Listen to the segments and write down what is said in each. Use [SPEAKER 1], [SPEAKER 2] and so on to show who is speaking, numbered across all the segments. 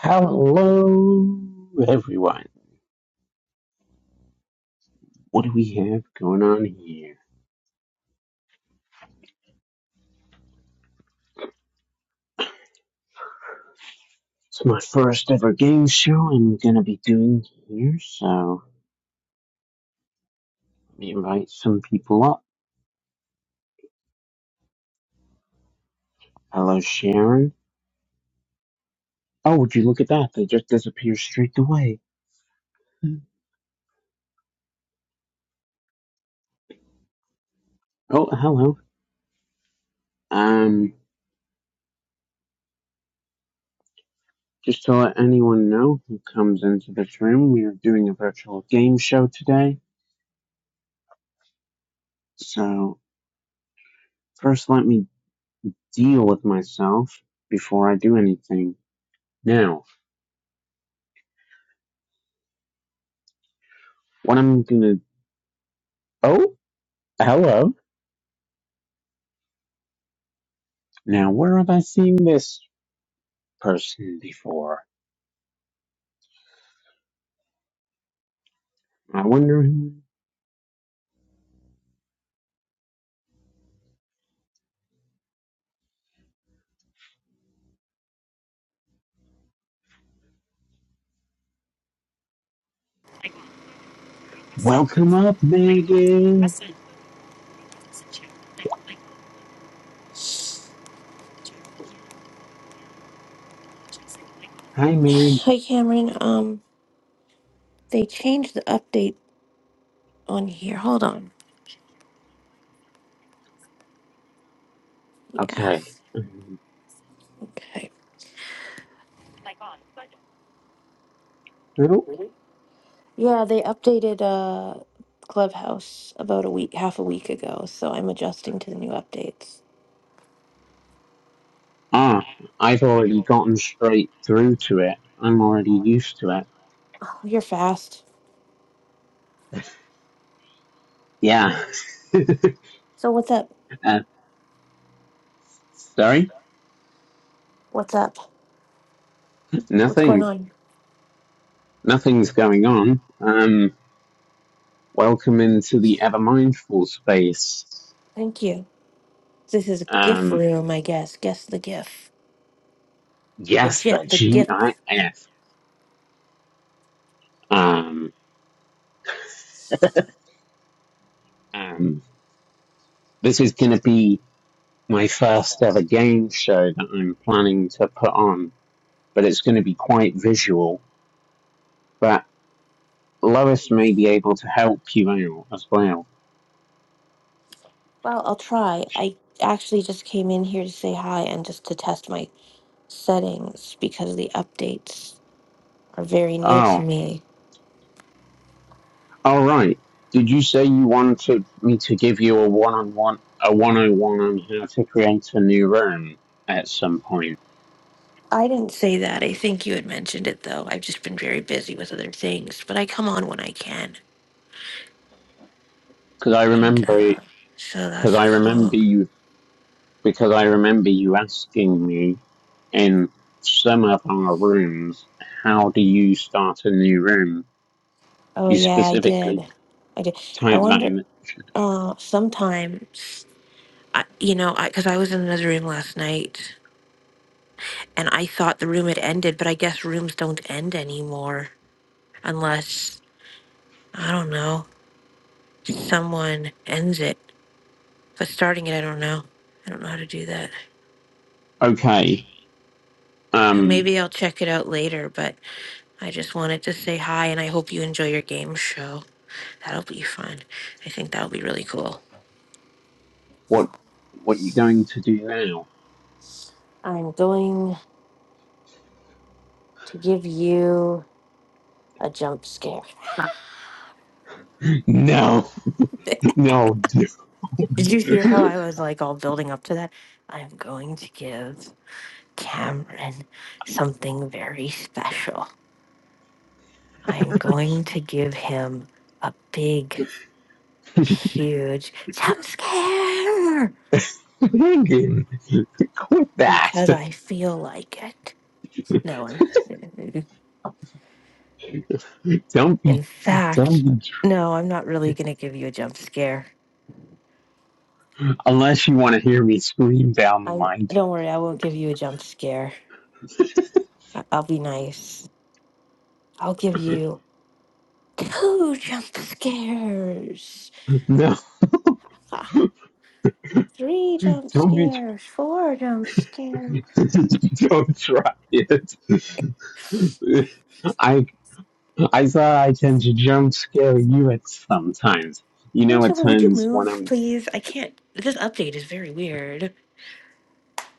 [SPEAKER 1] Hello, everyone. What do we have going on here? It's my first ever game show I'm gonna be doing here, so let me invite some people up. Hello, Sharon. Oh, would you look at that? They just disappear straight away. Oh, hello. Um, just to let anyone know who comes into this room, we are doing a virtual game show today. So, first let me deal with myself before I do anything. Now, what I'm gonna. oh. Hello. Now, where have I seen this person before? I wonder who. Welcome up, Megan. Hi, Meg.
[SPEAKER 2] Hi, Cameron. Um, they changed the update on here. Hold on. Yeah.
[SPEAKER 1] Okay. Um,
[SPEAKER 2] Okay.
[SPEAKER 1] Who?
[SPEAKER 2] Yeah, they updated uh Clubhouse about a week, half a week ago. So I'm adjusting to the new updates.
[SPEAKER 1] Ah, I've already gotten straight through to it. I'm already used to it.
[SPEAKER 2] Oh, you're fast.
[SPEAKER 1] Yeah.
[SPEAKER 2] So what's up?
[SPEAKER 1] uh, sorry.
[SPEAKER 2] What's up? What's going
[SPEAKER 1] Nothing.
[SPEAKER 2] on?
[SPEAKER 1] Nothing's going on. Um. Welcome into the ever mindful space.
[SPEAKER 2] Thank you. This is a gift
[SPEAKER 1] Um.
[SPEAKER 2] room, I guess. Guess the gift.
[SPEAKER 1] Yes, the
[SPEAKER 2] Legit, the gift.
[SPEAKER 1] GIF. Um. Um. This is going to be my first ever game show that I'm planning to put on, but it's going to be quite visual. But Lois may be able to help you out as well.
[SPEAKER 2] Well, I'll try. I actually just came in here to say hi and just to test my settings because of the updates. are very new to
[SPEAKER 1] Oh,
[SPEAKER 2] me.
[SPEAKER 1] all right. Did you say you wanted me to give you a one-on-one, a 101 on how to create a new room at some point?
[SPEAKER 2] I didn't say that. I think you had mentioned it, though. I've just been very busy with other things, but I come on when I can.
[SPEAKER 1] Because I
[SPEAKER 2] And
[SPEAKER 1] remember,
[SPEAKER 2] uh, so
[SPEAKER 1] because
[SPEAKER 2] that's
[SPEAKER 1] I remember
[SPEAKER 2] cool.
[SPEAKER 1] you because I remember you asking me in some of our rooms, how do you start a new room?
[SPEAKER 2] Oh,
[SPEAKER 1] You
[SPEAKER 2] yeah, I
[SPEAKER 1] specifically
[SPEAKER 2] did. I did. I
[SPEAKER 1] typed that
[SPEAKER 2] wonder,
[SPEAKER 1] in.
[SPEAKER 2] uh, sometimes, I, you know, I because I was in another room last night and I thought the room had ended, but I guess rooms don't end anymore unless, I don't know, someone ends it. But starting it, I don't know. I don't know how to do that.
[SPEAKER 1] Okay,
[SPEAKER 2] And
[SPEAKER 1] um,
[SPEAKER 2] Maybe I'll check it out later, but I just wanted to say hi and I hope you enjoy your game show. That'll be fun. I think that'll be really cool.
[SPEAKER 1] what what are you going to do now?
[SPEAKER 2] I'm going to give you a jump scare.
[SPEAKER 1] No, no,
[SPEAKER 2] Did you hear how I was like all building up to that? I'm going to give Cameron something very special. I'm going to give him a big, huge jump scare
[SPEAKER 1] Megan, quit that.
[SPEAKER 2] because I feel like it. No, I'm
[SPEAKER 1] Don't be,
[SPEAKER 2] In fact,
[SPEAKER 1] don't be,
[SPEAKER 2] no, I'm not really gonna give you a jump scare.
[SPEAKER 1] unless you want to hear me scream down the
[SPEAKER 2] I'm.
[SPEAKER 1] mic.
[SPEAKER 2] Don't worry, I won't give you a jump scare. I- I'll be nice. I'll give you two jump scares,
[SPEAKER 1] No,
[SPEAKER 2] Ah, three jump
[SPEAKER 1] don't be
[SPEAKER 2] scares, four jump scares.
[SPEAKER 1] Don't try it. I I thought I tend to jump scare you at sometimes. You know, at
[SPEAKER 2] Voiceover, would you
[SPEAKER 1] times when
[SPEAKER 2] move,
[SPEAKER 1] I'm.
[SPEAKER 2] please? I can't. This update is very weird.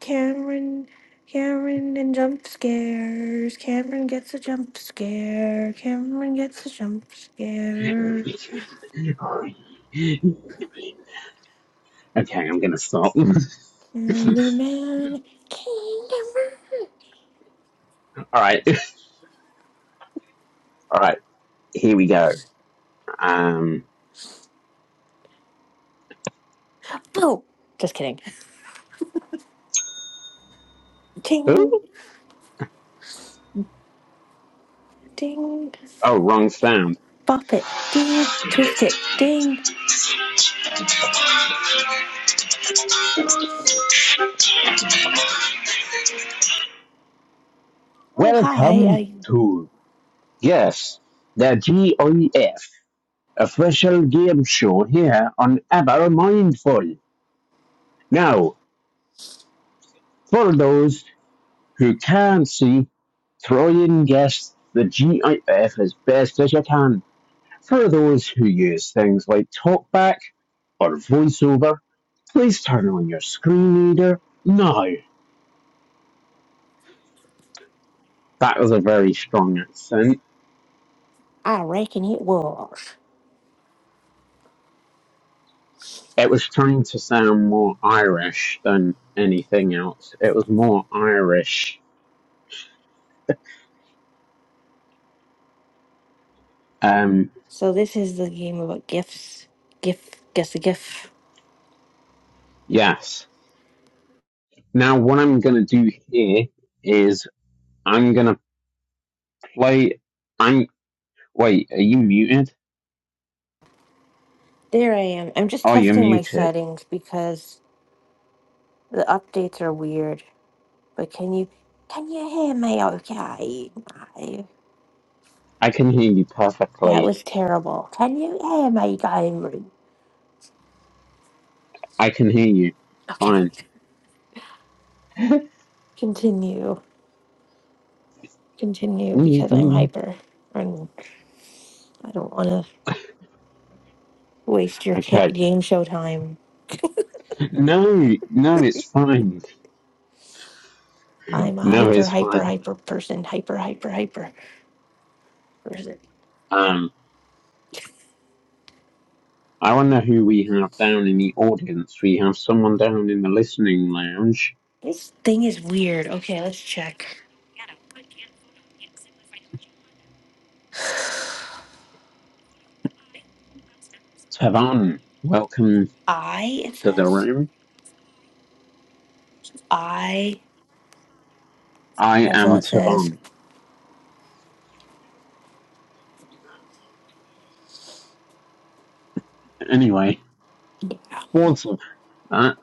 [SPEAKER 2] Cameron, Cameron, and jump scares. Cameron gets a jump scare. Cameron gets a jump scare.
[SPEAKER 1] Okay, I'm gonna stop. all
[SPEAKER 2] Candyman, Candyman.
[SPEAKER 1] right, all right. Here we go. Um.
[SPEAKER 2] Oh, just kidding. Ding,
[SPEAKER 1] Oh,
[SPEAKER 2] ding,
[SPEAKER 1] oh, wrong sound.
[SPEAKER 2] bop it, ding, twist it, ding. Oh, hi,
[SPEAKER 1] Welcome
[SPEAKER 2] I,
[SPEAKER 1] to yes, the GOEF official game show here on Ever Mindful. Now, for those who can see throwing guess the GIF as best as you can. For those who use things like TalkBack or VoiceOver, please turn on your screen reader now. That was a very strong accent.
[SPEAKER 2] I reckon it was.
[SPEAKER 1] It was trying to sound more Irish than anything else. It was more Irish. Um,
[SPEAKER 2] So this is the game about gifts. GIF, guess a GIF.
[SPEAKER 1] yes. Now, what I'm going to do here is I'm going to play. I'm. Wait, are you muted?
[SPEAKER 2] There I am. I'm just
[SPEAKER 1] Oh, you're
[SPEAKER 2] testing my
[SPEAKER 1] muted.
[SPEAKER 2] settings because the updates are weird. But can you, can you hear me okay? I,
[SPEAKER 1] I can hear you
[SPEAKER 2] that
[SPEAKER 1] perfectly.
[SPEAKER 2] was terrible. Can you hear me, guy?
[SPEAKER 1] I can hear you.
[SPEAKER 2] Okay,
[SPEAKER 1] Fine.
[SPEAKER 2] continue. continue because I'm hyper and I don't want to waste your ca-
[SPEAKER 1] Okay.
[SPEAKER 2] game show time.
[SPEAKER 1] No, no, it's fine.
[SPEAKER 2] I'm a
[SPEAKER 1] No,
[SPEAKER 2] hyper,
[SPEAKER 1] it's
[SPEAKER 2] hyper,
[SPEAKER 1] fine.
[SPEAKER 2] hyper person. Hyper, hyper, hyper person.
[SPEAKER 1] Um, I wonder who we have down in the audience. We have someone down in the listening lounge.
[SPEAKER 2] This thing is weird. Okay, let's check.
[SPEAKER 1] Tavon, welcome
[SPEAKER 2] I, it
[SPEAKER 1] to the
[SPEAKER 2] says.
[SPEAKER 1] room.
[SPEAKER 2] I,
[SPEAKER 1] I
[SPEAKER 2] that's all
[SPEAKER 1] am
[SPEAKER 2] it says.
[SPEAKER 1] Tavon. Anyway, towards of that,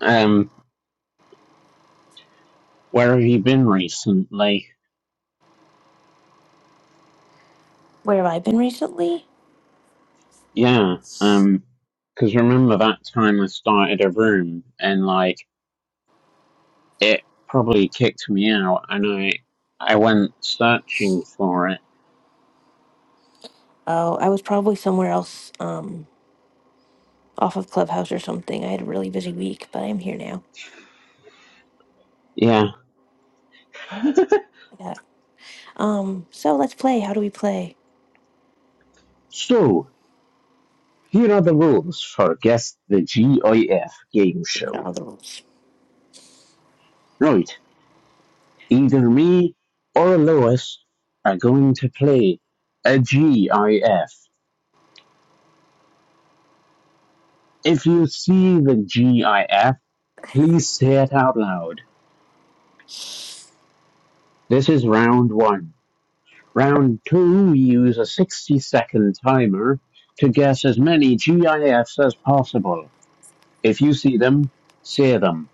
[SPEAKER 1] um, where have you been recently?
[SPEAKER 2] Where have I been recently?
[SPEAKER 1] Yeah, um, because remember that time I started a room and like it probably kicked me out, and I I went searching for it.
[SPEAKER 2] Oh, I was probably somewhere else, um, off of Clubhouse or something. I had a really busy week, but I'm here now.
[SPEAKER 1] Yeah.
[SPEAKER 2] Yeah. Um, so let's play. How do we play?
[SPEAKER 1] So here are the rules for guess the GIF game
[SPEAKER 2] We had
[SPEAKER 1] show.
[SPEAKER 2] all the rules.
[SPEAKER 1] Right, either me or Lois are going to play a GIF. If you see the GIF, please say it out loud. This is round one. Round two, we use a 60 second timer to guess as many GIFs as possible. If you see them, say them.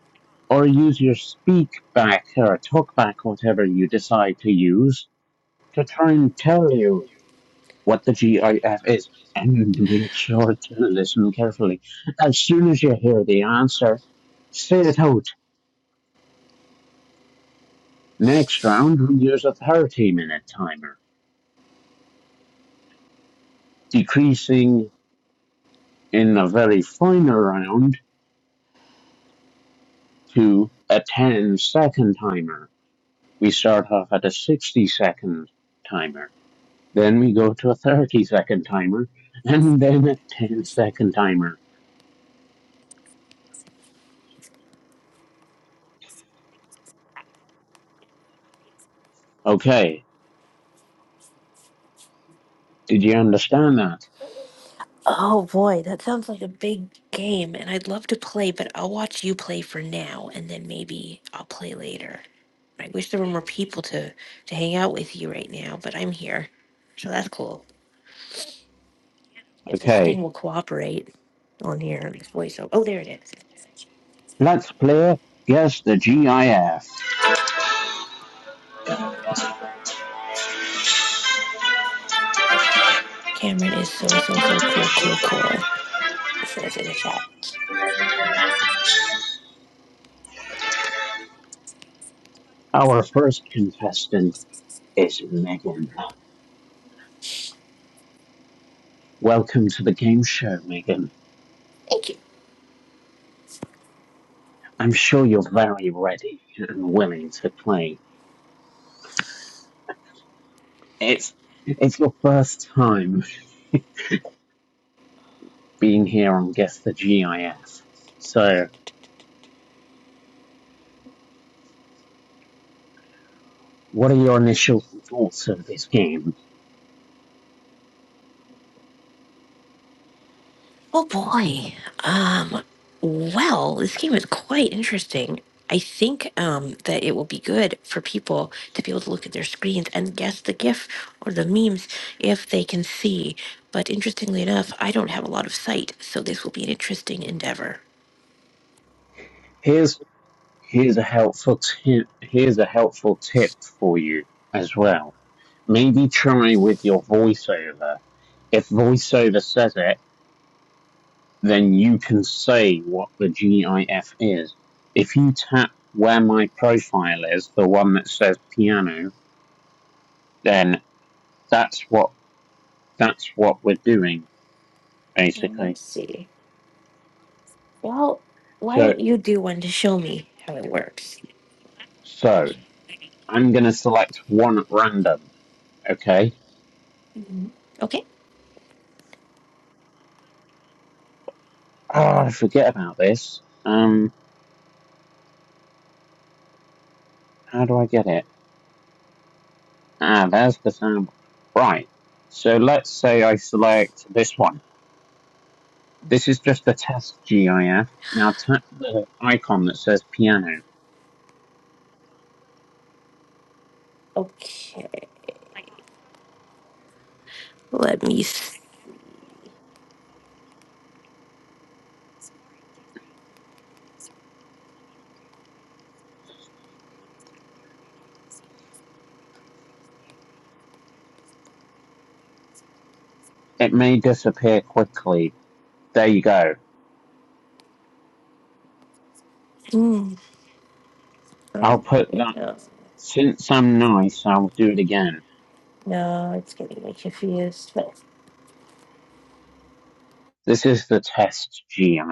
[SPEAKER 1] Or use your speak back or talk back, whatever you decide to use, to try and tell you what the GIF is. And make sure to listen carefully. As soon as you hear the answer, say it out. Next round, we use a 30 minute timer, decreasing in the very final round to a 10 second timer. We start off at a 60 second timer. Then we go to a 30 second timer and then a 10 second timer. Okay. Did you understand that?
[SPEAKER 2] Oh boy, that sounds like a big game, and I'd love to play, but I'll watch you play for now, and then maybe I'll play later. I wish there were more people to to hang out with you right now, but I'm here, so that's cool. If this
[SPEAKER 1] Okay.
[SPEAKER 2] thing will cooperate on here, this voice. Oh, there it is.
[SPEAKER 1] Let's play Guess the GIF.
[SPEAKER 2] Cameron is so so so cool, cool, cool. It says in the chat.
[SPEAKER 1] Our first contestant is Megan. Welcome to the game show, Megan.
[SPEAKER 2] Thank you.
[SPEAKER 1] I'm sure you're very ready and willing to play. It's, it's your first time being here on Guess the GIF. So, what are your initial thoughts of this game?
[SPEAKER 2] Oh boy. Um, well, this game is quite interesting. I think um, that it will be good for people to be able to look at their screens and guess the GIF or the memes if they can see. But interestingly enough, I don't have a lot of sight, so this will be an interesting endeavor.
[SPEAKER 1] Here's here's a helpful tip. Here's a helpful tip for you as well. Maybe try with your voiceover. If voiceover says it, then you can say what the GIF is. If you tap where my profile is, the one that says piano, then that's what that's what we're doing
[SPEAKER 2] And
[SPEAKER 1] basically.
[SPEAKER 2] Let's see. Well, why
[SPEAKER 1] So
[SPEAKER 2] don't you do one to show me how it works?
[SPEAKER 1] so I'm gonna select one at random. Okay.
[SPEAKER 2] Okay.
[SPEAKER 1] Oh, I forget about this. Um, how do I get it? Ah, there's the sound. Right. So let's say I select this one. This is just a test GIF. Now tap the icon that says piano.
[SPEAKER 2] Okay. Let me. s-
[SPEAKER 1] It may disappear quickly. There you go.
[SPEAKER 2] Hmm.
[SPEAKER 1] I'll put
[SPEAKER 2] Okay.
[SPEAKER 1] that.
[SPEAKER 2] No,
[SPEAKER 1] Since I'm nice, I'll do it again.
[SPEAKER 2] no, it's getting me confused. But
[SPEAKER 1] This is the test GIF.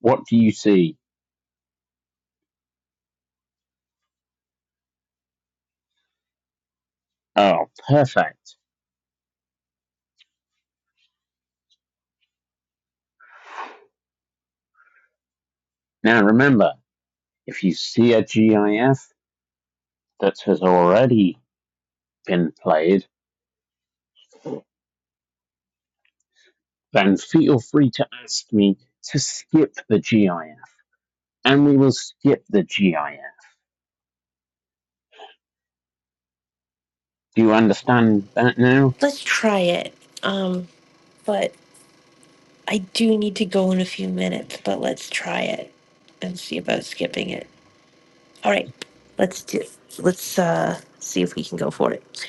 [SPEAKER 1] What do you see? Oh, perfect. Now remember, If you see a GIF that has already been played, then feel free to ask me to skip the GIF, and we will skip the GIF. Do you understand that now?
[SPEAKER 2] Let's try it. Um, but I do need to go in a few minutes, but let's try it and see about skipping it. All right. Let's do let's uh see if we can go for it.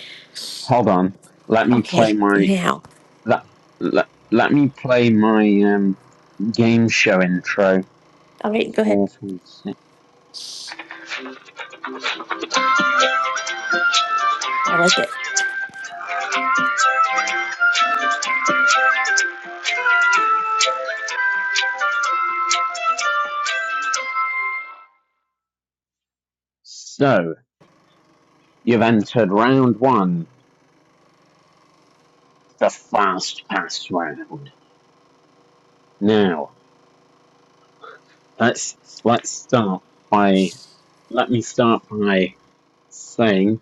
[SPEAKER 1] Hold on. Let me
[SPEAKER 2] Okay,
[SPEAKER 1] play my
[SPEAKER 2] now.
[SPEAKER 1] let, let, let me play my um game show intro.
[SPEAKER 2] All right, go ahead.
[SPEAKER 1] Four, five, six.
[SPEAKER 2] I like it.
[SPEAKER 1] So you've entered round one, the fast pass round. Now let's let's start by let me start by saying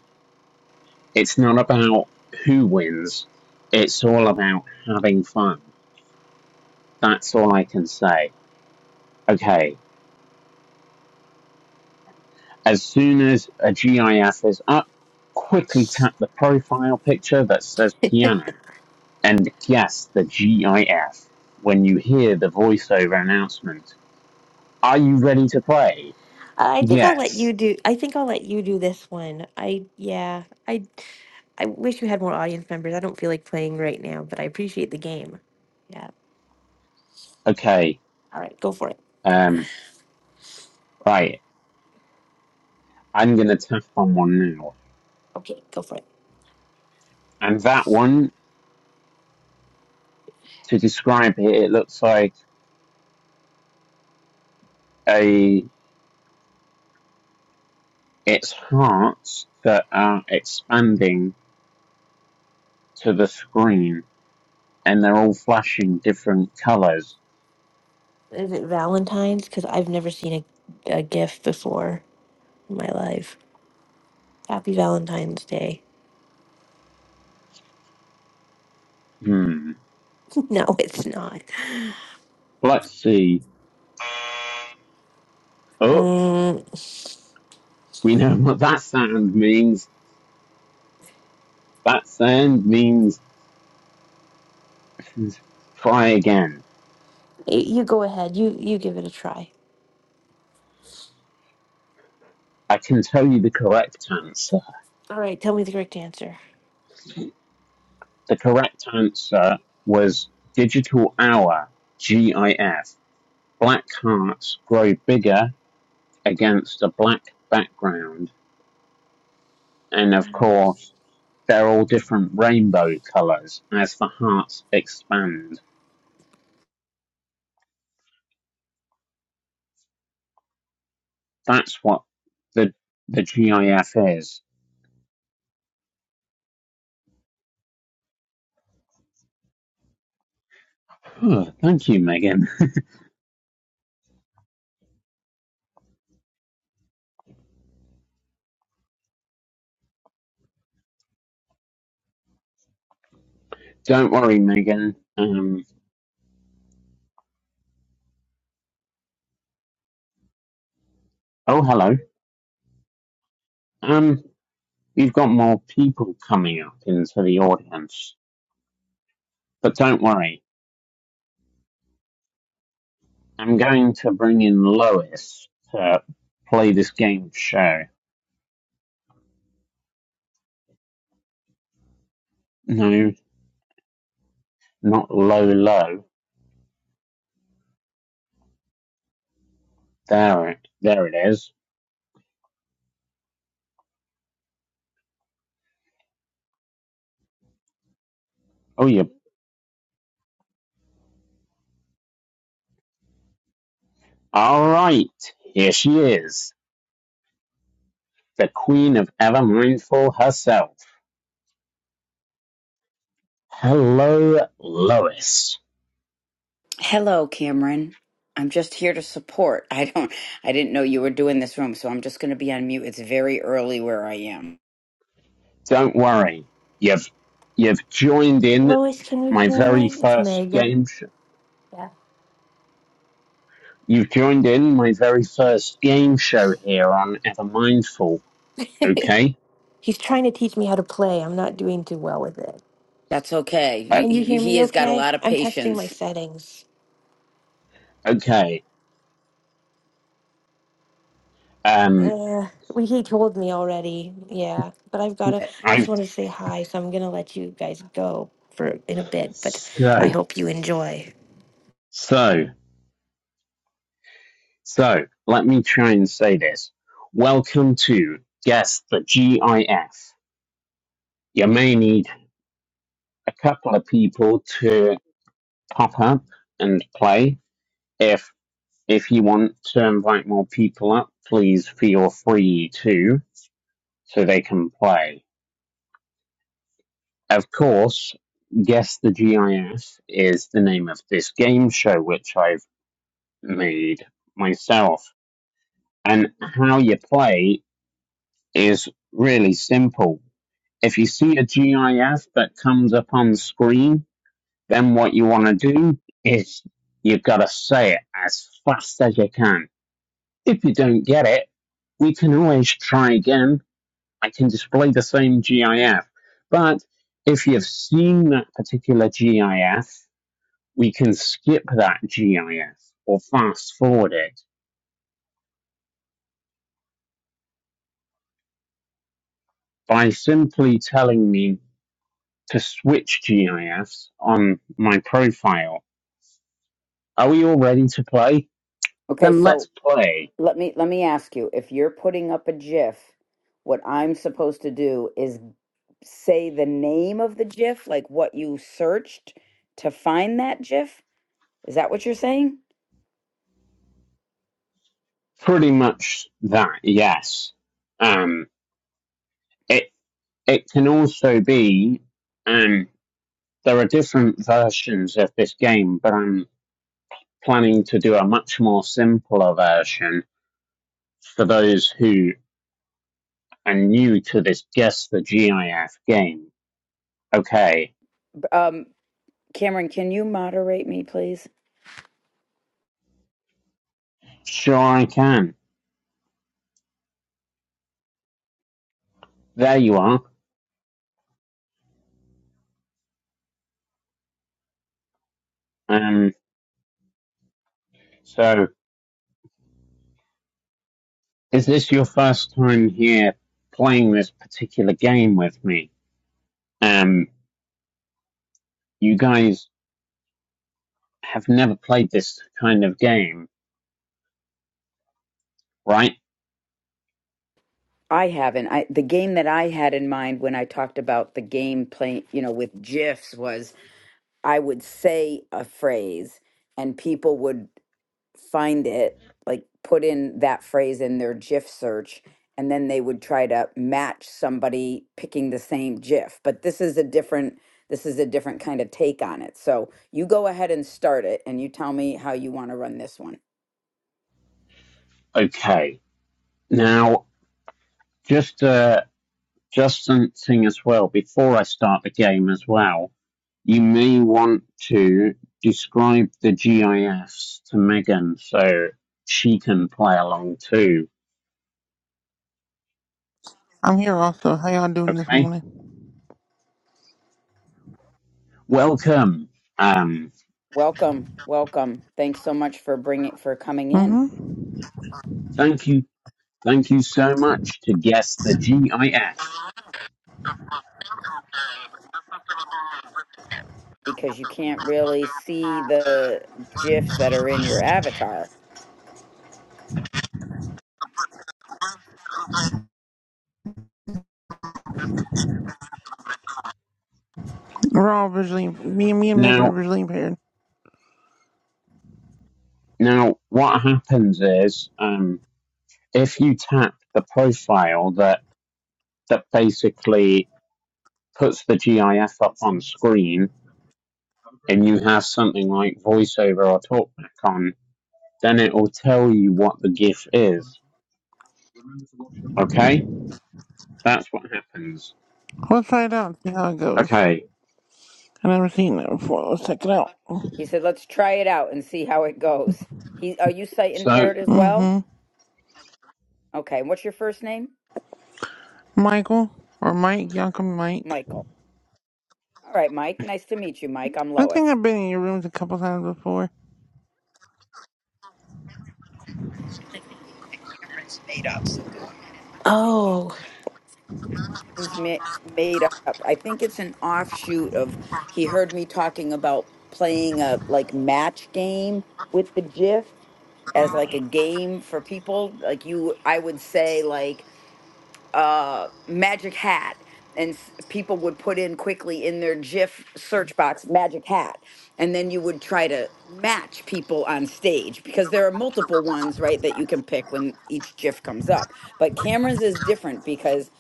[SPEAKER 1] it's not about who wins. It's all about having fun. That's all I can say. Okay. As soon as a GIF is up, quickly tap the profile picture that says piano and guess the GIF when you hear the voiceover announcement. Are you ready to play?
[SPEAKER 2] I think I'll let you
[SPEAKER 1] Yes.
[SPEAKER 2] do I think I'll let you do this one. I yeah, I I wish you had more audience members. I don't feel like playing right now, but I appreciate the game. Yeah.
[SPEAKER 1] Okay.
[SPEAKER 2] All right, go for it.
[SPEAKER 1] Um, right. I'm going to tap on one now.
[SPEAKER 2] Okay, go for it.
[SPEAKER 1] And that one to describe it, it looks like a it's hearts that are expanding to the screen, and they're all flashing different colours.
[SPEAKER 2] Is it Valentine's? Because I've never seen a, a gift before in my life. Happy Valentine's Day.
[SPEAKER 1] Hmm.
[SPEAKER 2] No, it's not.
[SPEAKER 1] Let's see. Oh,
[SPEAKER 2] Mm,
[SPEAKER 1] we know what that sound means. That sound means try again.
[SPEAKER 2] y- you go ahead. You you give it a try.
[SPEAKER 1] I can tell you the correct answer.
[SPEAKER 2] All right, tell me the correct answer.
[SPEAKER 1] The correct answer was digital hour, GIF. Black hearts grow bigger against a black background And of
[SPEAKER 2] Um,
[SPEAKER 1] course, they're all different rainbow colors as the hearts expand. That's what the the GIF is. Phew, thank you, Megan. Don't worry, Megan. Um, oh, hello. Um, you have got more people coming up into the audience, but don't worry. I'm going to bring in Lois to play this game show. No, not low, low. There, it- there it is. Oh, you All right, here she is, the queen of Ever Mindful herself. Hello, Lois.
[SPEAKER 3] Hello, Cameron. I'm just here to support. I don't I didn't know you were doing this room, so I'm just going to be on mute. It's very early where I am.
[SPEAKER 1] Don't worry, you've you've joined in
[SPEAKER 2] Lois, can you
[SPEAKER 1] my
[SPEAKER 2] hear
[SPEAKER 1] very
[SPEAKER 2] me? It's
[SPEAKER 1] first
[SPEAKER 2] Megan.
[SPEAKER 1] game. Show. You've joined in my very first game show here on Ever Mindful. Okay,
[SPEAKER 2] He's trying to teach me how to play. I'm not doing too well with it.
[SPEAKER 3] That's okay.
[SPEAKER 1] uh,
[SPEAKER 3] He,
[SPEAKER 2] Can you
[SPEAKER 3] he
[SPEAKER 2] hear
[SPEAKER 3] he
[SPEAKER 2] me
[SPEAKER 3] has got a
[SPEAKER 2] okay?
[SPEAKER 3] lot of
[SPEAKER 2] I'm testing my
[SPEAKER 3] patience.
[SPEAKER 2] settings.
[SPEAKER 1] okay. Um,
[SPEAKER 2] Uh, we he told me already. Yeah, but I've got to. I just
[SPEAKER 1] I've
[SPEAKER 2] want to say hi, so I'm gonna let you guys go for in a bit. But I
[SPEAKER 1] so
[SPEAKER 2] hope you enjoy.
[SPEAKER 1] so so. Let me try and say this. Welcome to guess the GIF. You may need a couple of people to pop up and play. If if you want to invite more people up, please feel free to so they can play. Of course, guess the GIF is the name of this game show which I've made myself. And how you play is really simple. If you see a GIF that comes up on screen, Then what you want to do is you've got to say it as fast as you can. If you don't get it, we can always try again. I can display the same GIF. But if you've seen that particular GIF, we can skip that GIF or fast forward it by simply telling me to switch GIFs on my profile. Are we all ready to play?
[SPEAKER 3] Okay,
[SPEAKER 1] Then let's
[SPEAKER 3] so
[SPEAKER 1] play.
[SPEAKER 3] let me let me ask you, if you're putting up a GIF, what I'm supposed to do is say the name of the GIF, like what you searched to find that GIF? Is that what you're saying?
[SPEAKER 1] pretty much that, yes. Um, it it can also be, um, there are different versions of this game, but I'm planning to do a much more simpler version for those who are new to this Guess the GIF game. Okay,
[SPEAKER 3] Um Cameron, can you moderate me, please?
[SPEAKER 1] sure I can. There you are. Um, so is this your first time here playing this particular game with me? Um, you guys have never played this kind of game, right?
[SPEAKER 3] I haven't. I the game that I had in mind when I talked about the game playing, you know, with GIFs was I would say a phrase and people would find it, like put in that phrase in their GIF search, and then they would try to match somebody picking the same GIF. But this is a different this is a different kind of take on it. So you go ahead and start it and you tell me how you want to run this one.
[SPEAKER 1] Okay. Now, just uh, just something as well before I start the game as well. You may want to describe the GIS to Megan so she can play along too.
[SPEAKER 4] I'm here also. How y'all doing this
[SPEAKER 1] Okay.
[SPEAKER 4] morning?
[SPEAKER 1] Welcome. Um.
[SPEAKER 3] Welcome, welcome. Thanks so much for bringing for coming in
[SPEAKER 4] Mm-hmm.
[SPEAKER 1] Thank you. Thank you so much to guess the GIS.
[SPEAKER 3] because you can't really see the gifs that are in your avatar.
[SPEAKER 4] We're all visually, me and me and Megan are
[SPEAKER 1] Now,
[SPEAKER 4] visually impaired.
[SPEAKER 1] now what happens is um if you tap the profile that that basically puts the GIF up on screen and you have something like voiceover or talkback on, then it will tell you what the GIF is. Okay? That's what happens.
[SPEAKER 4] Let's try it out and see how it goes.
[SPEAKER 1] Okay.
[SPEAKER 4] I've never seen that before. Let's check it out.
[SPEAKER 3] He said, "Let's try it out and see how it goes." He, are you sight
[SPEAKER 1] So
[SPEAKER 3] impaired as well?
[SPEAKER 4] Mm-hmm.
[SPEAKER 3] Okay. What's your first name?
[SPEAKER 4] Michael or Mike, y'all call me Mike.
[SPEAKER 3] Michael. All right, Mike. Nice to meet you, Mike. I'm
[SPEAKER 4] I
[SPEAKER 3] Lois.
[SPEAKER 4] think I've been in your rooms a couple times before.
[SPEAKER 2] Oh,
[SPEAKER 3] It's ma- Made up. I think it's an offshoot of he heard me talking about playing a like match game with the GIF as like a game for people like you i would say like uh magic hat and s- people would put in quickly in their gif search box magic hat and then you would try to match people on stage because there are multiple ones right that you can pick when each gif comes up but cameron's is different because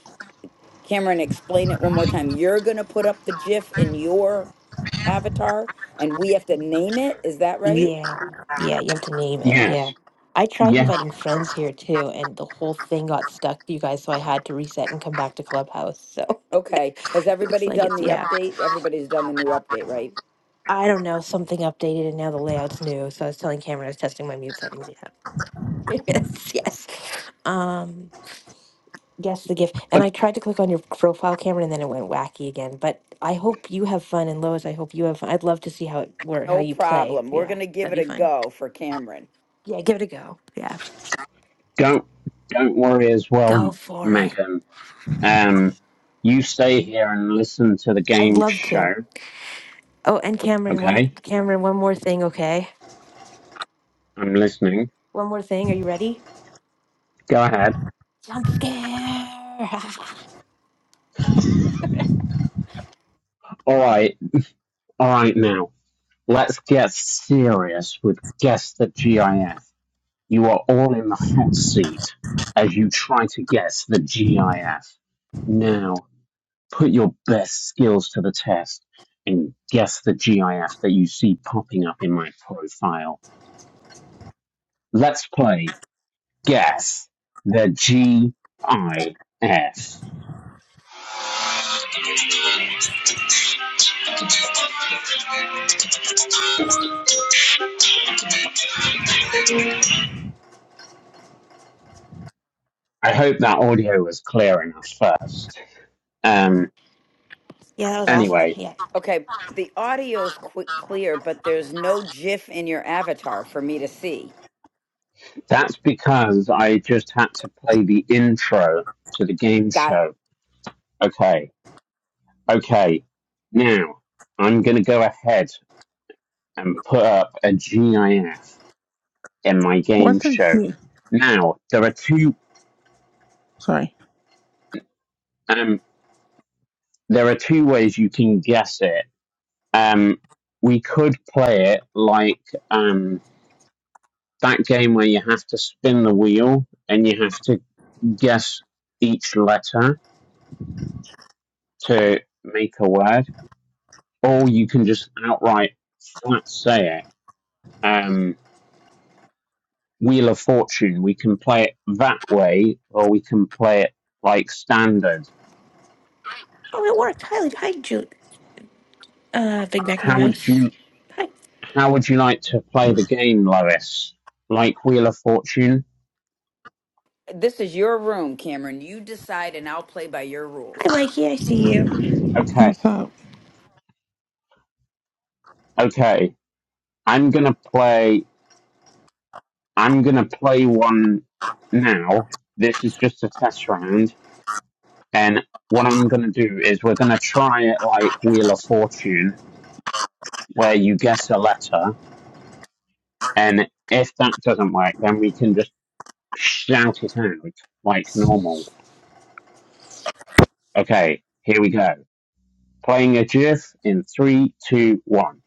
[SPEAKER 3] cameron explain it one more time you're going to put up the gif in your avatar and we have to name it is that right
[SPEAKER 2] yeah, yeah. You have to name it.
[SPEAKER 1] yes.
[SPEAKER 2] Yeah, I tried
[SPEAKER 1] Yeah.
[SPEAKER 2] inviting friends here too, and the whole thing got stuck, you guys. So I had to reset and come back to Clubhouse. So
[SPEAKER 3] Okay. Has
[SPEAKER 2] looks
[SPEAKER 3] everybody
[SPEAKER 2] like
[SPEAKER 3] done
[SPEAKER 2] it's
[SPEAKER 3] the
[SPEAKER 2] yeah.
[SPEAKER 3] update? Everybody's done the new update, right?
[SPEAKER 2] I don't know something updated, and now the layout's new. So I was telling Cameron I was testing my mute settings. Yeah. yes. Yes. Um. Yes, the GIF. And
[SPEAKER 1] But
[SPEAKER 2] I tried to click on your profile, Cameron, and then it went wacky again. But I hope you have fun, and Lois, I hope you have fun. I'd love to see how it work, how
[SPEAKER 3] No
[SPEAKER 2] you play.
[SPEAKER 3] problem. We're
[SPEAKER 2] Yeah,
[SPEAKER 3] going to give
[SPEAKER 2] that'd
[SPEAKER 3] it
[SPEAKER 2] be
[SPEAKER 3] a
[SPEAKER 2] fun.
[SPEAKER 3] go for Cameron.
[SPEAKER 2] Yeah, give it a go. Yeah,
[SPEAKER 1] don't don't worry as well,
[SPEAKER 2] go for it.
[SPEAKER 1] Megan. Um you stay here and listen to the
[SPEAKER 2] I'd
[SPEAKER 1] game
[SPEAKER 2] love to.
[SPEAKER 1] show.
[SPEAKER 2] Oh, and Cameron, one
[SPEAKER 1] Okay?
[SPEAKER 2] Cameron, one more thing, okay?
[SPEAKER 1] I'm listening.
[SPEAKER 2] One more thing. Are you ready?
[SPEAKER 1] Go ahead.
[SPEAKER 2] Jump scare. yeah,
[SPEAKER 1] Alright. Alright now. Let's get serious with Guess the GIF. You are all in the hot seat as you try to guess the GIF. Now, put your best skills to the test and guess the GIF that you see popping up in my profile. Let's play Guess the GIF. I F. I hope that audio was clear enough first. Um,
[SPEAKER 2] that was awesome.
[SPEAKER 1] anyway,
[SPEAKER 2] Yeah.
[SPEAKER 3] Okay. The audio's quick, clear, but there's no GIF in your avatar for me to see.
[SPEAKER 1] That's because I just had to play the intro to the game
[SPEAKER 3] Got
[SPEAKER 1] show. Okay, okay. Now, I'm going to go ahead and put up a GIF in my game
[SPEAKER 4] What's the
[SPEAKER 1] show. Now, there are two,
[SPEAKER 4] Sorry.
[SPEAKER 1] um, there are two ways you can guess it. Um, we could play it like, um, that game where you have to spin the wheel and you have to guess each letter to make a word or you can just outright flat say it. Um, Wheel of Fortune, we can play it that way, or we can play it like standard.
[SPEAKER 2] Oh, it worked. Hi, hi, Jude. Uh, Big Mac, New
[SPEAKER 1] How would
[SPEAKER 2] Mouse.
[SPEAKER 1] you
[SPEAKER 2] Hi,
[SPEAKER 1] How would you like to play the game, Lois? Like Wheel of Fortune?
[SPEAKER 3] this is your room, Cameron. You decide, and I'll play by your
[SPEAKER 2] hi,
[SPEAKER 3] rules.
[SPEAKER 2] Mikey. I see you.
[SPEAKER 1] Okay,
[SPEAKER 4] What's up?
[SPEAKER 1] okay. I'm gonna play. I'm gonna play one now. This is just a test round, and what I'm gonna do is we're gonna try it like Wheel of Fortune, where you guess a letter And if that doesn't work, then we can just shout it out like normal. Okay, here we go. Playing a GIF in three, two, one.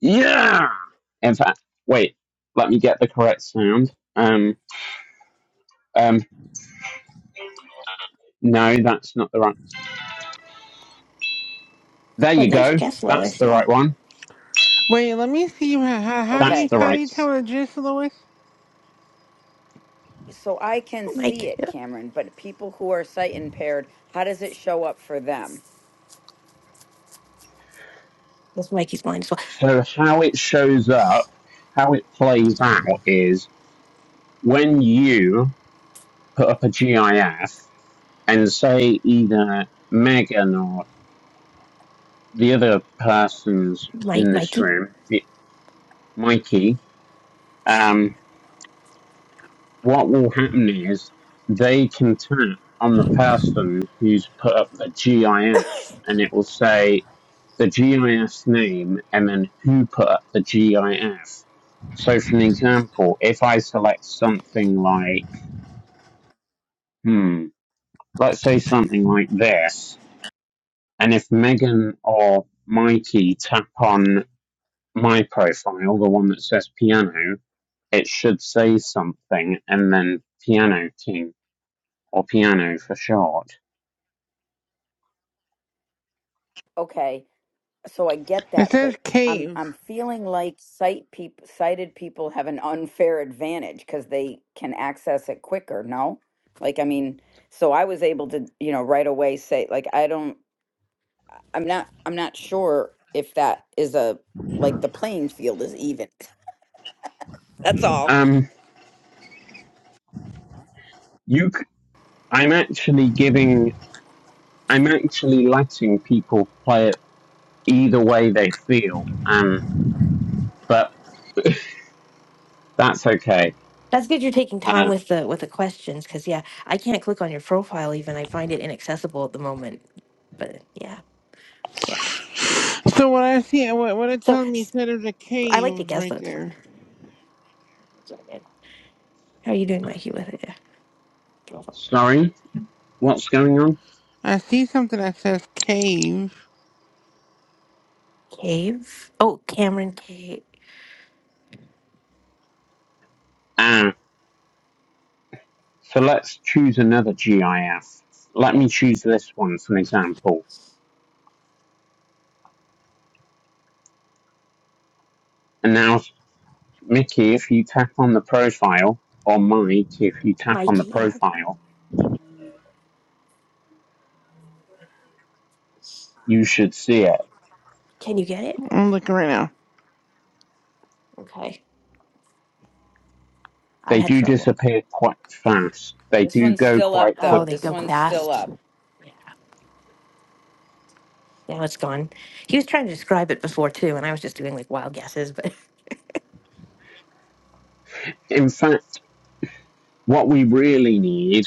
[SPEAKER 1] Yeah! In fact, wait, let me get the correct sound. Um, um, no, that's not the right. There
[SPEAKER 2] What
[SPEAKER 1] you
[SPEAKER 2] nice
[SPEAKER 1] go.
[SPEAKER 2] guess,
[SPEAKER 1] That's
[SPEAKER 2] Lois.
[SPEAKER 1] the
[SPEAKER 2] Yeah.
[SPEAKER 1] right one.
[SPEAKER 4] Wait, let me see. How, how, how do
[SPEAKER 1] That's
[SPEAKER 4] you
[SPEAKER 3] Okay.
[SPEAKER 1] the
[SPEAKER 4] how do
[SPEAKER 1] right.
[SPEAKER 4] you tell a gist, Lois?
[SPEAKER 3] So I can
[SPEAKER 2] Hi,
[SPEAKER 3] see
[SPEAKER 2] Mike.
[SPEAKER 3] it, Cameron, but people who are sight impaired, how does it show up for them?
[SPEAKER 2] That's Mikey's blind as well.
[SPEAKER 1] So how it shows up, how it plays out is when you put up a GIF and say either Megan or the other persons
[SPEAKER 2] Mike,
[SPEAKER 1] in this
[SPEAKER 2] Mikey,
[SPEAKER 1] room, the, Mikey, um, what will happen is they can tap on the person who's put up the GIF and it will say the GIF name and then who put up the GIF. So, for an example, if I select something like, hmm, let's say something like this, and if Megan or Mikey tap on my profile, the one that says piano, it should say something and then piano king or piano for short.
[SPEAKER 3] Okay. so I get
[SPEAKER 4] It
[SPEAKER 3] that,
[SPEAKER 4] says
[SPEAKER 3] but I'm
[SPEAKER 4] cave.
[SPEAKER 3] I'm feeling like sight people sighted people have an unfair advantage because they can access it quicker. No, like I mean, so I was able to you know right away say like I don't I'm not I'm not sure if that is a like the playing field is even. That's all.
[SPEAKER 1] Um, you, c- I'm actually giving, I'm actually letting people play it either way they feel. Um, but that's okay.
[SPEAKER 2] that's good. You're taking time
[SPEAKER 1] Uh,
[SPEAKER 2] with the with the questions because yeah, I can't click on your profile even. I find it inaccessible at the moment. But yeah, yeah.
[SPEAKER 4] So what I see, what what it
[SPEAKER 2] So
[SPEAKER 4] tells me
[SPEAKER 2] s-
[SPEAKER 4] said there's a
[SPEAKER 2] I like to
[SPEAKER 4] cave
[SPEAKER 2] guess
[SPEAKER 4] right
[SPEAKER 2] though. It's fun.
[SPEAKER 4] there.
[SPEAKER 2] So good. How are you doing, Mikey? With it, yeah. Profile.
[SPEAKER 1] sorry, what's going on?
[SPEAKER 4] I see something that says cave.
[SPEAKER 2] Cave. Oh, Cameron Cave.
[SPEAKER 1] Uh, so let's choose another GIF. Let
[SPEAKER 2] Okay,
[SPEAKER 1] me choose this one as an example. And now Mickey, if you tap on the profile, or Mike, if you tap on the
[SPEAKER 2] Mikey. Yeah.
[SPEAKER 1] profile, you should see it.
[SPEAKER 2] Can you get it?
[SPEAKER 4] I'm looking right now.
[SPEAKER 2] Okay. I
[SPEAKER 1] They
[SPEAKER 2] had
[SPEAKER 1] do
[SPEAKER 2] trouble.
[SPEAKER 1] disappear quite fast. They
[SPEAKER 3] This
[SPEAKER 1] do
[SPEAKER 3] one's
[SPEAKER 1] go
[SPEAKER 3] still up
[SPEAKER 1] quite
[SPEAKER 3] though.
[SPEAKER 2] Oh, they
[SPEAKER 3] This
[SPEAKER 2] go
[SPEAKER 1] quickly.
[SPEAKER 3] one's still
[SPEAKER 2] fast.
[SPEAKER 3] up.
[SPEAKER 2] Now it's gone. He was trying to describe it before too, and I was just doing like wild guesses. But
[SPEAKER 1] In fact, what we really need,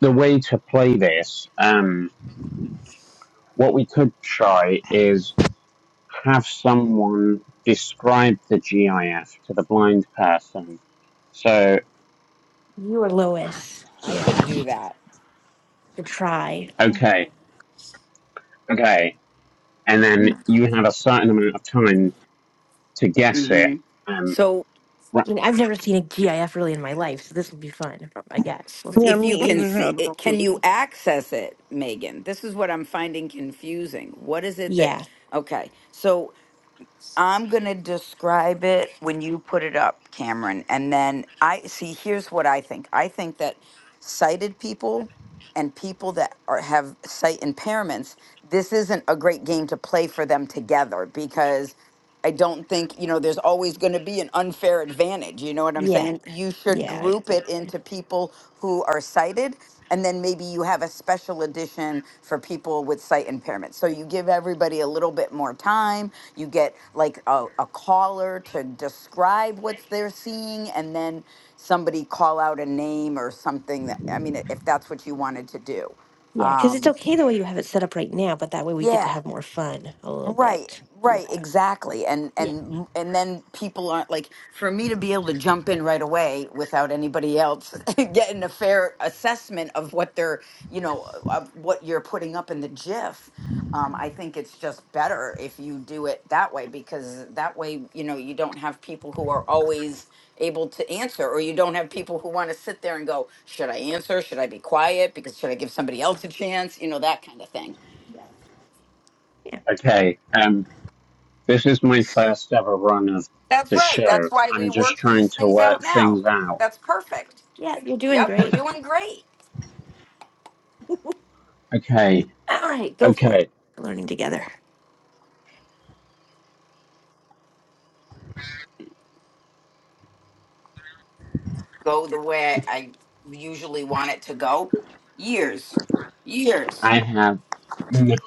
[SPEAKER 1] the way to play this, um, what we could try is have someone describe the GIF to the blind person. So,
[SPEAKER 2] you are Lois.
[SPEAKER 3] I
[SPEAKER 2] Yeah.
[SPEAKER 3] could do that.
[SPEAKER 2] to try.
[SPEAKER 1] okay, okay. And then you have a certain amount of time to guess it.
[SPEAKER 3] hmm
[SPEAKER 1] Um,
[SPEAKER 3] So.
[SPEAKER 2] I mean, I've never seen a GIF really in my life, so this will be fun. I guess
[SPEAKER 3] s-
[SPEAKER 2] we'll
[SPEAKER 4] Yeah,
[SPEAKER 2] see.
[SPEAKER 3] if you
[SPEAKER 4] me
[SPEAKER 3] can
[SPEAKER 4] either. I
[SPEAKER 3] see it,
[SPEAKER 4] don't do
[SPEAKER 3] can you
[SPEAKER 4] it.
[SPEAKER 3] access it, Megan? This is what I'm finding confusing. What is it that,
[SPEAKER 2] Yeah,
[SPEAKER 3] okay, so I'm going to describe it when you put it up, Cameron. And then I see, here's what I think I think that sighted people and people that are, have sight impairments, this isn't a great game to play for them together because I don't think, you know, there's always going to be an unfair advantage. You know what I'm
[SPEAKER 2] yeah,
[SPEAKER 3] saying? You should
[SPEAKER 2] yeah,
[SPEAKER 3] group it
[SPEAKER 2] exactly.
[SPEAKER 3] into people who are sighted. And then maybe you have a special edition for people with sight impairment. So you give everybody a little bit more time you get like a, a caller to describe what they're seeing and then somebody call out a name or something that i mean if that's what you wanted to do
[SPEAKER 2] Yeah, because it's
[SPEAKER 3] um
[SPEAKER 2] okay the way you have it set up right now, but that way we get to
[SPEAKER 3] yeah
[SPEAKER 2] have more fun a little
[SPEAKER 3] Right,
[SPEAKER 2] bit. Yeah,
[SPEAKER 3] right, exactly. And
[SPEAKER 2] yeah,
[SPEAKER 3] and and then people aren't like for me to be able to jump in right away without anybody else getting a fair assessment of what they're, you know, of what you're putting up in the GIF. Um, I think it's just better if you do it that way because that way, you know, you don't have people who are always able to answer or you don't have people who want to sit there and go, should I answer? Should I be quiet? Because should I give somebody else a chance? You know, that kind of thing.
[SPEAKER 2] yeah, yeah.
[SPEAKER 1] Okay, um, this is my first ever run of
[SPEAKER 3] That's
[SPEAKER 1] the
[SPEAKER 3] right. That's
[SPEAKER 1] show.
[SPEAKER 3] why we
[SPEAKER 1] I'm just
[SPEAKER 3] work these
[SPEAKER 1] trying to
[SPEAKER 3] things
[SPEAKER 1] work
[SPEAKER 3] out now.
[SPEAKER 1] things out.
[SPEAKER 3] That's perfect.
[SPEAKER 2] Yeah, you're doing
[SPEAKER 3] Yep, we're
[SPEAKER 2] great.
[SPEAKER 3] doing great.
[SPEAKER 1] Okay,
[SPEAKER 2] All right, go for it.
[SPEAKER 1] okay,
[SPEAKER 2] Learning together.
[SPEAKER 3] Go the way I usually want it to go. Years, years,
[SPEAKER 1] I have n-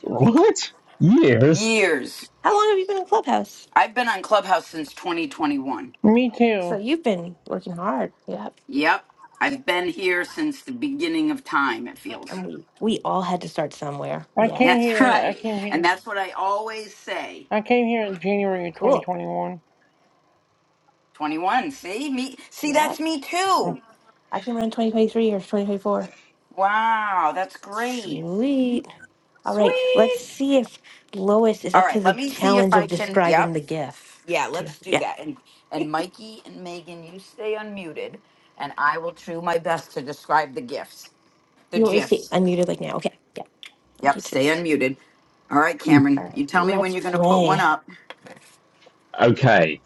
[SPEAKER 1] what years?
[SPEAKER 3] years.
[SPEAKER 2] How long have you been in Clubhouse?
[SPEAKER 3] I've been on Clubhouse since 2021.
[SPEAKER 4] Me
[SPEAKER 2] So
[SPEAKER 4] too.
[SPEAKER 2] you've been working hard. Yep.
[SPEAKER 3] Yep, I've been here since the beginning of time, it feels.
[SPEAKER 2] And we we all had to start somewhere.
[SPEAKER 4] I
[SPEAKER 2] Yep.
[SPEAKER 4] came
[SPEAKER 3] That's
[SPEAKER 4] here. I
[SPEAKER 3] right.
[SPEAKER 4] came
[SPEAKER 3] And
[SPEAKER 4] here.
[SPEAKER 3] that's what I always say.
[SPEAKER 4] I came here in January of
[SPEAKER 2] Cool.
[SPEAKER 4] 2021.
[SPEAKER 3] 21, see? Me see
[SPEAKER 2] Yeah.
[SPEAKER 3] that's me too.
[SPEAKER 4] Mm.
[SPEAKER 2] I came around 2023 or 2024.
[SPEAKER 3] Wow, that's great.
[SPEAKER 2] Sweet. All right, let's
[SPEAKER 3] Sweet.
[SPEAKER 2] see if Lois is
[SPEAKER 3] All
[SPEAKER 2] up to
[SPEAKER 3] right, let
[SPEAKER 2] the
[SPEAKER 3] me see if
[SPEAKER 2] challenge of
[SPEAKER 3] I can. Yep.
[SPEAKER 2] describing the gift.
[SPEAKER 3] Yeah, let's do
[SPEAKER 2] Yeah.
[SPEAKER 3] that. And and Mikey and Megan, you stay unmuted and I will do my best to describe the gifts. The
[SPEAKER 2] You want me to see
[SPEAKER 3] gifs.
[SPEAKER 2] unmuted like now? Okay. Yeah. Like
[SPEAKER 3] Yep,
[SPEAKER 2] you too.
[SPEAKER 3] stay unmuted. All right,
[SPEAKER 2] All
[SPEAKER 3] Cameron,
[SPEAKER 2] right.
[SPEAKER 3] you tell me when
[SPEAKER 2] Let's
[SPEAKER 3] you're going to put one
[SPEAKER 2] play.
[SPEAKER 3] up.
[SPEAKER 1] Okay,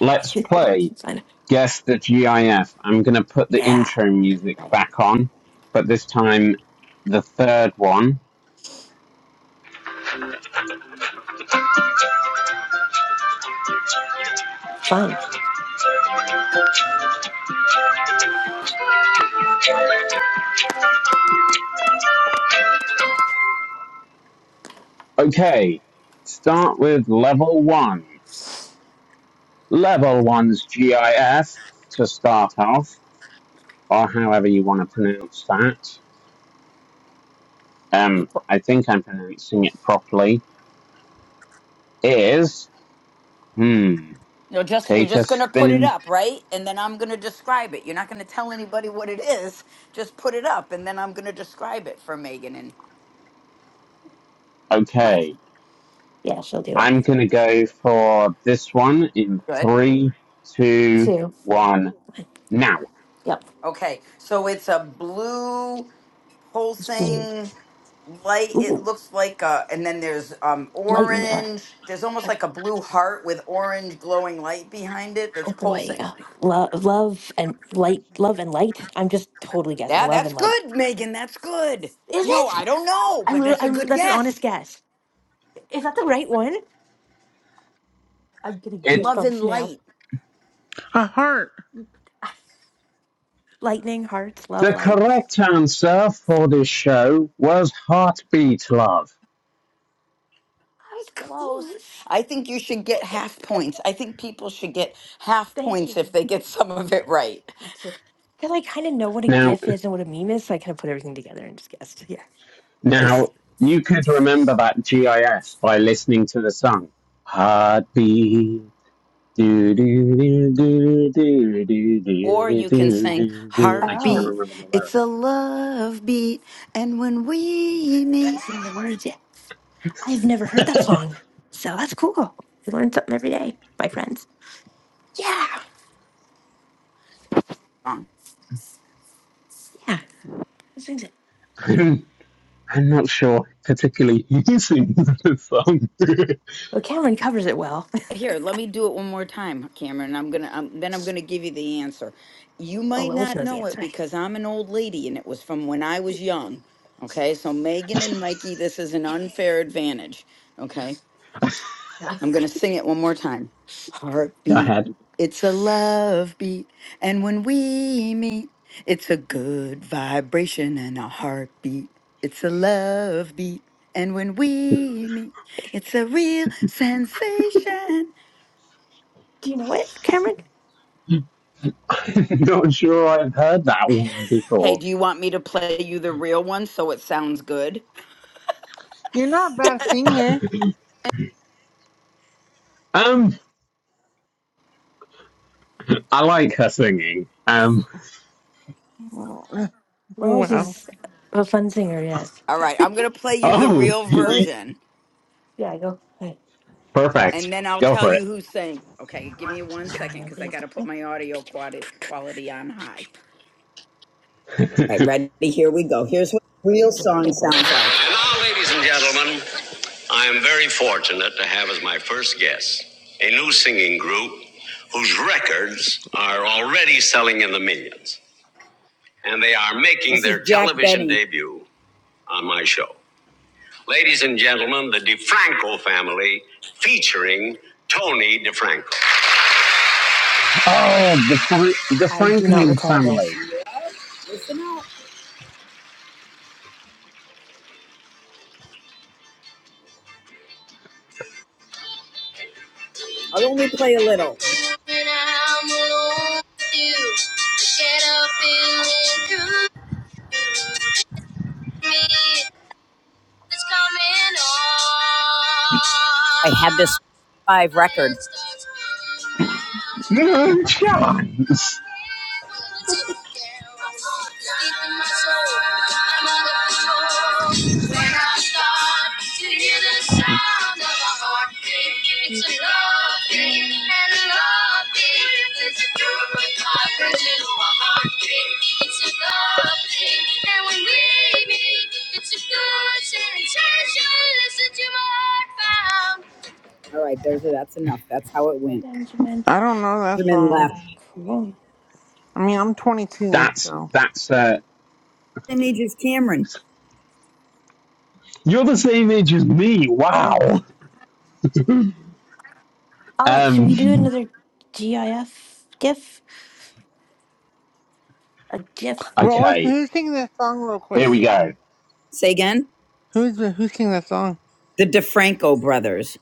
[SPEAKER 1] let's play.
[SPEAKER 2] Fun.
[SPEAKER 1] Guess the GIF. I'm gonna put the
[SPEAKER 2] Yeah.
[SPEAKER 1] intro music
[SPEAKER 2] Right.
[SPEAKER 1] back on, but this time the third one.
[SPEAKER 2] Fine.
[SPEAKER 1] Okay, start with level one. Level one's GIF to start off. or however you want to pronounce that.
[SPEAKER 3] You
[SPEAKER 1] Um,
[SPEAKER 3] put
[SPEAKER 1] I think I'm pronouncing
[SPEAKER 2] Yes.
[SPEAKER 1] it properly. Is hmm.
[SPEAKER 3] You're just you're
[SPEAKER 1] Take a
[SPEAKER 3] just going to put it
[SPEAKER 1] spin.
[SPEAKER 3] up, right? And then I'm going to describe it. You're not going to tell anybody what it is. Just put it up and then I'm going to describe it for Megan and
[SPEAKER 1] Okay,
[SPEAKER 3] Mikey.
[SPEAKER 2] Yeah, she'll do it.
[SPEAKER 1] I'm gonna go for this one in
[SPEAKER 3] Good.
[SPEAKER 1] three, two,
[SPEAKER 2] Two.
[SPEAKER 1] one.
[SPEAKER 2] One.
[SPEAKER 1] Now,
[SPEAKER 2] Yep.
[SPEAKER 3] Okay, so it's a blue
[SPEAKER 2] It's blue.
[SPEAKER 3] pulsing light. It
[SPEAKER 2] Ooh.
[SPEAKER 3] looks like a, and then there's um
[SPEAKER 2] Lightning up.
[SPEAKER 3] orange. There's almost
[SPEAKER 2] Oh,
[SPEAKER 3] like a blue heart with orange glowing light behind it
[SPEAKER 2] oh
[SPEAKER 3] that's
[SPEAKER 2] boy.
[SPEAKER 3] pulsing.
[SPEAKER 2] Oh. Love, love and light. Love and light. I'm just totally guessing.
[SPEAKER 3] Yeah,
[SPEAKER 2] Love
[SPEAKER 3] that's
[SPEAKER 2] and light.
[SPEAKER 3] good, Megan. That's good.
[SPEAKER 2] Is
[SPEAKER 3] No, I
[SPEAKER 2] it?
[SPEAKER 3] don't know,
[SPEAKER 2] I'm.
[SPEAKER 3] but
[SPEAKER 2] re-
[SPEAKER 3] that's a
[SPEAKER 2] I'm.
[SPEAKER 3] good
[SPEAKER 2] That's an honest
[SPEAKER 3] guess.
[SPEAKER 2] guess. Is that the right one? I'm getting
[SPEAKER 1] it
[SPEAKER 3] Love
[SPEAKER 2] goosebumps
[SPEAKER 3] and
[SPEAKER 2] now.
[SPEAKER 3] light.
[SPEAKER 4] A heart.
[SPEAKER 2] Ah, Lightning, hearts, love,
[SPEAKER 1] the
[SPEAKER 2] light.
[SPEAKER 1] correct answer for this show was heartbeat love.
[SPEAKER 2] I was
[SPEAKER 3] Close.
[SPEAKER 2] close.
[SPEAKER 3] I think you should get half points. I think people should get half
[SPEAKER 2] Thank
[SPEAKER 3] points
[SPEAKER 2] you.
[SPEAKER 3] if they get some of it right.
[SPEAKER 2] Because I kind of know what a
[SPEAKER 1] Now,
[SPEAKER 2] GIF is and what a meme is, so I kind of put everything together and just guessed. Yeah. Nice.
[SPEAKER 1] now you could remember that GIF by listening to the song heartbeat Do, do, do, do, do, do, do,
[SPEAKER 3] Or
[SPEAKER 1] do,
[SPEAKER 3] you can
[SPEAKER 1] do,
[SPEAKER 3] sing
[SPEAKER 1] do, I can't
[SPEAKER 2] Oh,
[SPEAKER 3] Heartbeat,
[SPEAKER 1] remember the
[SPEAKER 3] it's a love beat, and when we meet.
[SPEAKER 2] it's in the words. Yeah. I've never heard that
[SPEAKER 1] lyric.
[SPEAKER 2] song. So that's cool. You learn something every day, my friends. Yeah.
[SPEAKER 3] Song.
[SPEAKER 2] Who sings it?
[SPEAKER 1] I'm, I'm not sure particularly who sings the song.
[SPEAKER 2] Well, Cameron covers it well.
[SPEAKER 3] Here, let me do it one more time, Cameron. I'm gonna um, then I'm gonna give you the answer. You
[SPEAKER 2] oh,
[SPEAKER 3] might
[SPEAKER 2] Lois
[SPEAKER 3] not
[SPEAKER 2] knows the
[SPEAKER 3] know it
[SPEAKER 2] answer.
[SPEAKER 3] because I'm an old lady and it was from when I was young. Okay, so Megan and Mikey, this is an unfair advantage. Okay, I'm going to
[SPEAKER 2] Do
[SPEAKER 3] sing it one more time.
[SPEAKER 1] Go
[SPEAKER 3] Heartbeat,
[SPEAKER 1] ahead.
[SPEAKER 3] it's a love beat. And when we meet, it's a good vibration and a heartbeat. It's a love beat. And when we meet, it's a real sensation.
[SPEAKER 2] you know it, Cameron?
[SPEAKER 1] not sure I've heard that one
[SPEAKER 3] Hey,
[SPEAKER 1] before.
[SPEAKER 3] do you want me to play you the real one so it sounds good?
[SPEAKER 4] You're not a bad singer.
[SPEAKER 1] um, I like her singing. Um,
[SPEAKER 2] Lois
[SPEAKER 4] Wow.
[SPEAKER 2] is a fun singer, yes.
[SPEAKER 3] All right, I'm going to play you the
[SPEAKER 1] oh,
[SPEAKER 3] real
[SPEAKER 2] Lois
[SPEAKER 3] version
[SPEAKER 2] Yeah, I go. Hey,
[SPEAKER 1] perfect.
[SPEAKER 3] and then I'll
[SPEAKER 1] Go
[SPEAKER 3] tell
[SPEAKER 1] for it.
[SPEAKER 3] you who sang. Okay, give me one
[SPEAKER 2] Ryan,
[SPEAKER 3] second
[SPEAKER 2] it
[SPEAKER 3] because I
[SPEAKER 2] is-
[SPEAKER 3] got to put
[SPEAKER 2] I
[SPEAKER 3] my audio quality, quality on high. Right, ready? Here we go. Here's what a real
[SPEAKER 2] I'll go by
[SPEAKER 3] song
[SPEAKER 2] your
[SPEAKER 3] sounds
[SPEAKER 2] bold name. both my hands.
[SPEAKER 3] like. And now, ladies and gentlemen, I am very fortunate to have as my first guest a new singing group whose records are already selling in the millions, and they are making their television debut on my show. Ladies and gentlemen, the DeFranco family featuring Tony DeFranco.
[SPEAKER 1] oh, the Fra- the
[SPEAKER 2] I do not
[SPEAKER 1] Franklin
[SPEAKER 2] recall this.
[SPEAKER 1] family.
[SPEAKER 3] Listen up. I'll only play a little. I had this live record.
[SPEAKER 1] No chance.
[SPEAKER 2] It's my
[SPEAKER 3] All right, there's a, that's enough. That's how it went.
[SPEAKER 2] Benjamin.
[SPEAKER 4] I don't know that
[SPEAKER 3] Benjamin
[SPEAKER 4] song.
[SPEAKER 3] left.
[SPEAKER 2] Cool.
[SPEAKER 4] I mean, I'm 22,
[SPEAKER 1] That's
[SPEAKER 4] so.
[SPEAKER 1] that's uh,
[SPEAKER 3] Images Cameron.
[SPEAKER 1] You're the same age as me.
[SPEAKER 4] hmm
[SPEAKER 1] Wow.
[SPEAKER 2] All right, should we do
[SPEAKER 1] Um.
[SPEAKER 2] another GIF? GIF? A GIF?
[SPEAKER 4] Well, what's,
[SPEAKER 1] Okay.
[SPEAKER 4] who sings that song real
[SPEAKER 1] Here we
[SPEAKER 4] quick?
[SPEAKER 1] go.
[SPEAKER 3] Say again?
[SPEAKER 4] Who's the, who sings that song?
[SPEAKER 3] The DeFranco brothers.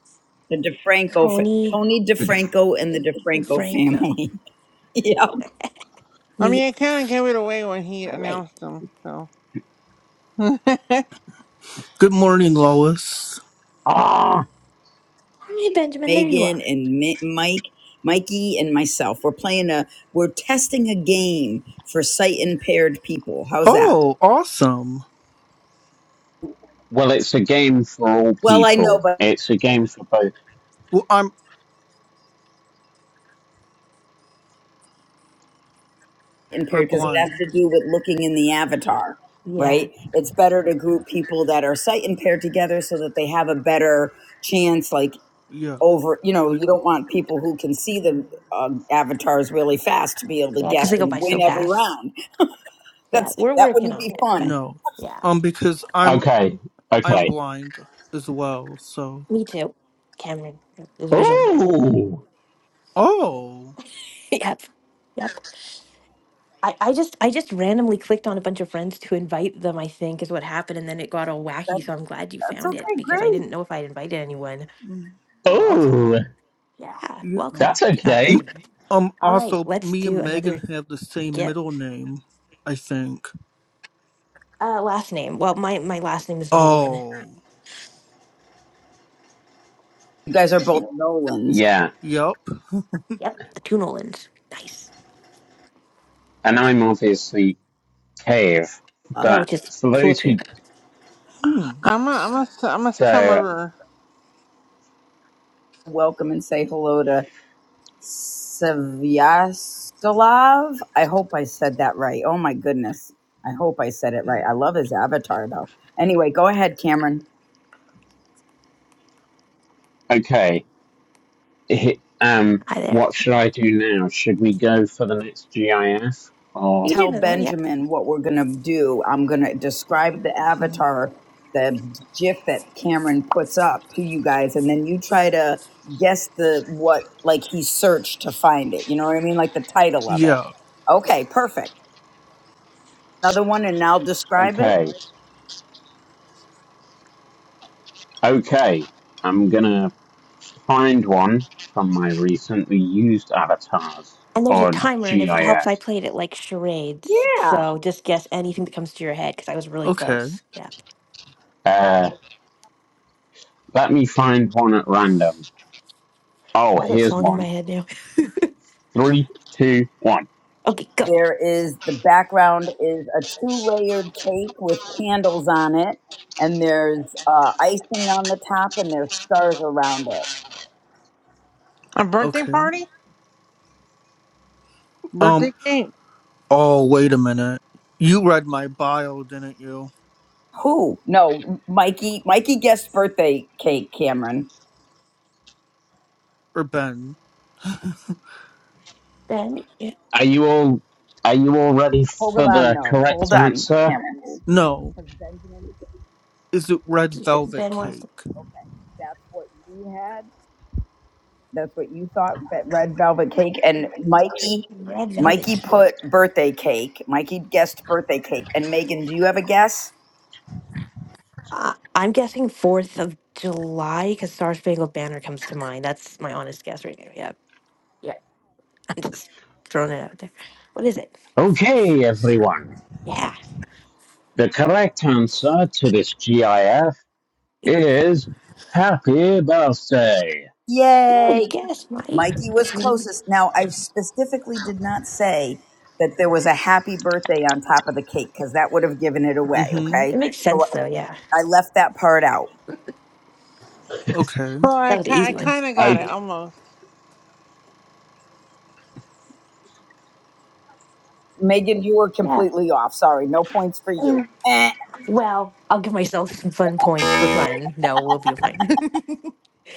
[SPEAKER 3] The DeFranco, fa-
[SPEAKER 2] Tony
[SPEAKER 3] Tony DeFranco and the DeFranco
[SPEAKER 2] DeFranco.
[SPEAKER 3] family. yeah.
[SPEAKER 4] I
[SPEAKER 2] Neat.
[SPEAKER 4] mean, I kind of gave it away when he
[SPEAKER 2] All right.
[SPEAKER 4] announced them, so. I'm a,
[SPEAKER 5] Good morning, Lois.
[SPEAKER 1] Ah.
[SPEAKER 2] Hey, Benjamin, there you
[SPEAKER 3] Megan
[SPEAKER 2] are.
[SPEAKER 3] and Mi- Mike, Mikey and myself. We're playing a, we're testing a game for sight impaired people. How's that?
[SPEAKER 5] Oh, awesome.
[SPEAKER 1] Well, it's a game for all
[SPEAKER 3] Well, I know,
[SPEAKER 1] people.
[SPEAKER 3] but
[SPEAKER 1] It's a game for both.
[SPEAKER 5] Well, I'm are
[SPEAKER 3] impaired because it has to
[SPEAKER 5] blind.
[SPEAKER 3] do with looking in the avatar,
[SPEAKER 2] Yeah.
[SPEAKER 3] right? It's better to group people that are sight impaired together so that they have a better chance, like
[SPEAKER 5] Yeah.
[SPEAKER 3] over, you know, you don't want people who can see the um, avatars really fast to be able to
[SPEAKER 2] Yeah, because
[SPEAKER 3] guess
[SPEAKER 2] they go
[SPEAKER 3] and
[SPEAKER 2] by
[SPEAKER 3] win
[SPEAKER 2] so
[SPEAKER 3] every
[SPEAKER 2] fast.
[SPEAKER 3] round.
[SPEAKER 2] Yeah,
[SPEAKER 3] That's
[SPEAKER 2] we're
[SPEAKER 3] that
[SPEAKER 2] working
[SPEAKER 3] wouldn't
[SPEAKER 2] on
[SPEAKER 3] be
[SPEAKER 2] it, but
[SPEAKER 3] fun.
[SPEAKER 5] No.
[SPEAKER 2] yeah.
[SPEAKER 5] Um, because I'm
[SPEAKER 1] Okay.
[SPEAKER 5] I'm
[SPEAKER 1] Okay.
[SPEAKER 5] blind as well. So.
[SPEAKER 2] Me too, Cameron. This visual break.
[SPEAKER 1] Oh.
[SPEAKER 5] Oh.
[SPEAKER 2] yep, yep. I, I just I just randomly clicked on a bunch of friends to invite them. I think is what happened, and then it got all
[SPEAKER 3] That,
[SPEAKER 2] wacky. So I'm glad you
[SPEAKER 3] that's
[SPEAKER 2] found it
[SPEAKER 3] okay,
[SPEAKER 2] because I
[SPEAKER 3] great.
[SPEAKER 2] didn't know if I'd invited anyone.
[SPEAKER 5] Mm,
[SPEAKER 2] So welcome.
[SPEAKER 1] Oh.
[SPEAKER 2] Yeah,
[SPEAKER 5] Yeah.
[SPEAKER 2] welcome,
[SPEAKER 1] That's
[SPEAKER 2] K- uh,
[SPEAKER 1] okay.
[SPEAKER 5] M-
[SPEAKER 2] Benjamin.
[SPEAKER 5] Um.
[SPEAKER 2] All right,
[SPEAKER 5] Also,
[SPEAKER 2] let's
[SPEAKER 5] me
[SPEAKER 2] do
[SPEAKER 5] and Megan
[SPEAKER 2] another
[SPEAKER 5] have the same
[SPEAKER 2] get
[SPEAKER 5] middle name. I think.
[SPEAKER 2] uh, last name. Well, my my last name is Nolan.
[SPEAKER 5] Oh.
[SPEAKER 3] You guys are both Nolans.
[SPEAKER 1] Yeah.
[SPEAKER 5] Yep.
[SPEAKER 2] Yep, the two Nolans. Nice.
[SPEAKER 1] And I'm obviously cave,
[SPEAKER 3] Uh,
[SPEAKER 2] Yeah,
[SPEAKER 1] but
[SPEAKER 2] which is
[SPEAKER 1] for
[SPEAKER 2] cool
[SPEAKER 1] those
[SPEAKER 2] too.
[SPEAKER 1] who
[SPEAKER 5] Hmm.
[SPEAKER 4] I'm a, I'm a
[SPEAKER 1] so
[SPEAKER 4] summerer.
[SPEAKER 3] welcome and say hello to Svyastolav. I hope I said that right. Oh my goodness. I hope I said it right. I love his avatar though. Anyway, go ahead, Cameron.
[SPEAKER 1] okay. Hi- Um.
[SPEAKER 2] Hi there.
[SPEAKER 1] What should I do now? Should we go for the next GIF or
[SPEAKER 2] You can do
[SPEAKER 3] Tell
[SPEAKER 2] another one. Yeah.
[SPEAKER 3] Benjamin what we're going to do. I'm going to describe the
[SPEAKER 5] Mhm.
[SPEAKER 3] avatar, the GIF that Cameron puts up to you guys, and then you try to guess the what like he searched to find it. You know what I mean? Like the title of it.
[SPEAKER 5] Yeah.
[SPEAKER 3] Okay, perfect. another one and I'll describe it.
[SPEAKER 1] okay? Okay, I'm gonna find one from my recently used avatars
[SPEAKER 2] And there's a
[SPEAKER 1] or
[SPEAKER 2] timer, and if it helps,
[SPEAKER 1] GIF.
[SPEAKER 2] I played it like charades. So just guess anything that comes to your head because I was really
[SPEAKER 5] Okay.
[SPEAKER 2] close. Yeah.
[SPEAKER 1] Uh, let me find one at random. Oh,
[SPEAKER 2] i got
[SPEAKER 1] here's
[SPEAKER 2] song in my
[SPEAKER 1] one.
[SPEAKER 2] head now.
[SPEAKER 1] Three, two, one.
[SPEAKER 2] Okay, go.
[SPEAKER 3] There is the background is a two layered cake with candles on it, and there's uh, icing on the top, and there's stars around it.
[SPEAKER 4] A birthday
[SPEAKER 5] Okay.
[SPEAKER 4] party?
[SPEAKER 5] Um.
[SPEAKER 4] Birthday cake?
[SPEAKER 5] Oh, wait a minute. You read my bio, didn't you?
[SPEAKER 3] Who? No, Mikey. Mikey guessed birthday cake, Cameron.
[SPEAKER 5] Or Ben?
[SPEAKER 2] Ben, yeah,
[SPEAKER 1] Are you all are you all ready
[SPEAKER 3] Hold
[SPEAKER 1] for
[SPEAKER 3] on,
[SPEAKER 1] the
[SPEAKER 3] no. Hold
[SPEAKER 1] correct
[SPEAKER 3] on,
[SPEAKER 1] answer?
[SPEAKER 3] Cameron.
[SPEAKER 5] No.
[SPEAKER 3] Because Benjamin,
[SPEAKER 5] Is it red velvet
[SPEAKER 2] Ben wants the
[SPEAKER 5] cake?
[SPEAKER 3] okay, that's what you had. That's what you thought, that red velvet cake. And Mikey,
[SPEAKER 2] red velvet
[SPEAKER 3] Mikey
[SPEAKER 2] cake.
[SPEAKER 3] put birthday cake. Mikey guessed birthday cake. And Megan, do you have a guess?
[SPEAKER 2] Uh, I'm guessing 4th of July because Star Spangled Banner comes to mind. That's my honest guess right now. Yeah. I'm just throwing it out there. What is it?
[SPEAKER 1] Okay, everyone.
[SPEAKER 2] Yeah.
[SPEAKER 1] The correct answer to this GIF is happy birthday.
[SPEAKER 2] Good
[SPEAKER 3] Yay.
[SPEAKER 2] guess, Mike.
[SPEAKER 3] Mikey was
[SPEAKER 2] It
[SPEAKER 3] closest. Now, I specifically did not say that there was a happy birthday on top of the cake because that would have given it away.
[SPEAKER 5] Mm-hmm.
[SPEAKER 3] Okay.
[SPEAKER 2] makes
[SPEAKER 3] So
[SPEAKER 2] sense, though. Yeah.
[SPEAKER 3] I left that part out.
[SPEAKER 5] Okay.
[SPEAKER 4] Well,
[SPEAKER 2] That
[SPEAKER 4] I,
[SPEAKER 2] was an
[SPEAKER 4] ki- I
[SPEAKER 2] easy one.
[SPEAKER 4] kind of got
[SPEAKER 1] Okay,
[SPEAKER 4] it almost.
[SPEAKER 3] Megan, you were
[SPEAKER 2] Yeah.
[SPEAKER 3] completely off. Sorry. No points for you. Eh.
[SPEAKER 2] Well, I'll give myself some fun points for fun. No, we'll be fine.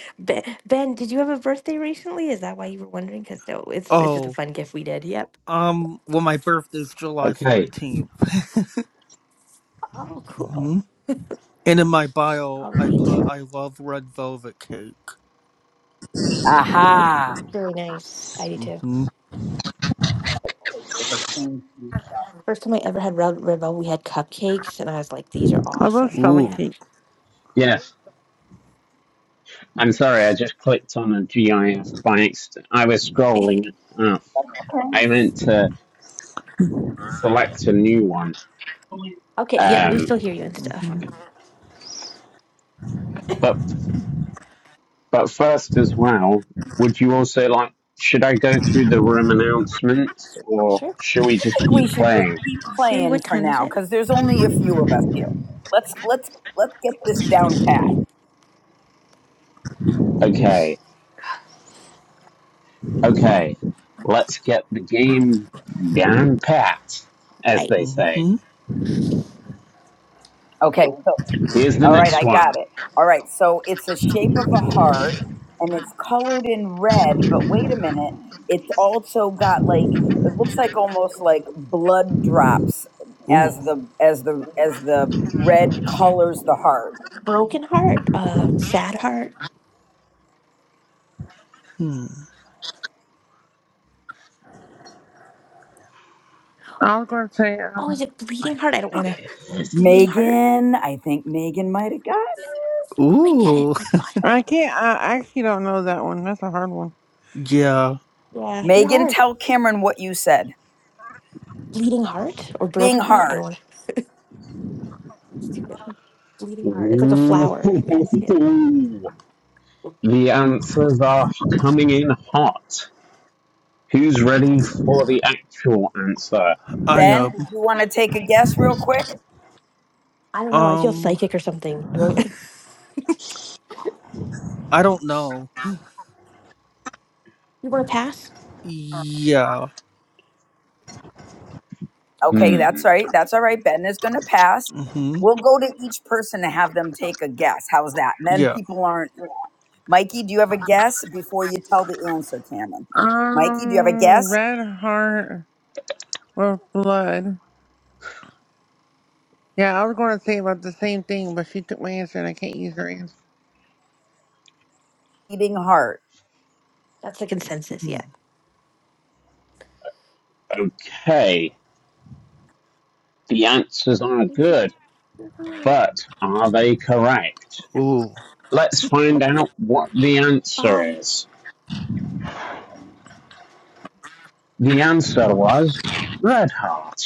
[SPEAKER 2] ben, ben, did you have a birthday recently? Is that why you were wondering? Because no, it's it's just a
[SPEAKER 5] Oh,
[SPEAKER 2] fun gift we did. Yep.
[SPEAKER 5] um, well, my birthday's July
[SPEAKER 1] okay.
[SPEAKER 5] 14th.
[SPEAKER 2] Oh, cool.
[SPEAKER 5] hmm And in my bio,
[SPEAKER 2] All
[SPEAKER 5] I
[SPEAKER 2] right.
[SPEAKER 5] put I love red velvet cake.
[SPEAKER 3] Aha.
[SPEAKER 2] Really nice. I do too.
[SPEAKER 5] Mm-hmm.
[SPEAKER 3] With
[SPEAKER 2] First time I ever had Red Ribbon, we had cupcakes, and I was like, "These are
[SPEAKER 4] I love
[SPEAKER 2] awesome."
[SPEAKER 4] strawberry
[SPEAKER 2] Yeah.
[SPEAKER 5] Ooh.
[SPEAKER 4] cake.
[SPEAKER 1] Yes. I'm sorry, I just clicked on a GIF by accident. I was scrolling. Oh,
[SPEAKER 3] I
[SPEAKER 1] I meant to select a new one.
[SPEAKER 2] Okay. Yeah, we
[SPEAKER 1] Um,
[SPEAKER 2] still hear you and stuff.
[SPEAKER 5] Mm-hmm.
[SPEAKER 1] but but first, as well, would you also like? Should I go through the room announcements, or
[SPEAKER 2] Sure.
[SPEAKER 1] should we just
[SPEAKER 3] think we
[SPEAKER 1] keep
[SPEAKER 3] should just
[SPEAKER 1] playing?
[SPEAKER 3] keep
[SPEAKER 2] Siri,
[SPEAKER 3] playing
[SPEAKER 2] what
[SPEAKER 3] for
[SPEAKER 2] time is
[SPEAKER 3] now
[SPEAKER 2] it?
[SPEAKER 3] because there's only a few of us here. Let's let's let's get this
[SPEAKER 2] It's
[SPEAKER 3] down
[SPEAKER 2] twenty.
[SPEAKER 3] pat.
[SPEAKER 1] Okay, okay. Let's get the game down pat, as
[SPEAKER 2] Right.
[SPEAKER 1] they say.
[SPEAKER 5] Mm-hmm.
[SPEAKER 3] Okay, so
[SPEAKER 1] Here's the
[SPEAKER 3] All right,
[SPEAKER 1] next
[SPEAKER 3] I got
[SPEAKER 1] one.
[SPEAKER 3] it. All right, so it's a shape of a heart and it's colored in red, but wait a minute, it's also got like it looks like almost like blood drops
[SPEAKER 5] Ooh.
[SPEAKER 3] as the as the as the red colors the heart.
[SPEAKER 2] Broken heart. Uh, sad heart.
[SPEAKER 5] Hmm.
[SPEAKER 4] I was going to say, uh,
[SPEAKER 2] Oh, is it
[SPEAKER 1] I
[SPEAKER 2] bleeding heart?
[SPEAKER 1] know
[SPEAKER 2] I don't
[SPEAKER 1] what
[SPEAKER 2] want to
[SPEAKER 1] it
[SPEAKER 2] bleeding heart.
[SPEAKER 3] Megan, I think Megan might have gotten it.
[SPEAKER 2] I might get it.
[SPEAKER 5] Ooh.
[SPEAKER 2] I've got it.
[SPEAKER 4] I can't, I I actually don't know that one. That's a hard one.
[SPEAKER 5] Yeah,
[SPEAKER 2] Yeah, they're
[SPEAKER 3] Megan,
[SPEAKER 2] hard.
[SPEAKER 3] tell Cameron what you said.
[SPEAKER 2] Bleeding heart or
[SPEAKER 3] Ding
[SPEAKER 2] broken heart? I
[SPEAKER 3] heart.
[SPEAKER 2] don't want to. It's too big. Bleeding heart. It's like a flower, you guys.
[SPEAKER 1] is.
[SPEAKER 2] Yeah.
[SPEAKER 1] Ooh. The answers are coming in hot. Who's
[SPEAKER 2] If I
[SPEAKER 1] ready
[SPEAKER 2] get it
[SPEAKER 1] for
[SPEAKER 2] right.
[SPEAKER 1] the actual answer?
[SPEAKER 5] I
[SPEAKER 3] Ben, do
[SPEAKER 5] am.
[SPEAKER 3] you want to take a guess real quick?
[SPEAKER 2] I don't know. I feel
[SPEAKER 5] Um,
[SPEAKER 2] psychic or something. I don't.
[SPEAKER 5] I don't know.
[SPEAKER 2] you want to pass?
[SPEAKER 5] Yeah.
[SPEAKER 3] Okay,
[SPEAKER 1] Hmm.
[SPEAKER 3] that's right. That's all right. Ben is going to pass.
[SPEAKER 5] Mm-hmm.
[SPEAKER 3] We'll go to each person to have them take a guess. How's that? And then
[SPEAKER 5] Yeah.
[SPEAKER 3] people aren't. Mikey, do you have a guess before you tell the answer, Cannon? Mikey, do you have a
[SPEAKER 4] Um,
[SPEAKER 3] guess?
[SPEAKER 4] red heart with blood. Yeah, I was going to say about the same thing, but she took my answer and I can't use her answer.
[SPEAKER 3] Eating heart.
[SPEAKER 2] That's the consensus.
[SPEAKER 5] Hmm.
[SPEAKER 2] Yeah.
[SPEAKER 1] Okay. The answers are
[SPEAKER 2] Okay.
[SPEAKER 1] good, but are they correct?
[SPEAKER 5] Ooh.
[SPEAKER 1] Let's find out what the answer
[SPEAKER 2] Bye.
[SPEAKER 1] is. The answer was Red Heart.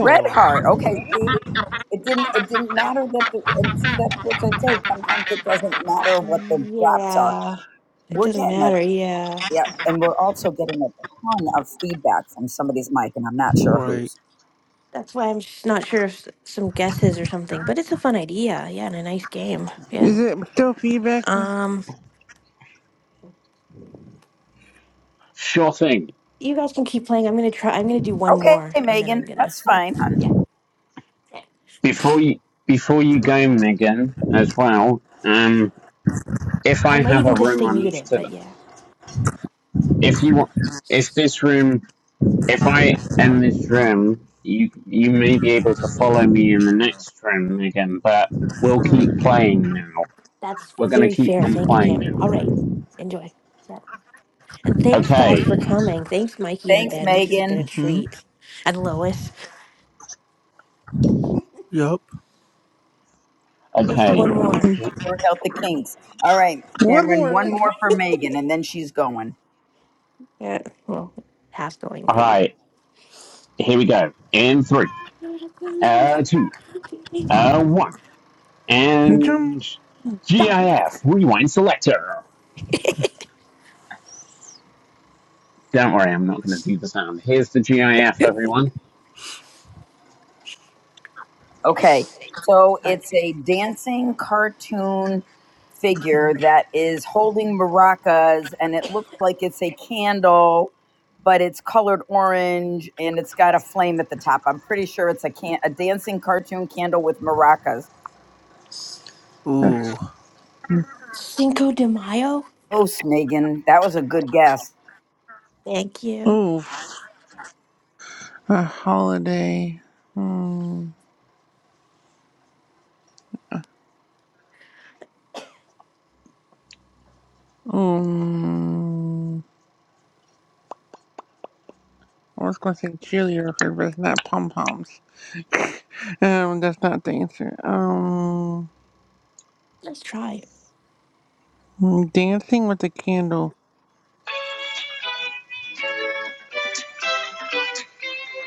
[SPEAKER 3] Red heart. Okay, see? It didn't. It didn't matter that the and see that's what I say. Sometimes it doesn't matter what the drops are.
[SPEAKER 2] Yeah. It
[SPEAKER 3] We're
[SPEAKER 2] doesn't
[SPEAKER 3] getting a
[SPEAKER 2] matter. Yeah.
[SPEAKER 3] yeah, and we're also getting a ton of feedback from somebody's mic, and I'm not sure
[SPEAKER 5] Right.
[SPEAKER 3] whose.
[SPEAKER 2] That's why I'm just not sure if s- some guesses or something, but it's a fun idea. Yeah, and a nice game. Yeah.
[SPEAKER 5] Mm-hmm.
[SPEAKER 4] Is it still feedback?
[SPEAKER 2] Um,
[SPEAKER 1] Sure thing.
[SPEAKER 2] you guys can keep playing. I'm gonna try. I'm gonna do one
[SPEAKER 3] Okay,
[SPEAKER 2] more, and then
[SPEAKER 3] Megan,
[SPEAKER 2] I'm gonna.
[SPEAKER 3] that's
[SPEAKER 2] Yeah.
[SPEAKER 3] fine, hon.
[SPEAKER 1] Before you, before you go, Megan, as well, um, if
[SPEAKER 2] I
[SPEAKER 1] I
[SPEAKER 2] might
[SPEAKER 1] have
[SPEAKER 2] even
[SPEAKER 1] a
[SPEAKER 2] just
[SPEAKER 1] room
[SPEAKER 2] stay
[SPEAKER 1] on
[SPEAKER 2] muted,
[SPEAKER 1] after,
[SPEAKER 2] but yeah,
[SPEAKER 1] if you want, if this room If I end this room, you you may be able to follow me in the next room again, but we'll keep playing now.
[SPEAKER 2] that's
[SPEAKER 1] We're gonna
[SPEAKER 2] very
[SPEAKER 1] keep
[SPEAKER 2] fair.
[SPEAKER 1] on
[SPEAKER 2] Thank you,
[SPEAKER 1] playing
[SPEAKER 2] Cameron.
[SPEAKER 1] now.
[SPEAKER 2] All right, enjoy. Yeah. And thanks, guys,
[SPEAKER 1] Okay,
[SPEAKER 2] for coming. Thanks, Mikey and
[SPEAKER 3] Thanks,
[SPEAKER 2] Ben. This has been a
[SPEAKER 3] Megan.
[SPEAKER 5] Mm-hmm.
[SPEAKER 2] treat. And Lois.
[SPEAKER 5] Yep.
[SPEAKER 2] Let's do
[SPEAKER 1] okay.
[SPEAKER 2] one more.
[SPEAKER 1] He-
[SPEAKER 3] work out the kinks. All right,
[SPEAKER 4] One
[SPEAKER 3] Cameron,
[SPEAKER 4] more.
[SPEAKER 3] one
[SPEAKER 4] let's-
[SPEAKER 3] more for Megan, and then she's going.
[SPEAKER 2] Yeah, well, half going,
[SPEAKER 1] All
[SPEAKER 2] maybe.
[SPEAKER 1] right, here we go. In three, uh, two, uh, one, and
[SPEAKER 4] Jump.
[SPEAKER 2] Go.
[SPEAKER 1] GIF rewind selector. Don't worry, I'm not gonna do the sound. Here's the GIF,
[SPEAKER 2] okay.
[SPEAKER 1] everyone.
[SPEAKER 3] Okay, so it's a dancing cartoon
[SPEAKER 5] Mm-hmm.
[SPEAKER 3] figure that is holding maracas, and it looks like it's a candle, but it's colored orange and it's got a flame at the top. I'm pretty sure it's a can a dancing cartoon candle with maracas.
[SPEAKER 5] Ooh.
[SPEAKER 4] Oh,
[SPEAKER 2] Cinco de Mayo.
[SPEAKER 3] Oh, Megan, that was a good guess.
[SPEAKER 2] Thank you.
[SPEAKER 4] a holiday. Hmm. Um, I was going to say cheerleader, but it's not pom poms. Um, that's not the answer. Um,
[SPEAKER 2] Let's try.
[SPEAKER 4] mm, dancing with a candle.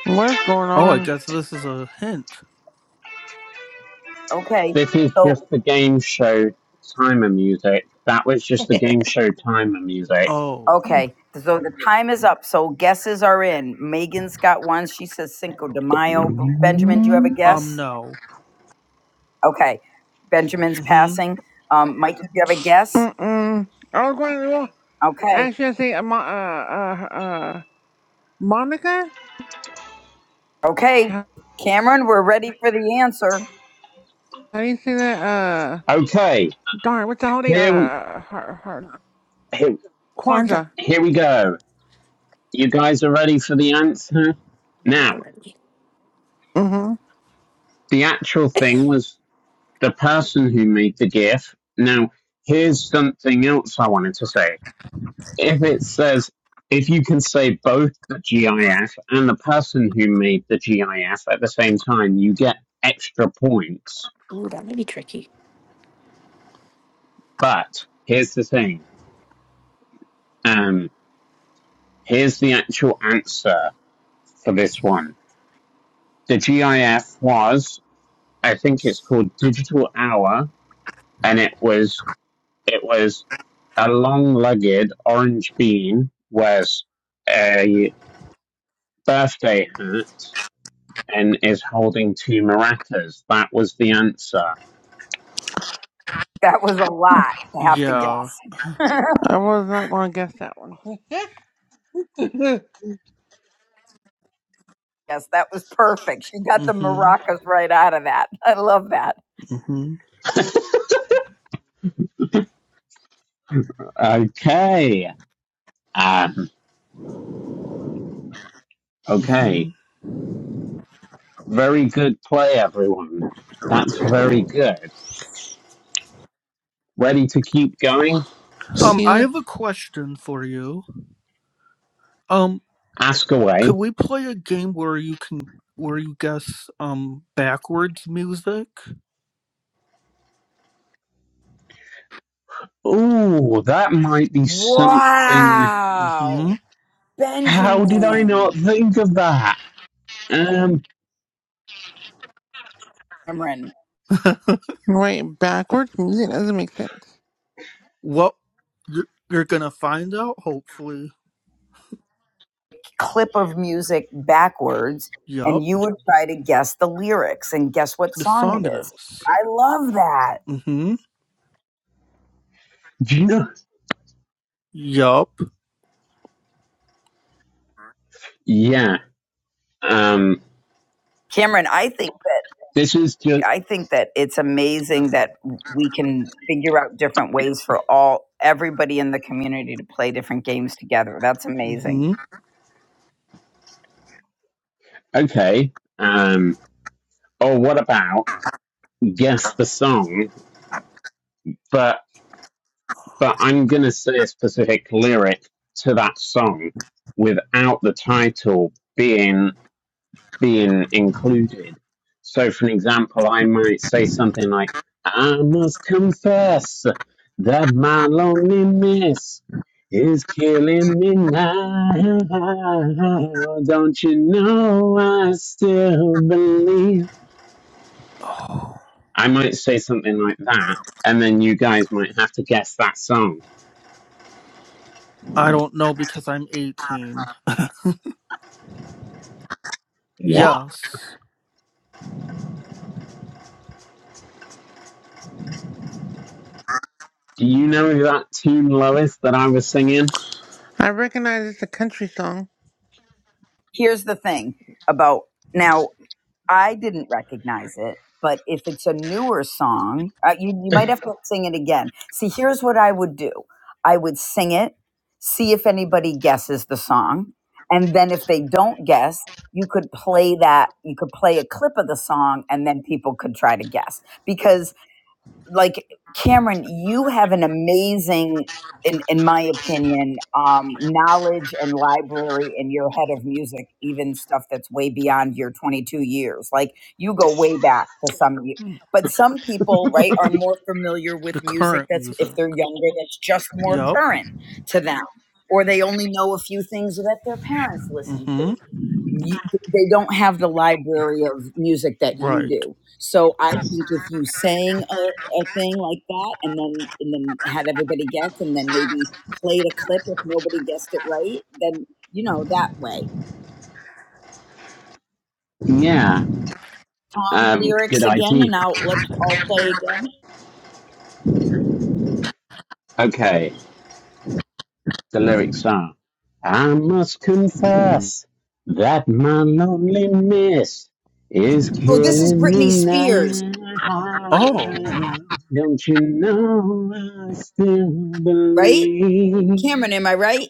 [SPEAKER 4] What is going
[SPEAKER 5] Oh, I
[SPEAKER 4] on?
[SPEAKER 5] guess this is a hint.
[SPEAKER 3] Okay,
[SPEAKER 1] This is
[SPEAKER 3] so
[SPEAKER 1] just the game show timer music. That was just the game show timer music
[SPEAKER 5] Oh.
[SPEAKER 3] Okay, so the time is up. So guesses are in. Megan's got one. She says Cinco de Mayo. Benjamin, do you have a
[SPEAKER 5] Um,
[SPEAKER 3] guess?
[SPEAKER 5] no.
[SPEAKER 3] Okay, Benjamin's
[SPEAKER 5] Mm-hmm.
[SPEAKER 3] passing. Um, Mike, do you have a guess?
[SPEAKER 4] Mm-mm. I was going to well,
[SPEAKER 3] Okay,
[SPEAKER 4] actually I should say uh, Mo- uh, uh, uh, Monica.
[SPEAKER 3] okay,
[SPEAKER 4] How
[SPEAKER 3] Cameron, we're ready for the answer.
[SPEAKER 4] do you say that? Uh,
[SPEAKER 1] Okay,
[SPEAKER 4] darn, what's the holiday?
[SPEAKER 1] here we
[SPEAKER 4] Uh, her, her,
[SPEAKER 1] here,
[SPEAKER 2] Kwanzaa.
[SPEAKER 4] Kwanzaa.
[SPEAKER 1] here we go. You guys are ready for the answer?
[SPEAKER 2] We
[SPEAKER 1] Now,
[SPEAKER 2] are ready.
[SPEAKER 4] Mm-hmm.
[SPEAKER 1] the actual thing was the person who made the GIF. Now, here's something else I wanted to say. If it says if you can say both the GIF and the person who made the GIF at the same time, you get extra points.
[SPEAKER 2] Ooh, that might be tricky.
[SPEAKER 1] But here's the thing. Um, here's the actual answer for this one the GIF was, I think it's called Digital Hour, and it was it was a long-legged orange bean wears a birthday hat and is holding two maracas. That was the answer.
[SPEAKER 3] That was a lot to have to guess.
[SPEAKER 5] Yeah.
[SPEAKER 4] I was not going to guess that one.
[SPEAKER 3] yes, that was perfect. She got the
[SPEAKER 5] Mm-hmm.
[SPEAKER 3] maracas right out of that. I love that.
[SPEAKER 5] Mm-hmm.
[SPEAKER 1] Okay. Um,
[SPEAKER 5] Mm-hmm.
[SPEAKER 1] okay. Very good play, everyone. That's very good. Ready to keep going?
[SPEAKER 5] Um,
[SPEAKER 4] See,
[SPEAKER 5] I have a question for you. Um,
[SPEAKER 1] Ask
[SPEAKER 5] could
[SPEAKER 1] away.
[SPEAKER 5] we play a game where you can where you guess um backwards music?
[SPEAKER 1] Ooh, that might be something
[SPEAKER 5] Mm-hmm.
[SPEAKER 3] Wow,
[SPEAKER 1] How did I
[SPEAKER 3] Benjamin,
[SPEAKER 1] not think of that? Um,
[SPEAKER 3] Cameron.
[SPEAKER 4] wait, backwards music doesn't make sense.
[SPEAKER 5] Well, you're, you're gonna find out, hopefully.
[SPEAKER 3] clip of music backwards
[SPEAKER 5] Yup.
[SPEAKER 3] and you would try to guess the lyrics and guess what
[SPEAKER 5] The
[SPEAKER 3] song
[SPEAKER 5] song
[SPEAKER 3] it
[SPEAKER 5] it
[SPEAKER 3] is.
[SPEAKER 5] is.
[SPEAKER 3] I love that.
[SPEAKER 5] Mm-hmm.
[SPEAKER 1] do you know?
[SPEAKER 5] Yup.
[SPEAKER 1] Yeah. Um,
[SPEAKER 3] Cameron, I think that
[SPEAKER 1] this is just
[SPEAKER 3] I think that it's amazing that we can figure out different ways for all everybody in the community to play different games together. That's amazing.
[SPEAKER 5] Mm-hmm.
[SPEAKER 1] okay. Um, or what about guess the song? But but I'm gonna say a specific lyric to that song without the title being. being included. So, for an example, I might say something like, I must confess that my loneliness is killing me now. Don't you know I still believe?
[SPEAKER 5] Oh,
[SPEAKER 1] I might say something like that, and then you guys might have to guess that song.
[SPEAKER 5] I don't know because I'm 18.
[SPEAKER 1] What?
[SPEAKER 5] Yes.
[SPEAKER 1] Do you know that tune, Lois, that I was singing?
[SPEAKER 4] I recognize it's a country song.
[SPEAKER 3] Here's the thing about now I didn't recognize it, but if it's a newer song, uh, you you might have to sing it again. See, here's what I would do: I would sing it, see if anybody guesses the song, and then if they don't guess, you could play that. You could play a clip of the song, and then people could try to guess because like Cameron, you have an amazing, in in my opinion, um, knowledge and library, and you're head of music, even stuff that's way beyond your 22 years. Like you go way back to some,
[SPEAKER 5] Mm.
[SPEAKER 3] but some people, right, are more familiar with
[SPEAKER 5] The
[SPEAKER 3] music
[SPEAKER 5] current
[SPEAKER 3] that's if
[SPEAKER 5] music.
[SPEAKER 3] they're younger, that's just more
[SPEAKER 5] Yup.
[SPEAKER 3] current to them, or they only know a few things that their parents listen to
[SPEAKER 5] Mm-hmm.
[SPEAKER 3] you, they don't have the library of music that you
[SPEAKER 5] Right.
[SPEAKER 3] do. So I think if you sang a a thing like that and then and then had everybody guess and then maybe played a clip if nobody guessed it right then you know that way
[SPEAKER 1] Yeah.
[SPEAKER 3] um
[SPEAKER 1] Um, good
[SPEAKER 3] lyrics again and
[SPEAKER 1] idea.
[SPEAKER 3] now let's all play again
[SPEAKER 1] Okay. The lyrics are, I must confess that my lonely miss is
[SPEAKER 3] oh this is
[SPEAKER 1] killing me
[SPEAKER 3] britney
[SPEAKER 1] now.
[SPEAKER 3] spears
[SPEAKER 5] Oh.
[SPEAKER 1] Don't you know I still
[SPEAKER 3] right
[SPEAKER 1] believe?
[SPEAKER 3] cameron am i right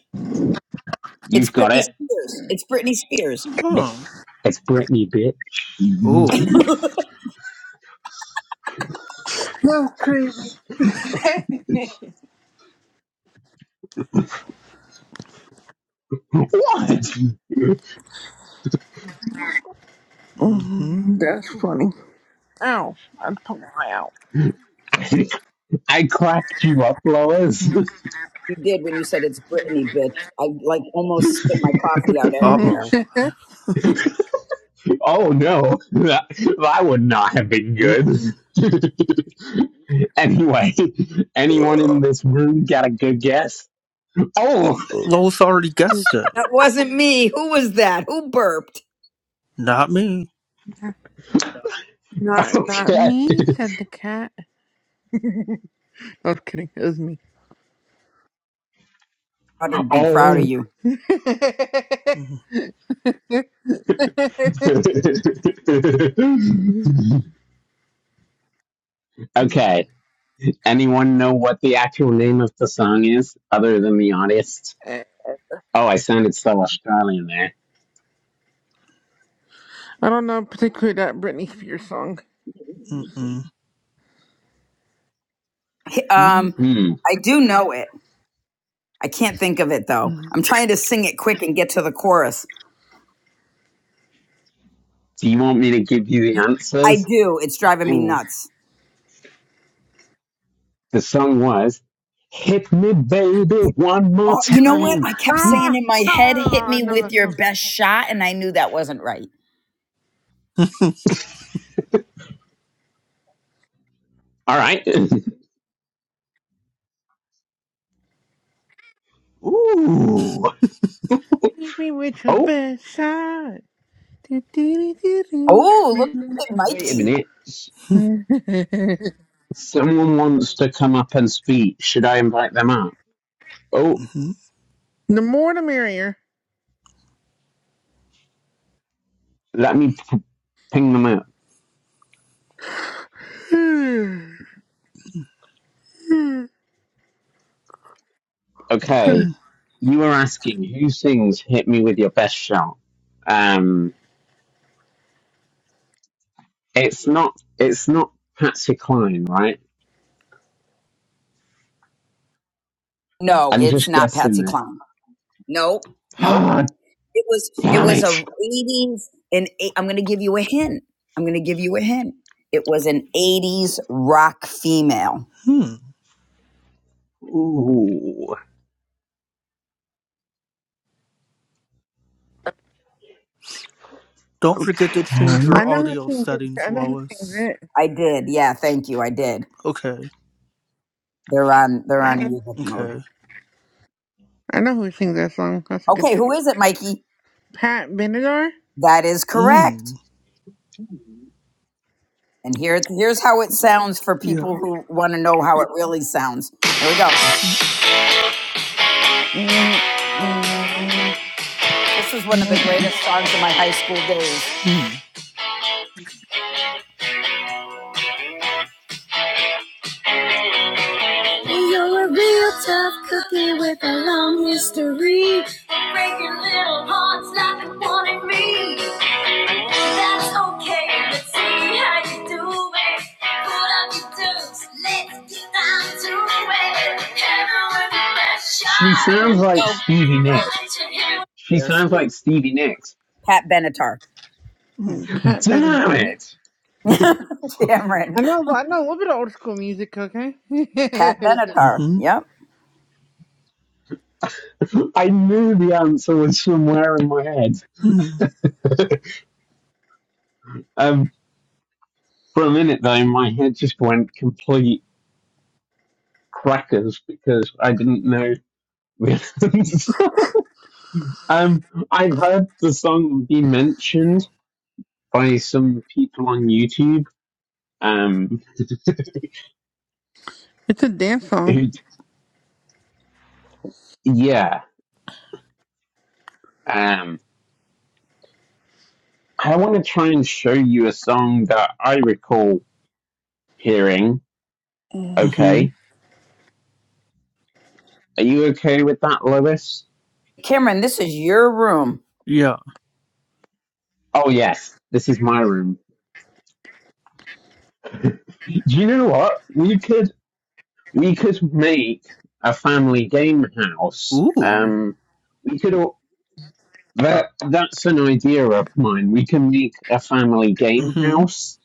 [SPEAKER 3] it's
[SPEAKER 1] You've got
[SPEAKER 3] britney
[SPEAKER 1] it.
[SPEAKER 3] spears it's britney spears
[SPEAKER 1] It's
[SPEAKER 5] Huh.
[SPEAKER 1] it's Britney, bitch.
[SPEAKER 5] Ooh.
[SPEAKER 3] you
[SPEAKER 4] That's crazy.
[SPEAKER 1] What?
[SPEAKER 5] Mm-hmm.
[SPEAKER 4] Mm, That's funny. Ow! I took my out.
[SPEAKER 1] I cracked you up, Lois.
[SPEAKER 3] did when you said it's britney bitch i like almost spit my coffee out
[SPEAKER 4] Mhm.
[SPEAKER 3] everywhere
[SPEAKER 5] Uh-oh.
[SPEAKER 1] Oh no, that, that would not have been good.
[SPEAKER 5] Mm-mm.
[SPEAKER 1] anyway, anyone in this room got a good guess? Oh,
[SPEAKER 5] Lois already guessed it.
[SPEAKER 3] that wasn't me who was that who burped
[SPEAKER 5] Not me.
[SPEAKER 4] not not
[SPEAKER 1] okay.
[SPEAKER 4] me," said the cat. I was kidding. It was me.
[SPEAKER 3] i'd be proud of
[SPEAKER 1] Oh,
[SPEAKER 3] you
[SPEAKER 5] Mm-mm.
[SPEAKER 1] okay. Anyone know what the actual name of the song is, other than the artist?
[SPEAKER 4] I
[SPEAKER 1] Oh, I sounded so Australian there.
[SPEAKER 4] don't know particularly that Britney Spears song.
[SPEAKER 5] Mm-mm.
[SPEAKER 3] um
[SPEAKER 1] Hmm.
[SPEAKER 3] i do know it I can't think of it though.
[SPEAKER 5] Mm-mm.
[SPEAKER 3] I'm trying to sing it quick and get to the chorus.
[SPEAKER 1] Do you want me to give you the
[SPEAKER 3] I
[SPEAKER 1] answers?
[SPEAKER 3] do. It's driving me
[SPEAKER 5] Ooh.
[SPEAKER 3] nuts.
[SPEAKER 1] The song was "Hit Me, Baby, One More
[SPEAKER 3] Oh, you know what?
[SPEAKER 1] Time."
[SPEAKER 3] I kept saying
[SPEAKER 4] Ah,
[SPEAKER 3] in my head, hit
[SPEAKER 4] ah, I
[SPEAKER 3] me
[SPEAKER 4] know
[SPEAKER 3] with
[SPEAKER 4] that
[SPEAKER 3] your
[SPEAKER 4] song.
[SPEAKER 3] best shot. And I knew that wasn't right.
[SPEAKER 1] All right. Ooh.
[SPEAKER 4] Hit me with your
[SPEAKER 1] Oh,
[SPEAKER 4] best shot. Do, do, do, do,
[SPEAKER 3] Oh, look at
[SPEAKER 1] wait a
[SPEAKER 3] Mikey.
[SPEAKER 1] minute. S-
[SPEAKER 4] do.
[SPEAKER 1] Someone wants to come up and speak. Should I invite them up? Oh,
[SPEAKER 5] Hmm.
[SPEAKER 4] the more the merrier.
[SPEAKER 1] let me p- ping them up.
[SPEAKER 5] Mm-hmm.
[SPEAKER 1] Okay. You were asking who sings "Hit Me with Your Best Shot." Um, it's not. It's not Patsy Cline, right?
[SPEAKER 5] Mm-hmm.
[SPEAKER 3] No,
[SPEAKER 1] I'm
[SPEAKER 3] it's
[SPEAKER 1] just
[SPEAKER 3] not
[SPEAKER 1] guessing
[SPEAKER 3] Patsy
[SPEAKER 1] this.
[SPEAKER 3] Cline. Nope. Nope.
[SPEAKER 1] Ah,
[SPEAKER 3] It was it
[SPEAKER 1] damn
[SPEAKER 3] was a
[SPEAKER 1] it.
[SPEAKER 3] eighties and i I'm going to give you a hint. I'm going to give you a hint. It was an eighties rock female.
[SPEAKER 5] Hmm.
[SPEAKER 1] Ooh.
[SPEAKER 5] Don't forget to change
[SPEAKER 4] I
[SPEAKER 1] Okay.
[SPEAKER 5] your
[SPEAKER 4] know who
[SPEAKER 5] audio
[SPEAKER 4] sings it.
[SPEAKER 5] settings,
[SPEAKER 4] I know who sings
[SPEAKER 5] Lois.
[SPEAKER 4] it.
[SPEAKER 3] I did. Yeah, thank you. I did.
[SPEAKER 5] Okay.
[SPEAKER 3] They're on they're on music mode.
[SPEAKER 5] Okay.
[SPEAKER 4] I know who sings that song. That's a good
[SPEAKER 3] Okay,
[SPEAKER 4] song.
[SPEAKER 3] who is it, Mikey?
[SPEAKER 4] Pat Benatar?
[SPEAKER 3] That is
[SPEAKER 5] Mm.
[SPEAKER 3] correct. And here's here's how it sounds for people
[SPEAKER 5] Yeah.
[SPEAKER 3] who want to know how it really sounds. Here we go.
[SPEAKER 5] Mm-hmm.
[SPEAKER 4] mm mm,
[SPEAKER 3] This is one of the
[SPEAKER 4] mm, mm.
[SPEAKER 3] greatest songs of my high school days.
[SPEAKER 5] Mm.
[SPEAKER 3] And you're a real tough cookie with a long history. And breaking little hearts like the one me. And that's okay, let's see how you do it. Put up your dues, let's get down to it. Hammer with a
[SPEAKER 1] She sounds
[SPEAKER 3] shot.
[SPEAKER 1] like Stevie Nicks.
[SPEAKER 3] Right to you.
[SPEAKER 1] She
[SPEAKER 3] There she
[SPEAKER 1] sounds like
[SPEAKER 3] is.
[SPEAKER 1] Stevie Nicks.
[SPEAKER 3] Pat Benatar.
[SPEAKER 5] Mm.
[SPEAKER 4] Pat
[SPEAKER 1] Damn
[SPEAKER 4] Benatar, yeah.
[SPEAKER 1] it.
[SPEAKER 3] Cameron.
[SPEAKER 4] I know, I know a little bit of old school music, okay?
[SPEAKER 3] Pat
[SPEAKER 4] it's
[SPEAKER 3] Benatar.
[SPEAKER 5] Mm-hmm.
[SPEAKER 3] Yep.
[SPEAKER 1] I knew the answer was somewhere in my head.
[SPEAKER 5] Mm-hmm.
[SPEAKER 1] Um, for a minute though, my head just went complete crackers because I didn't know the answer. um, I've heard the song be mentioned by some people on YouTube. Um,
[SPEAKER 4] a dance song.
[SPEAKER 1] who, yeah. Um, I want to try and show you a song that I recall hearing.
[SPEAKER 4] Mm.
[SPEAKER 5] Mm-hmm.
[SPEAKER 1] Okay, are you okay with that, Lois?
[SPEAKER 3] Cameron, this is your room.
[SPEAKER 5] Yeah.
[SPEAKER 1] Oh yes, this is my room. Do you know what? We could we could make a family game house.
[SPEAKER 5] Ooh.
[SPEAKER 1] Um, we could all, that that's an idea of mine. We can make a family game
[SPEAKER 5] Mm-hmm.
[SPEAKER 1] house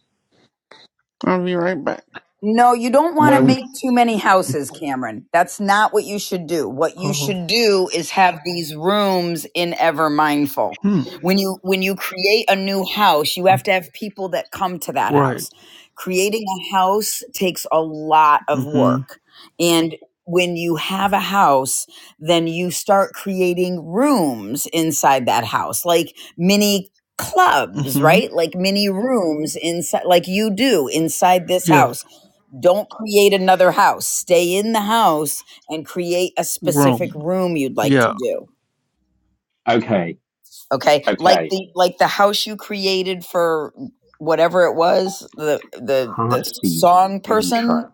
[SPEAKER 4] I'll be right back.
[SPEAKER 3] No, you don't want to
[SPEAKER 1] where
[SPEAKER 5] What?
[SPEAKER 1] we
[SPEAKER 3] make too many houses, Cameron. That's not what you should do. What you
[SPEAKER 5] Oh.
[SPEAKER 3] should do is have these rooms in Ever Mindful.
[SPEAKER 5] Hmm.
[SPEAKER 3] When you when you create a new house, you have to have people that come to that
[SPEAKER 5] Right.
[SPEAKER 3] house. Creating a house takes a lot of
[SPEAKER 5] Mm-hmm.
[SPEAKER 3] work. And when you have a house, then you start creating rooms inside that house, like mini clubs,
[SPEAKER 5] Mm-hmm.
[SPEAKER 3] right? Like mini rooms inside like you do inside this
[SPEAKER 5] Yeah.
[SPEAKER 3] house don't create another house. Stay in the house and create a specific
[SPEAKER 5] Rome.
[SPEAKER 3] room you'd like to
[SPEAKER 5] Yeah.
[SPEAKER 3] do.
[SPEAKER 1] okay
[SPEAKER 3] Okay? Like
[SPEAKER 1] okay
[SPEAKER 3] the like the house you created for whatever it was, the the the
[SPEAKER 1] heartbeat
[SPEAKER 3] song person
[SPEAKER 1] intro.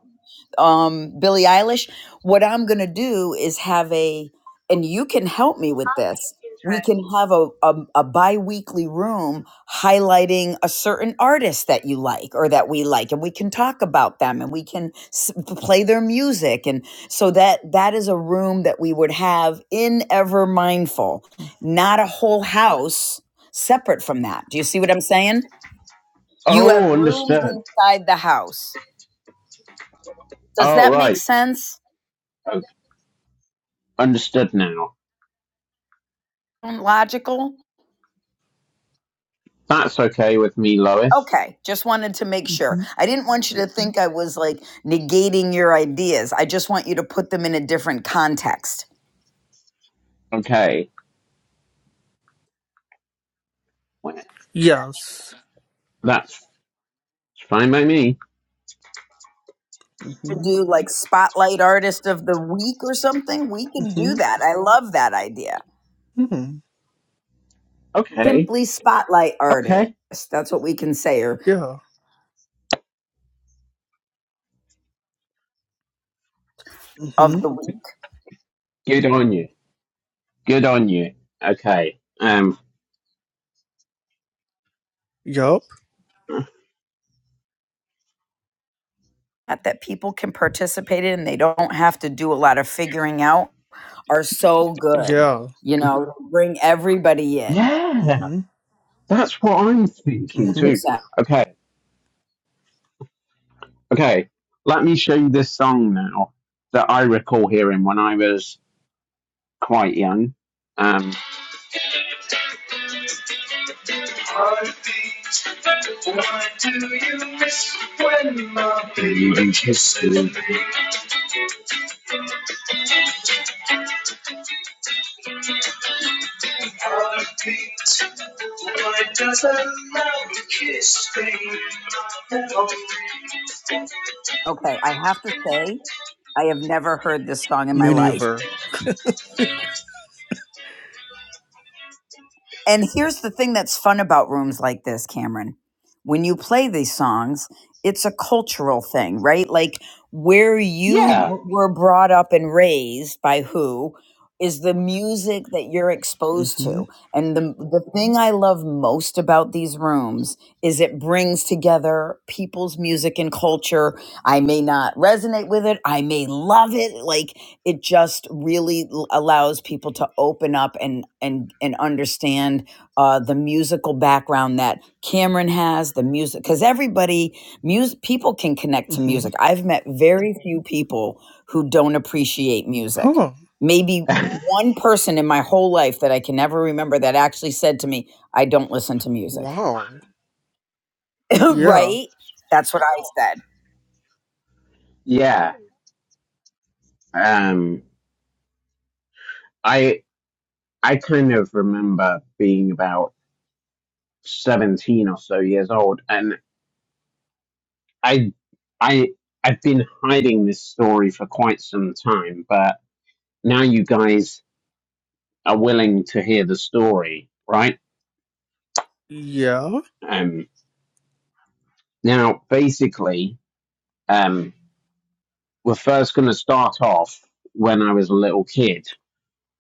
[SPEAKER 3] um, Billie Eilish. What I'm going to do is have a, and you can help me with this. We can have a, a, a bi weekly room highlighting a certain artist that you like or that we like, and we can talk about them and we can s- play their music. And so that that is a room that we would have in Ever Mindful, not a whole house separate from that. Do you see what I'm saying? You have
[SPEAKER 1] Oh,
[SPEAKER 3] rooms
[SPEAKER 1] understood.
[SPEAKER 3] inside the house. Does
[SPEAKER 1] Oh,
[SPEAKER 3] that make
[SPEAKER 1] right,
[SPEAKER 3] sense?
[SPEAKER 1] okay. understood now.
[SPEAKER 3] and logical?
[SPEAKER 1] That's okay with me, Lois.
[SPEAKER 3] Okay, just wanted to make sure.
[SPEAKER 5] Mm-hmm.
[SPEAKER 3] I didn't want you to think I was like negating your ideas. I just want you to put them in a different context.
[SPEAKER 1] Okay, Well,
[SPEAKER 5] Yes.
[SPEAKER 1] that's fine by me.
[SPEAKER 3] To
[SPEAKER 5] Mm-hmm.
[SPEAKER 3] do like spotlight artist of the week or something, we can do
[SPEAKER 5] Mm-hmm.
[SPEAKER 3] that. I love that idea.
[SPEAKER 5] Mm-hmm.
[SPEAKER 1] Okay,
[SPEAKER 3] Simply spotlight artist.
[SPEAKER 1] okay.
[SPEAKER 3] That's what we can say or
[SPEAKER 5] Yeah.
[SPEAKER 3] of
[SPEAKER 5] Mm-hmm.
[SPEAKER 3] the week.
[SPEAKER 1] Good on you. Good on you. Okay. Um,
[SPEAKER 5] Yup.
[SPEAKER 3] that that people can participate in and they don't have to do a lot of figuring out are so good.
[SPEAKER 5] Yeah.
[SPEAKER 3] You know, bring everybody in.
[SPEAKER 1] Yeah,
[SPEAKER 5] Mm-hmm.
[SPEAKER 1] that's what I'm thinking
[SPEAKER 5] Mm-hmm.
[SPEAKER 1] too.
[SPEAKER 3] 100%.
[SPEAKER 1] Okay, okay. Let me show you this song now that I recall hearing when I was quite young. Um, what do you miss when my baby kisses? Why does a love kiss me?
[SPEAKER 3] Okay, I have to say, I have never heard this song in my
[SPEAKER 5] Me
[SPEAKER 3] life.
[SPEAKER 5] neither.
[SPEAKER 3] And here's the thing that's fun about rooms like this, Cameron. When you play these songs, it's a cultural thing, right? Like where you
[SPEAKER 1] Yeah,
[SPEAKER 3] were brought up and raised by who is the music that you're exposed
[SPEAKER 5] Mm-hmm.
[SPEAKER 3] to. And the the thing I love most about these rooms is it brings together people's music and culture. I may not resonate with it, I may love it. Like it just really allows people to open up and and and understand uh, the musical background that Cameron has the music because everybody music people can connect to
[SPEAKER 5] Mm-hmm.
[SPEAKER 3] music. I've met very few people who don't appreciate music.
[SPEAKER 5] Huh.
[SPEAKER 3] Maybe one person in my whole life that I can never remember that actually said to me, "I don't listen to music."
[SPEAKER 5] Wow. Yeah.
[SPEAKER 3] right? That's what I said
[SPEAKER 1] yeah. Um, I I kind of remember being about 17 or so years old and I I I've been hiding this story for quite some time but now you guys are willing to hear the story right
[SPEAKER 5] Yeah.
[SPEAKER 1] um now basically um we're first going to start off when I was a little kid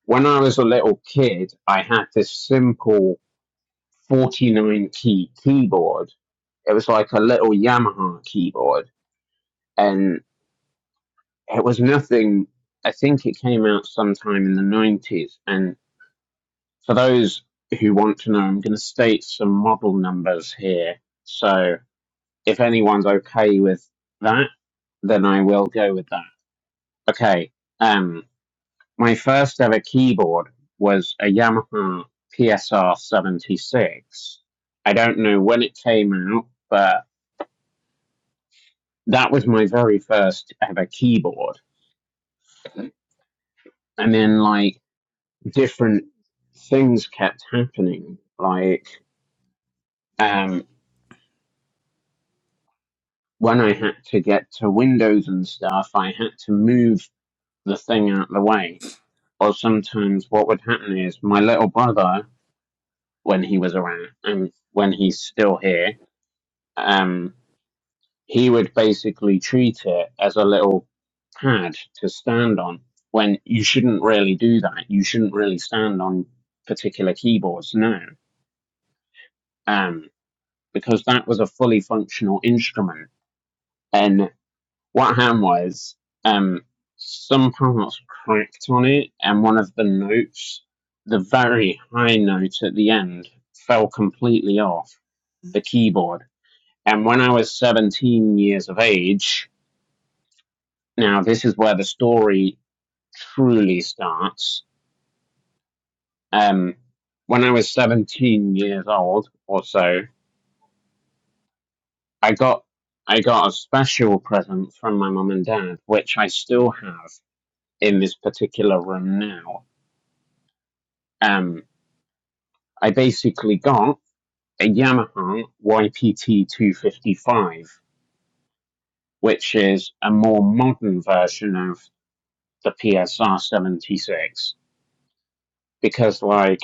[SPEAKER 1] when I was a little kid I had this simple 49 key keyboard it was like a little Yamaha keyboard and it was nothing. I think it came out sometime in the 90s. And for those who want to know, I'm going to state some model numbers here. So if anyone's okay with that, then I will go with that. Okay. Um, my first ever keyboard was a Yamaha PSR 76. I don't know when it came out, but that was my very first ever keyboard. And then, like, different things kept happening. Like um, when I had to get to windows and stuff, I had to move the thing out of the way. Or sometimes what would happen is my little brother, when he was around and when he's still here, um, he would basically treat it as a little pad to stand on. When you shouldn't really do that, you shouldn't really stand on particular keyboards now Um, because that was a fully functional instrument. And what happened was, um, some parts cracked on it, and one of the notes, the very high note at the end, fell completely off the keyboard. And when I was 17 years of age, now this is where the story truly starts. Um, when I was 17 years old or so, I got I got a special present from my mum and dad, which I still have in this particular room now. Um, I basically got a Yamaha YPT 255, which is a more modern version of the PSR 76, because like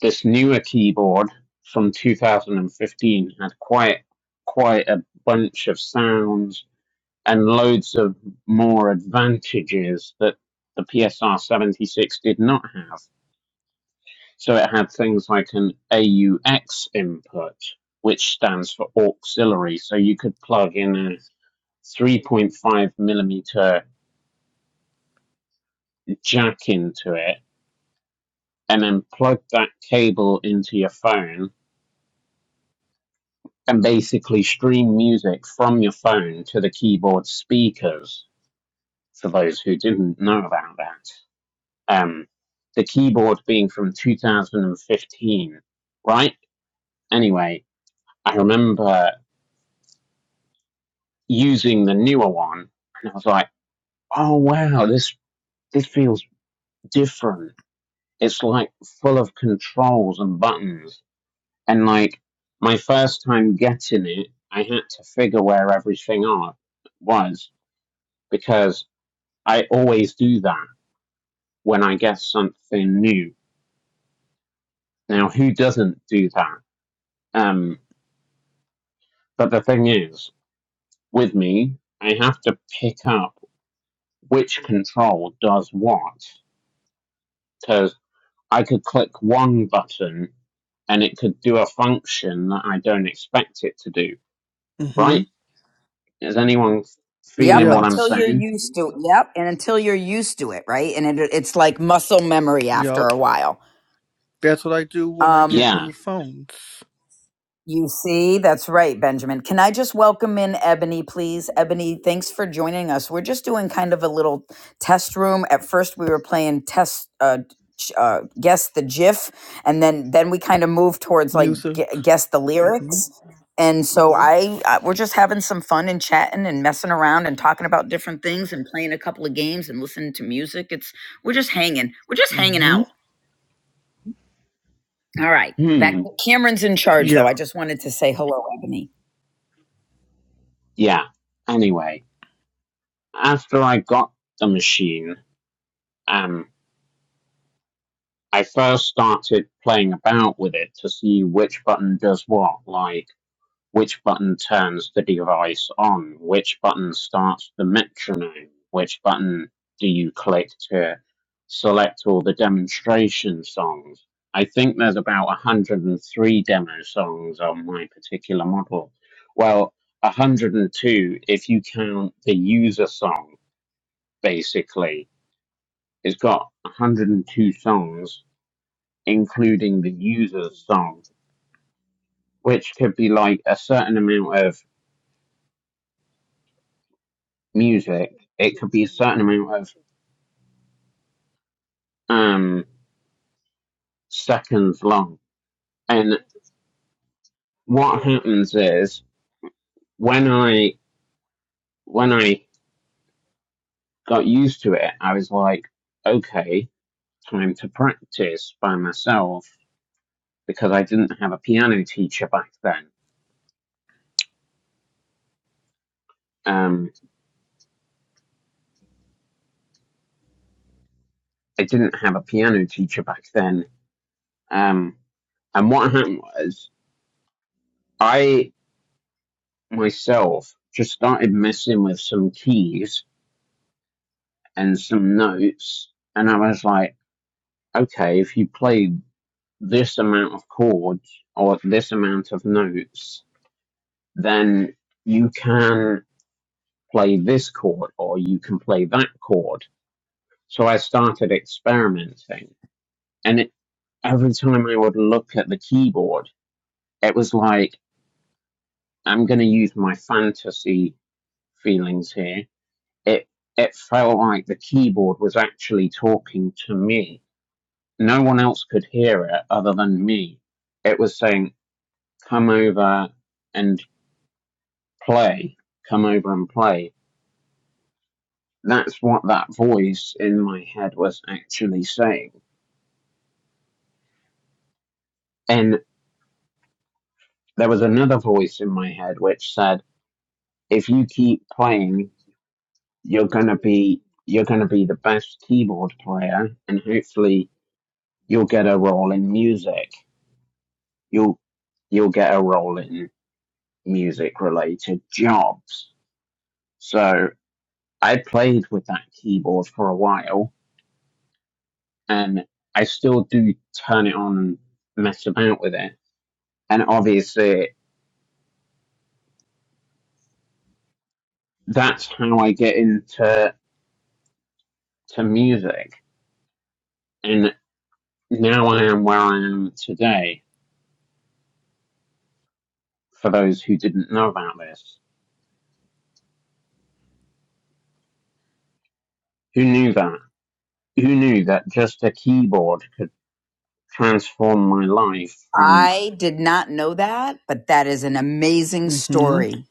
[SPEAKER 1] this newer keyboard from 2015 had quite quite a bunch of sounds and loads of more advantages that the PSR 76 did not have. So it had things like an AUX input, which stands for auxiliary. So you could plug in a 3.5 millimeter jack into it and then plug that cable into your phone and basically stream music from your phone to the keyboard speakers for those who didn't know about that. um, the keyboard being from 2015, right? Anyway, I remember using the newer one, and I was like, "Oh wow, this this feels different. It's like full of controls and buttons." And like my first time getting it, I had to figure where everything are, was because I always do that when I get something new. Now, who doesn't do that? Um, but the thing is, with me, I have to pick up which control does what. Because I could click one button and it could do a function that I don't expect it to do,
[SPEAKER 5] Mm-hmm.
[SPEAKER 1] right? Is anyone
[SPEAKER 3] Yep,
[SPEAKER 1] feeling what I'm
[SPEAKER 3] until
[SPEAKER 5] Yes.
[SPEAKER 3] you're
[SPEAKER 1] saying?
[SPEAKER 3] used to it. Yep, and until you're used to it, right? And it, it's like muscle memory after
[SPEAKER 5] Yup.
[SPEAKER 3] a while.
[SPEAKER 5] That's what I do when I
[SPEAKER 3] Um,
[SPEAKER 5] get
[SPEAKER 1] Yeah.
[SPEAKER 5] new phones.
[SPEAKER 3] You see, that's right, Benjamin. Can I just welcome in Ebony, please? Ebony, thanks for joining us. We're just doing kind of a little test room. At first, we were playing test. Uh, ch- uh, guess the GIF, and then then we kind of moved towards like
[SPEAKER 5] Music.
[SPEAKER 3] gu- guess the
[SPEAKER 5] Mm-hmm.
[SPEAKER 3] lyrics. And so I, uh, we're just having some fun and chatting and messing around and talking about different things and playing a couple of games and listening to music. It's we're just hanging, we're just hanging
[SPEAKER 5] Mm-hmm.
[SPEAKER 3] out. All right, back.
[SPEAKER 1] Hmm.
[SPEAKER 3] Cameron's in charge, though. I
[SPEAKER 5] Yeah.
[SPEAKER 3] just wanted to say hello, Ebony.
[SPEAKER 1] Yeah. Anyway, after I got the machine, um, I first started playing about with it to see which button does what. Like, Which button turns the device on? Which button starts the metronome? Which button do you click to select all the demonstration songs? I think there's about 103 demo songs on my particular model. Well, 102 if you count the user song, basically. It's got 102 songs, including the user's song, which could be like a certain amount of music, it could be a certain amount of um, seconds long. And what happens is when I when I got used to it, I was like, okay, time to practice by myself because I didn't have a piano teacher back then. Um, I didn't have a piano teacher back then. Um, and what happened was I myself just started messing with some keys and some notes, and I was like okay, if you play this amount of chords or this amount of notes, then you can play this chord or you can play that chord. So I started experimenting. And it, every time I would look at the keyboard, it was like, I'm going to use my fantasy feelings here. It, it felt like the keyboard was actually talking to me. No one else could hear it other than me. It was saying, come over and play, come over and play. That's what that voice in my head was actually saying. And there was another voice in my head which said, if you keep playing, you're gonna be you're gonna be the best keyboard player and hopefully you'll get a role in music. You'll you'll get a role in music related jobs. So I played with that keyboard for a while and I still do turn it on and mess about with it. And obviously, that's how I get into to music. And now I am where I am today. For those who didn't know about this, who knew that? Who knew that just a keyboard could transform my life from
[SPEAKER 3] I did not know that, but that is an amazing
[SPEAKER 5] Mm-hmm.
[SPEAKER 3] story.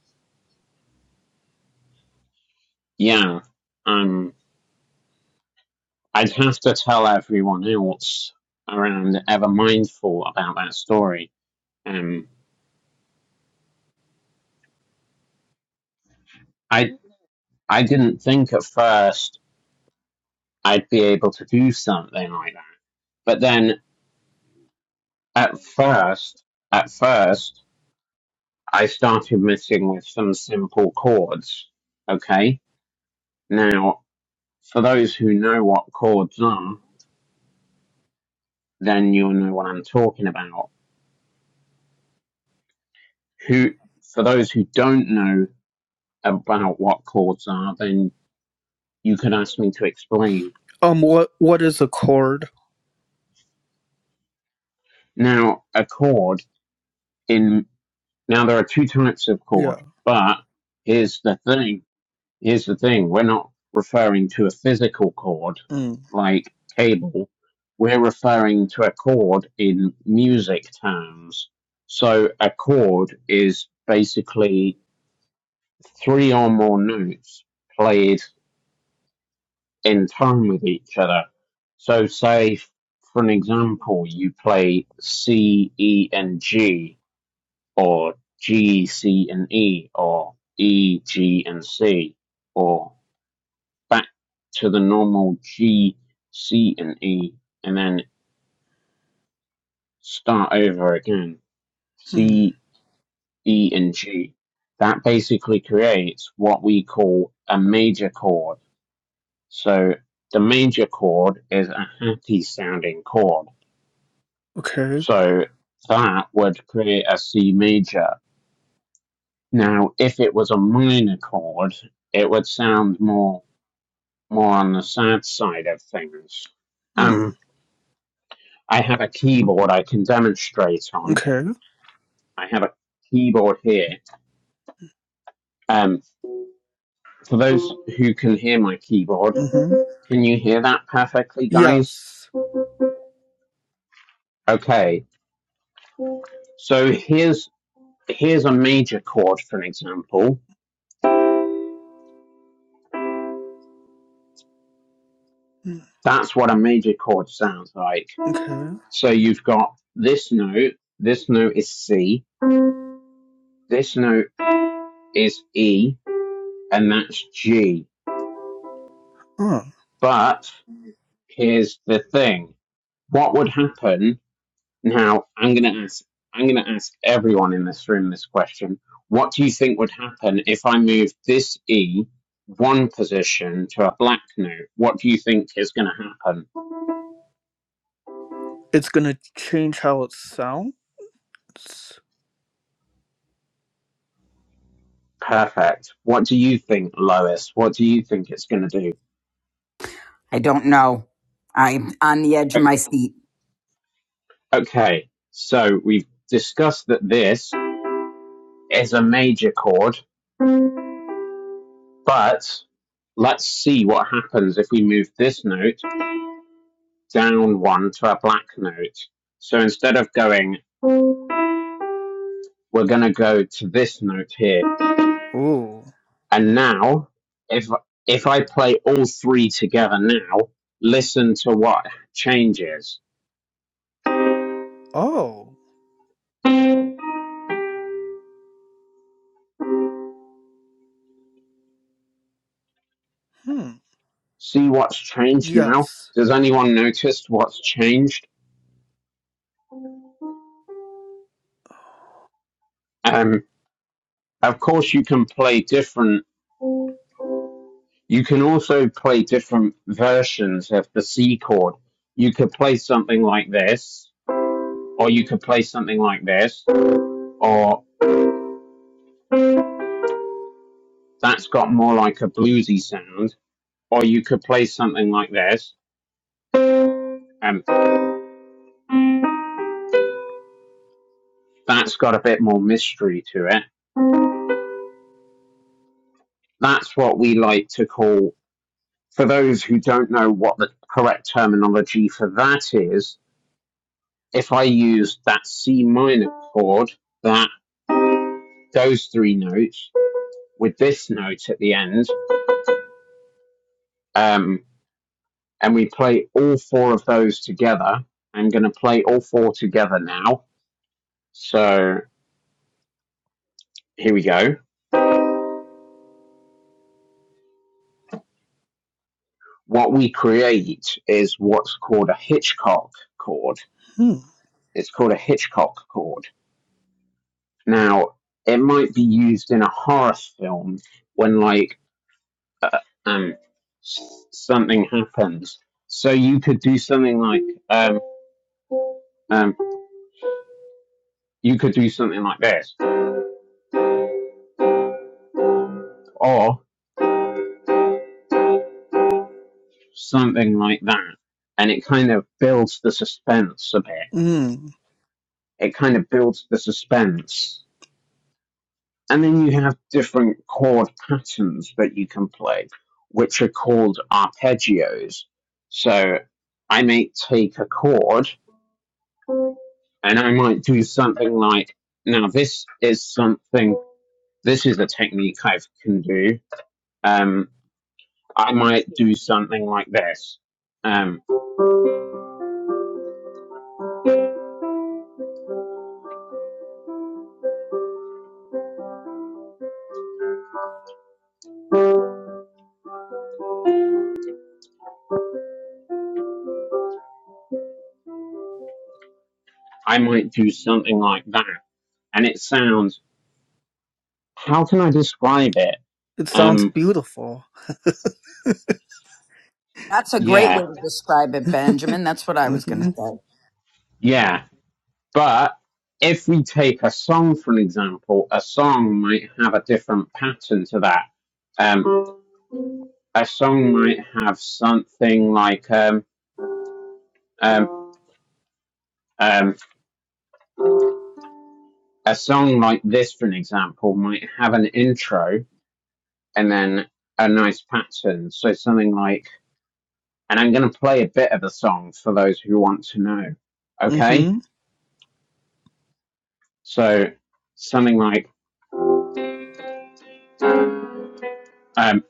[SPEAKER 1] yeah, um, I'd have to tell everyone else around ever mindful about that story. Um, I I didn't think at first I'd be able to do something like that. But then at first, at first, I started messing with some simple chords. Okay. Now, for those who know what chords are, then you'll know what I'm talking about. Who, for those who don't know about what chords are, then you could ask me to explain.
[SPEAKER 5] Um. What What is a chord?
[SPEAKER 1] Now, a chord in, now there are two types of
[SPEAKER 5] Yeah.
[SPEAKER 1] chord, but here's the thing Here's the thing we're not referring to a physical chord like cable, we're referring to a chord in music terms. So a chord is basically three or more notes played in tone with each other. So, say for an example, you play C, E, and G, or G, C, and E, or E, G, and C, or back to the normal G, C, and E, and then start over again.
[SPEAKER 5] Mm-hmm.
[SPEAKER 1] C, E, and G. That basically creates what we call a major chord. So the major chord is a happy sounding chord.
[SPEAKER 5] Okay.
[SPEAKER 1] So that would create a C major. Now, if it was a minor chord, it would sound more more on the sad side of things.
[SPEAKER 5] Mm.
[SPEAKER 1] Um. I have a keyboard I can demonstrate on.
[SPEAKER 5] Okay.
[SPEAKER 1] I have a keyboard here. Um, for those who can hear my keyboard,
[SPEAKER 5] Mm-hmm.
[SPEAKER 1] can you hear that perfectly, guys?
[SPEAKER 5] Yes.
[SPEAKER 1] Okay. So here's here's a major chord, for an example.
[SPEAKER 5] Mm.
[SPEAKER 1] That's what a major chord sounds like.
[SPEAKER 5] Okay.
[SPEAKER 1] So you've got this note. This note is C. This note is E, and that's G.
[SPEAKER 5] Huh.
[SPEAKER 1] But here's the thing: what would happen Now, I'm going to ask I'm going to ask everyone in this room this question. What do you think would happen if I moved this E one position to a black note? What do you think is going to happen?
[SPEAKER 5] It's gonna change how it sounds.
[SPEAKER 1] Perfect. What do you think, Lois? What do you think it's going to do?
[SPEAKER 3] I don't know. I'm on the edge of
[SPEAKER 1] O-
[SPEAKER 3] my seat.
[SPEAKER 1] Okay. So, we've discussed that this is a major chord, but let's see what happens if we move this note down one to a black note. So instead of going we're going to go to this note here.
[SPEAKER 5] Oh.
[SPEAKER 1] And now, if if I play all three together now, listen to what changes.
[SPEAKER 5] Oh. Hmm.
[SPEAKER 1] See what's changed now.
[SPEAKER 5] Yes.
[SPEAKER 1] Does anyone notice what's changed? Um, of course, you can play different. You can also play different versions of the C chord. You could play something like this, or you could play something like this, or that's got more like a bluesy sound, or you could play something like this Um. that's got a bit more mystery to it. That's what we like to call, for those who don't know what the correct terminology for that is, if I use that C minor chord, that those three notes with this note at the end, um, and we play all four of those together. I'm going to play all four together now. So here we go. What we create is what's called a Hitchcock chord.
[SPEAKER 5] Hmm.
[SPEAKER 1] It's called a Hitchcock chord Now, it might be used in a horror film when, like, uh, um, something happens. So you could do something like, um, um, you could do something like this, or something like that, and it kind of builds the suspense a bit.
[SPEAKER 5] Mm.
[SPEAKER 1] It kind of builds the suspense, and then you have different chord patterns that you can play, which are called arpeggios. So I may take a chord and I might do something like now this is something this is a technique I can do. Um, I might do something like this. Um, I might do something like that, and it sounds. How can I describe it?
[SPEAKER 5] It sounds
[SPEAKER 1] Um,
[SPEAKER 5] beautiful.
[SPEAKER 3] That's a great way
[SPEAKER 1] yeah,
[SPEAKER 3] to describe it, Benjamin. That's what I was going to
[SPEAKER 5] Mm-hmm.
[SPEAKER 3] say.
[SPEAKER 1] yeah. But if we take a song, for an example, a song might have a different pattern to that. Um, a song might have something like um, um, um, a song like this, for an example, might have an intro and then a nice pattern. So something like, and I'm going to play a bit of the song for those who want to know. Okay?
[SPEAKER 5] Mm-hmm.
[SPEAKER 1] So something like, um,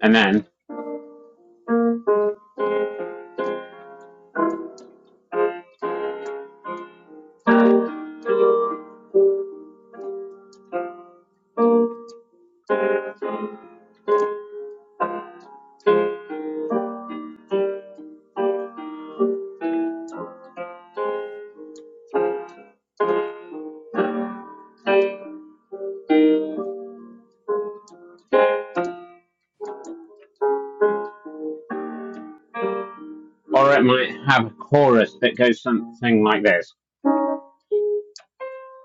[SPEAKER 1] and then, or it might have a chorus that goes something like this.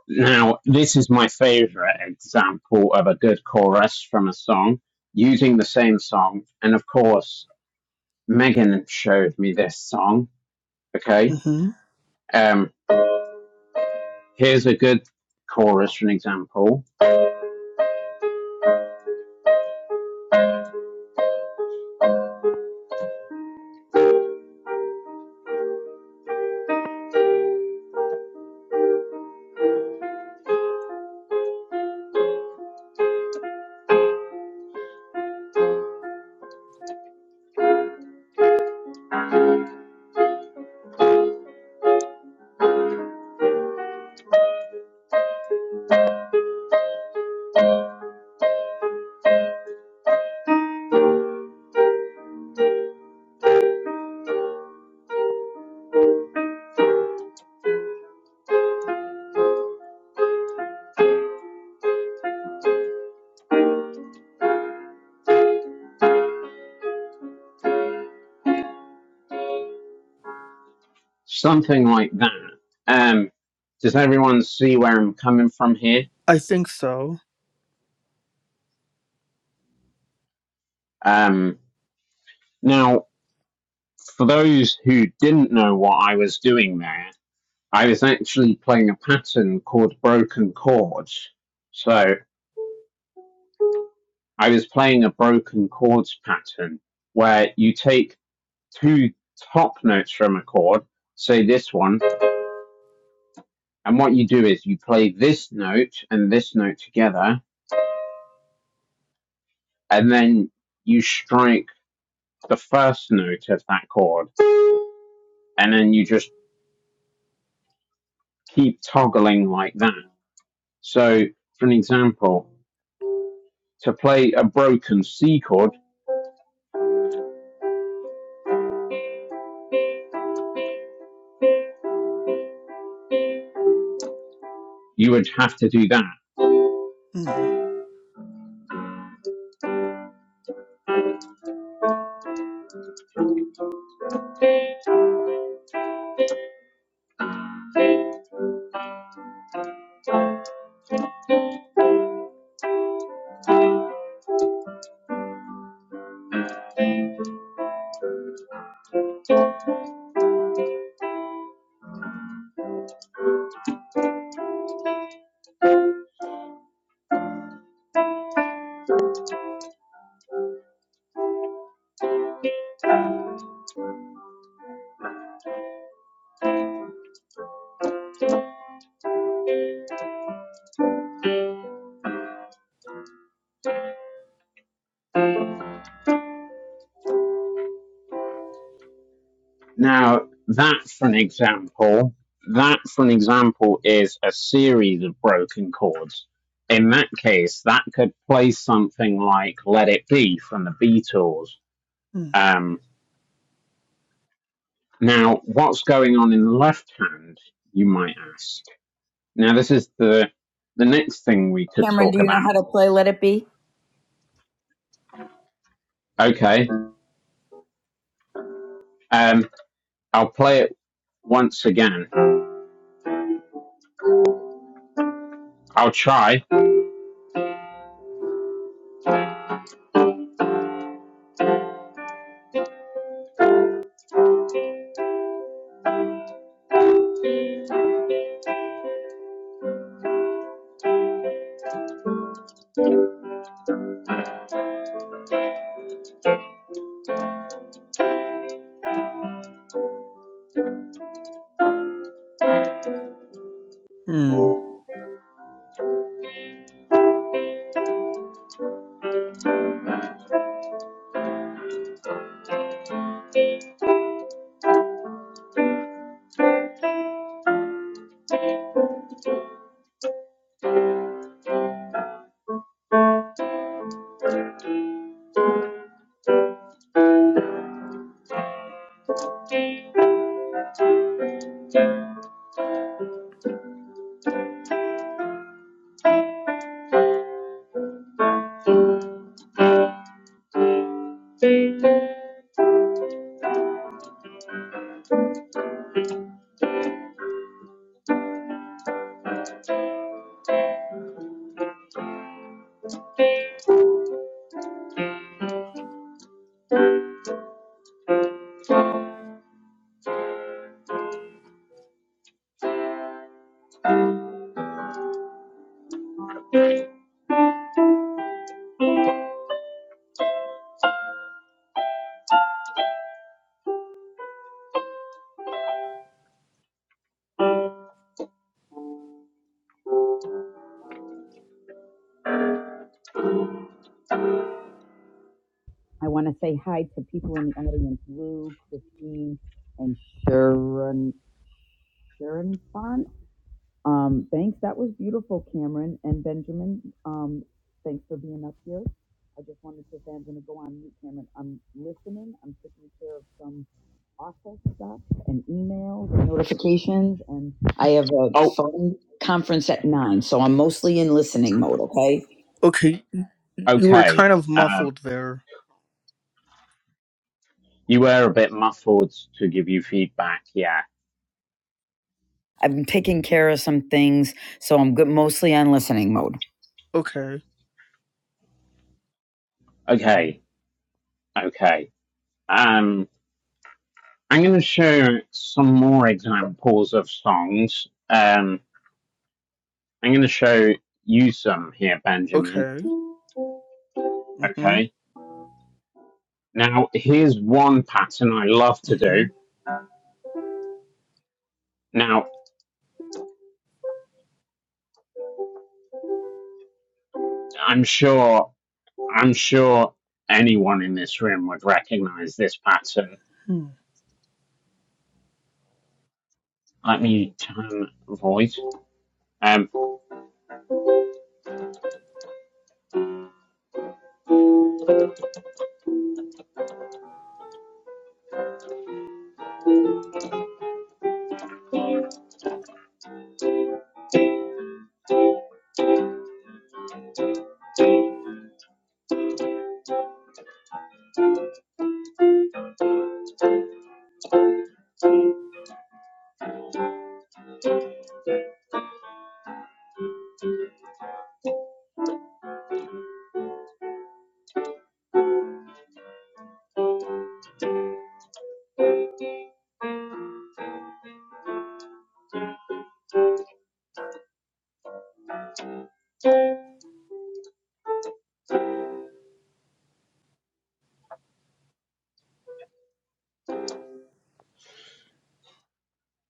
[SPEAKER 1] Now, this is my favorite example of a good chorus from a song using the same song. And of course, Megan showed me this song. Okay?
[SPEAKER 5] Mm-hmm.
[SPEAKER 1] Um, here's a good chorus for an example. Something like that. Um, does everyone see where I'm coming from here?
[SPEAKER 5] I think so.
[SPEAKER 1] Um, now, for those who didn't know what I was doing there, I was actually playing a pattern called broken chords. So I was playing a broken chords pattern where you take two top notes from a chord, say this one, and what you do is you play this note and this note together, and then you strike the first note of that chord, and then you just keep toggling like that. So, for an example, to play a broken C chord, you would have to do that.
[SPEAKER 5] Hmm.
[SPEAKER 1] Now, that, for an example, that, for an example, is a series of broken chords. In that case, that could play something like Let It Be from the Beatles.
[SPEAKER 5] Hmm.
[SPEAKER 1] Um, now, what's going on in the left hand, you might ask? Now, this is the the next thing we could
[SPEAKER 3] Cameron, do
[SPEAKER 1] talk
[SPEAKER 3] you know how
[SPEAKER 1] about.
[SPEAKER 3] to play Let It Be?
[SPEAKER 1] Okay, um, I'll play it once again. I'll try.
[SPEAKER 5] Hmm.
[SPEAKER 3] I want to say hi to people in the audience Lou, Christine, and Sharon. Sharon Fon? Um, thanks. That was beautiful, Cameron and Benjamin. Um, thanks for being up here. I just wanted to say I'm going to go on mute, Cameron. I'm listening. I'm taking care of some office stuff and emails and notifications, and I have a
[SPEAKER 1] Oh,
[SPEAKER 3] phone conference at nine, so I'm mostly in listening mode. Okay.
[SPEAKER 5] Okay. You were
[SPEAKER 1] okay.
[SPEAKER 5] kind of
[SPEAKER 1] Um,
[SPEAKER 5] muffled there.
[SPEAKER 1] you were a bit muffled to give you feedback. Yeah.
[SPEAKER 3] I've been taking care of some things, so I'm good, mostly on listening mode.
[SPEAKER 5] Okay.
[SPEAKER 1] Okay. Okay. Um, I'm going to show some more examples of songs. Um, I'm going to show you some here, Benjamin.
[SPEAKER 5] Okay. Mm-hmm.
[SPEAKER 1] Okay. Now, here's one pattern I love to
[SPEAKER 5] Mm-hmm.
[SPEAKER 1] do. Now, I'm sure I'm sure anyone in this room would recognize this pattern.
[SPEAKER 5] Hmm.
[SPEAKER 1] Let me turn voice. Um,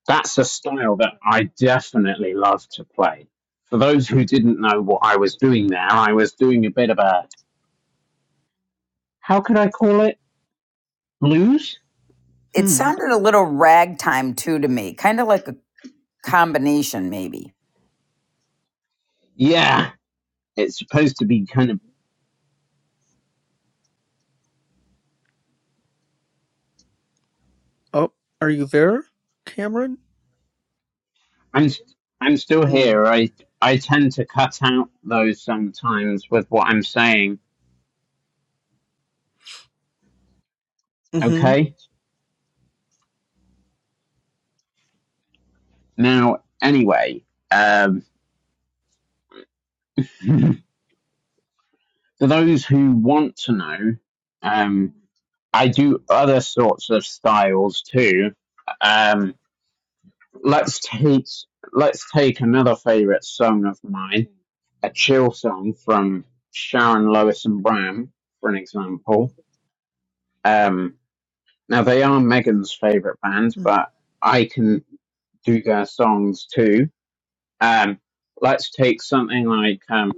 [SPEAKER 1] that's a style that I definitely love to play. For those who didn't know what I was doing there, I was doing a bit of a, how could I call it? Blues?
[SPEAKER 3] It
[SPEAKER 5] Hmm.
[SPEAKER 3] sounded a little ragtime too to me, kind of like a combination, maybe.
[SPEAKER 1] Yeah, it's supposed to be kind of,
[SPEAKER 5] Oh, are you there, Cameron?
[SPEAKER 1] I'm, I'm still
[SPEAKER 5] Hmm.
[SPEAKER 1] here. I, I tend to cut out those sometimes with what I'm saying.
[SPEAKER 5] Mm-hmm.
[SPEAKER 1] Okay. Now, anyway, um, for those who want to know, um, I do other sorts of styles too. Um, let's take let's take another favorite song of mine, a chill song from Sharon Lewis and Bram, for an example. Um, now they are Megan's favorite band, but I can do their songs too. Um, let's take something like um,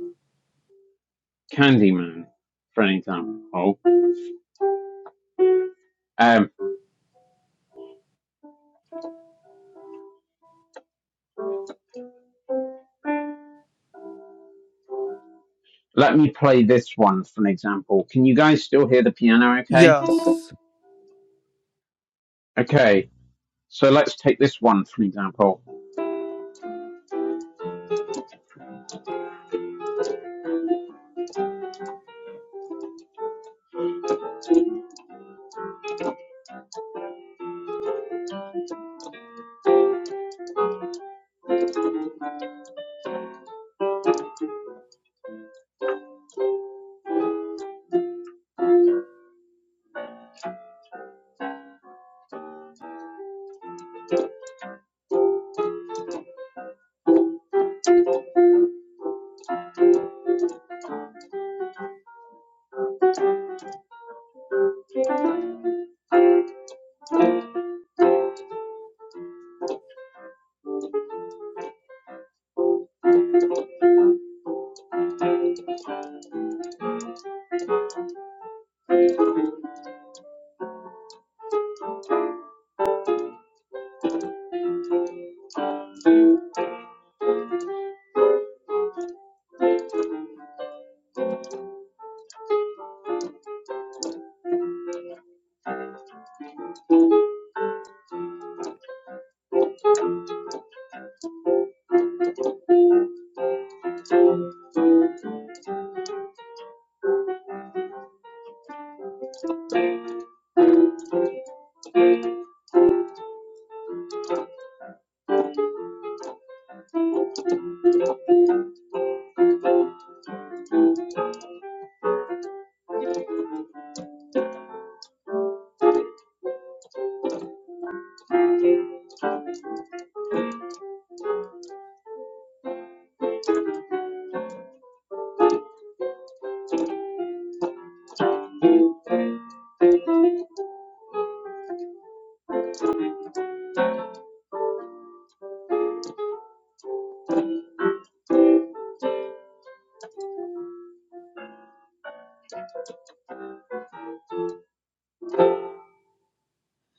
[SPEAKER 1] Candyman, for an example. Um, Let me play this one for an example. Can you guys still hear the piano okay?
[SPEAKER 5] Yes.
[SPEAKER 1] Okay, so let's take this one for an example.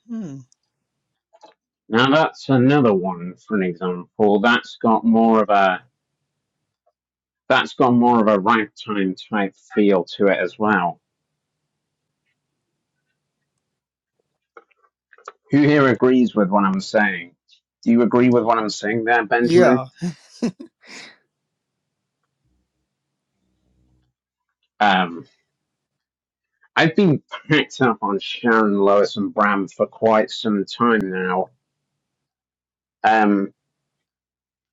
[SPEAKER 5] Hmm.
[SPEAKER 1] Now that's another one for an example. That's got more of a that's got more of a ragtime type feel to it as well. Who here agrees with what I'm saying? Do you agree with what I'm saying there, Benjamin?
[SPEAKER 5] Yeah.
[SPEAKER 1] Um, I've been packed up on Sharon Lois and Bram for quite some time now. Um,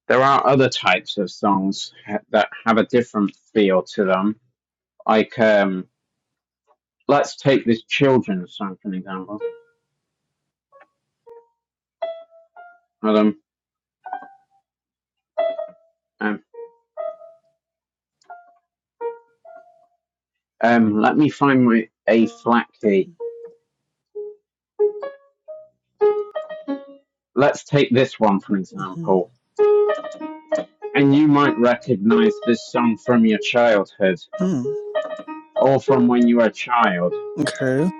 [SPEAKER 1] There are other types of songs ha- that have a different feel to them. Like, um, let's take this children's song for an example. Hold on. Um, um, let me find my A flat key. Let's take this one for an
[SPEAKER 5] Mm-hmm.
[SPEAKER 1] example. And you might recognize this song from your childhood
[SPEAKER 5] Hmm.
[SPEAKER 1] or from when you were a child.
[SPEAKER 5] Okay.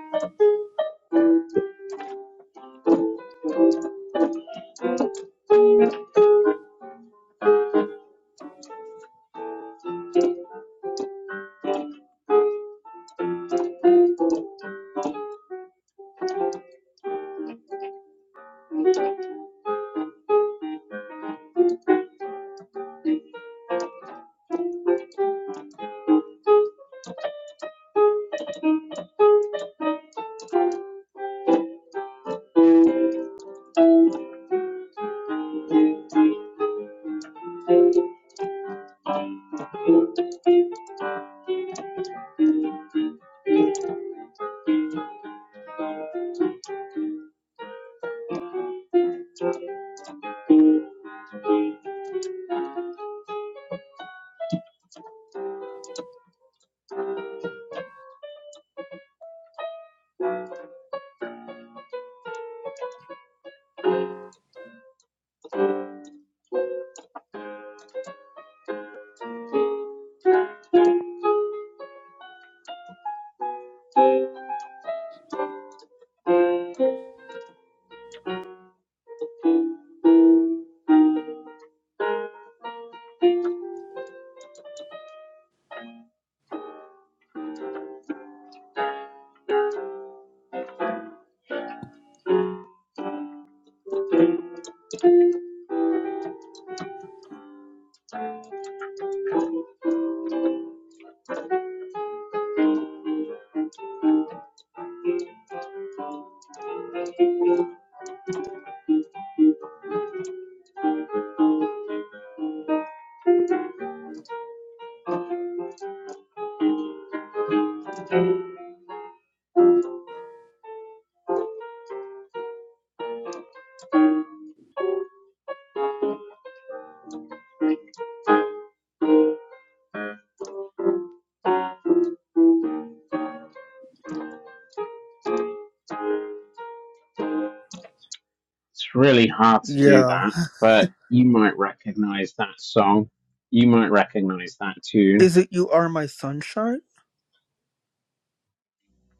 [SPEAKER 1] It's really hard to do
[SPEAKER 5] Yeah.
[SPEAKER 1] that, but you might recognize that song. You might recognize that tune
[SPEAKER 5] Is it You Are My Sunshine?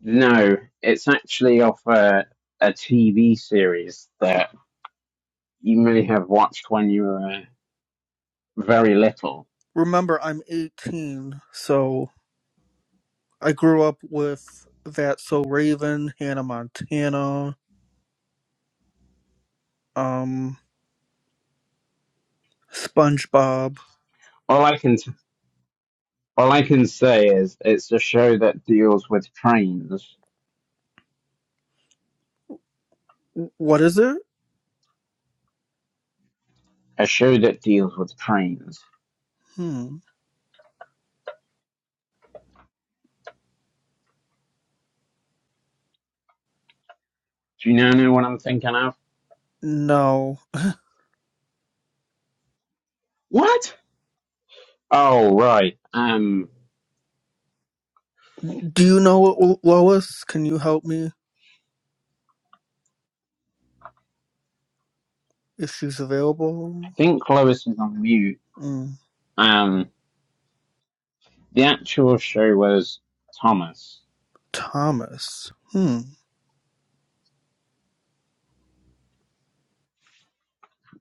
[SPEAKER 1] No, it's actually off a, TV series that you may have watched when you were very little.
[SPEAKER 5] Remember, I'm 18, so I grew up with That So Raven, Hannah Montana, um, SpongeBob.
[SPEAKER 1] All I can t- all I can say is it's a show that deals with trains.
[SPEAKER 5] W- What is it?
[SPEAKER 1] A show that deals with trains.
[SPEAKER 5] Hmm.
[SPEAKER 1] Do you now know what I'm thinking of?
[SPEAKER 5] No.
[SPEAKER 1] What? Oh right. Um,
[SPEAKER 5] Do you know it, Lo- Lois? Can you help me if she's
[SPEAKER 1] I
[SPEAKER 5] available?
[SPEAKER 1] think Lois is on mute.
[SPEAKER 5] Hmm.
[SPEAKER 1] Um, the actual show was Thomas.
[SPEAKER 5] Thomas. Hmm.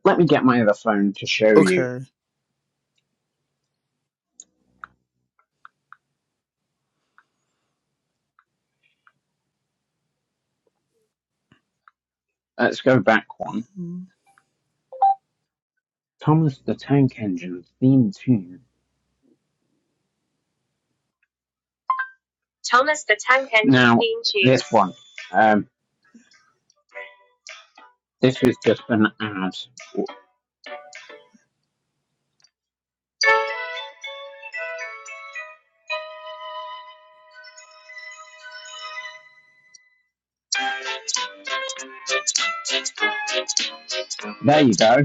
[SPEAKER 1] Let me get my other phone to show you.
[SPEAKER 5] Okay.
[SPEAKER 1] Let's go back one.
[SPEAKER 5] Hmm.
[SPEAKER 1] Thomas the Tank Engine theme tune. Now, Now, this one. Um, this is just an ad. There you go.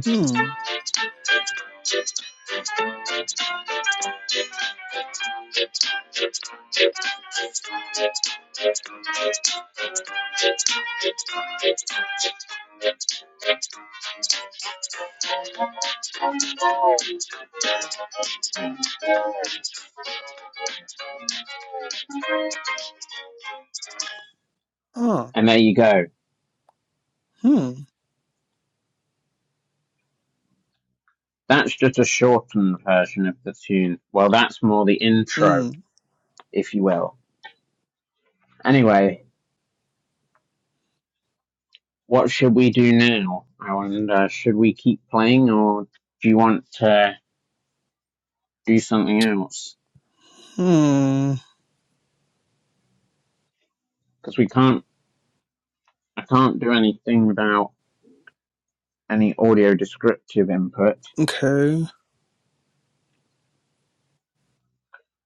[SPEAKER 5] Huh.
[SPEAKER 1] And there you go.
[SPEAKER 5] Hmm.
[SPEAKER 1] That's just a shortened version of the tune. Well, that's more the intro,
[SPEAKER 5] Hmm.
[SPEAKER 1] if you will. Anyway, what should we do now? I wonder, should we keep playing or do you want to do something else?
[SPEAKER 5] Hmm.
[SPEAKER 1] Because we can't, I can't do anything without any audio descriptive input.
[SPEAKER 5] Okay.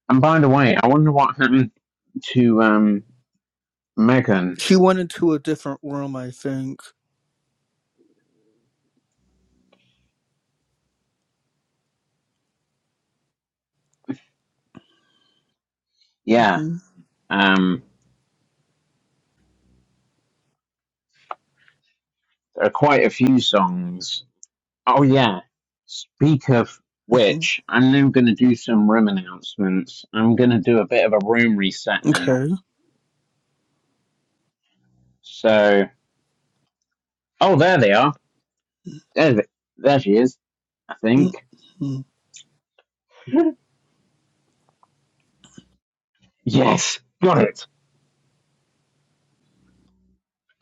[SPEAKER 1] And by the way, I wonder what happened to um, Megan.
[SPEAKER 5] She went into a different room, I think.
[SPEAKER 1] Yeah,
[SPEAKER 5] Mm-hmm.
[SPEAKER 1] um, there are quite a few songs. Oh yeah. Speak of
[SPEAKER 5] Mm-hmm.
[SPEAKER 1] which, I'm now going to do some room announcements. I'm going to do a bit of a room reset now.
[SPEAKER 5] Okay.
[SPEAKER 1] So, oh, there they are. There, there she is. I think.
[SPEAKER 5] Mm-hmm.
[SPEAKER 1] Yes, got it.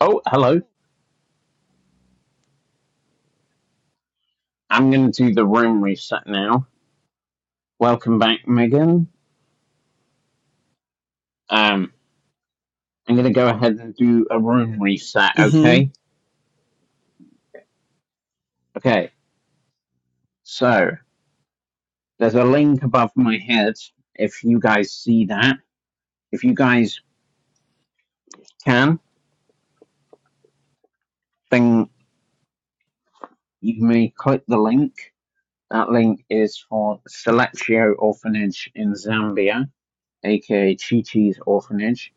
[SPEAKER 1] Oh, hello. I'm going to do the room reset now. Welcome back, Megan. Um. I'm going to go ahead and do a room reset,
[SPEAKER 5] Mm-hmm.
[SPEAKER 1] okay? Okay, so there's a link above my head. If you guys see that, if you guys can, then you may click the link. That link is for Selectio Orphanage in Zambia, aka Chi Chi's Orphanage.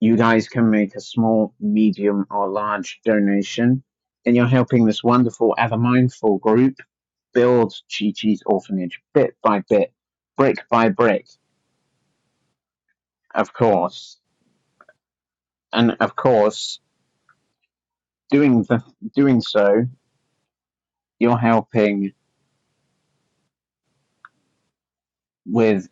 [SPEAKER 1] You guys can make a small, medium, or large donation, and you're helping this wonderful, ever mindful group Build Chi Chi's orphanage bit by bit, brick by brick, of course. And of course, doing the, doing so, you're helping with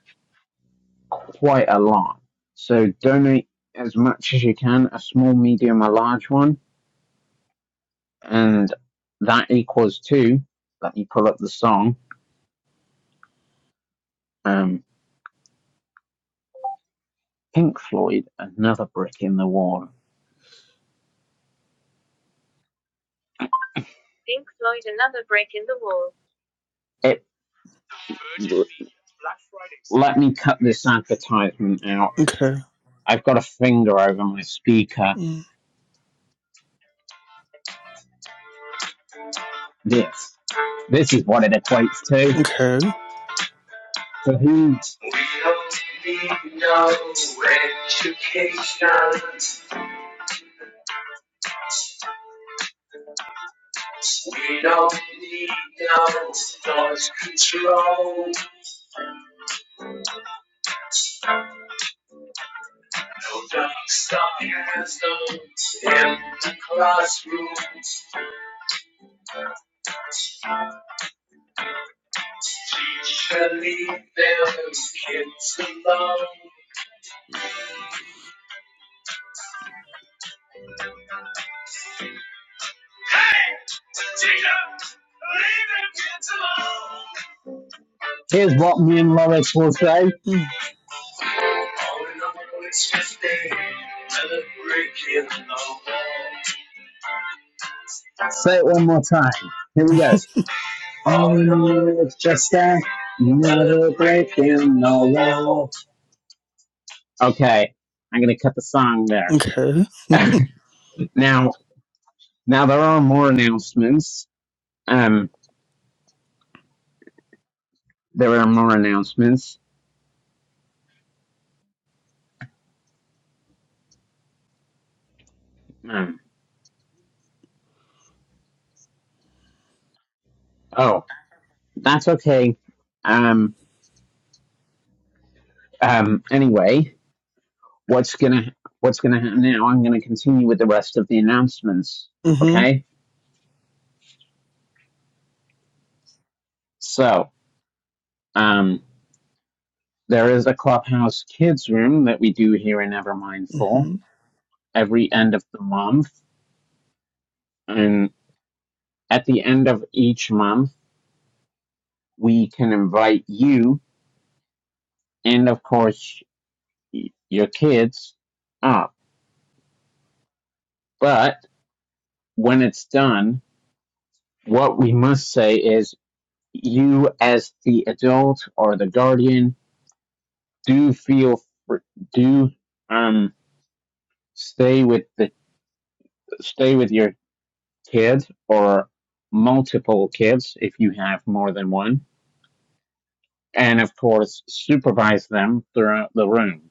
[SPEAKER 1] quite a lot. So donate as much as you can, a small, medium, a large one, and that equals two. Let me pull up the song. Um, Pink Floyd, another brick in the wall. It. Let me cut this advertisement out.
[SPEAKER 5] Okay.
[SPEAKER 1] I've got a finger over my speaker.
[SPEAKER 5] Mm,
[SPEAKER 1] This, this is what it equates to.
[SPEAKER 5] Okay.
[SPEAKER 1] So who's We don't need no education. We don't need no thought control. No dark science, no empty classrooms. Teacher, leave them kids alone. Hey, teacher, leave them kids alone. Here's what me and Lorex will say.
[SPEAKER 5] Mm,
[SPEAKER 1] Say it one more time. Here we go. Okay, I'm gonna cut the song there.
[SPEAKER 5] Okay.
[SPEAKER 1] Now, now there are more announcements. Um, there are more announcements. Um, oh, that's okay. Um, um. Anyway, what's gonna what's gonna happen now? I'm gonna continue with the rest of the announcements.
[SPEAKER 5] Mm-hmm.
[SPEAKER 1] Okay. So, um, there is a Clubhouse Kids room that we do here in Evermindful
[SPEAKER 5] Mm-hmm.
[SPEAKER 1] every end of the month. And at the end of each month, we can invite you and, of course, y- your kids up. But when it's done, what we must say is you, as the adult or the guardian, do feel fr- do um stay with the stay with your kid or multiple kids if you have more than one, and of course, supervise them throughout the room.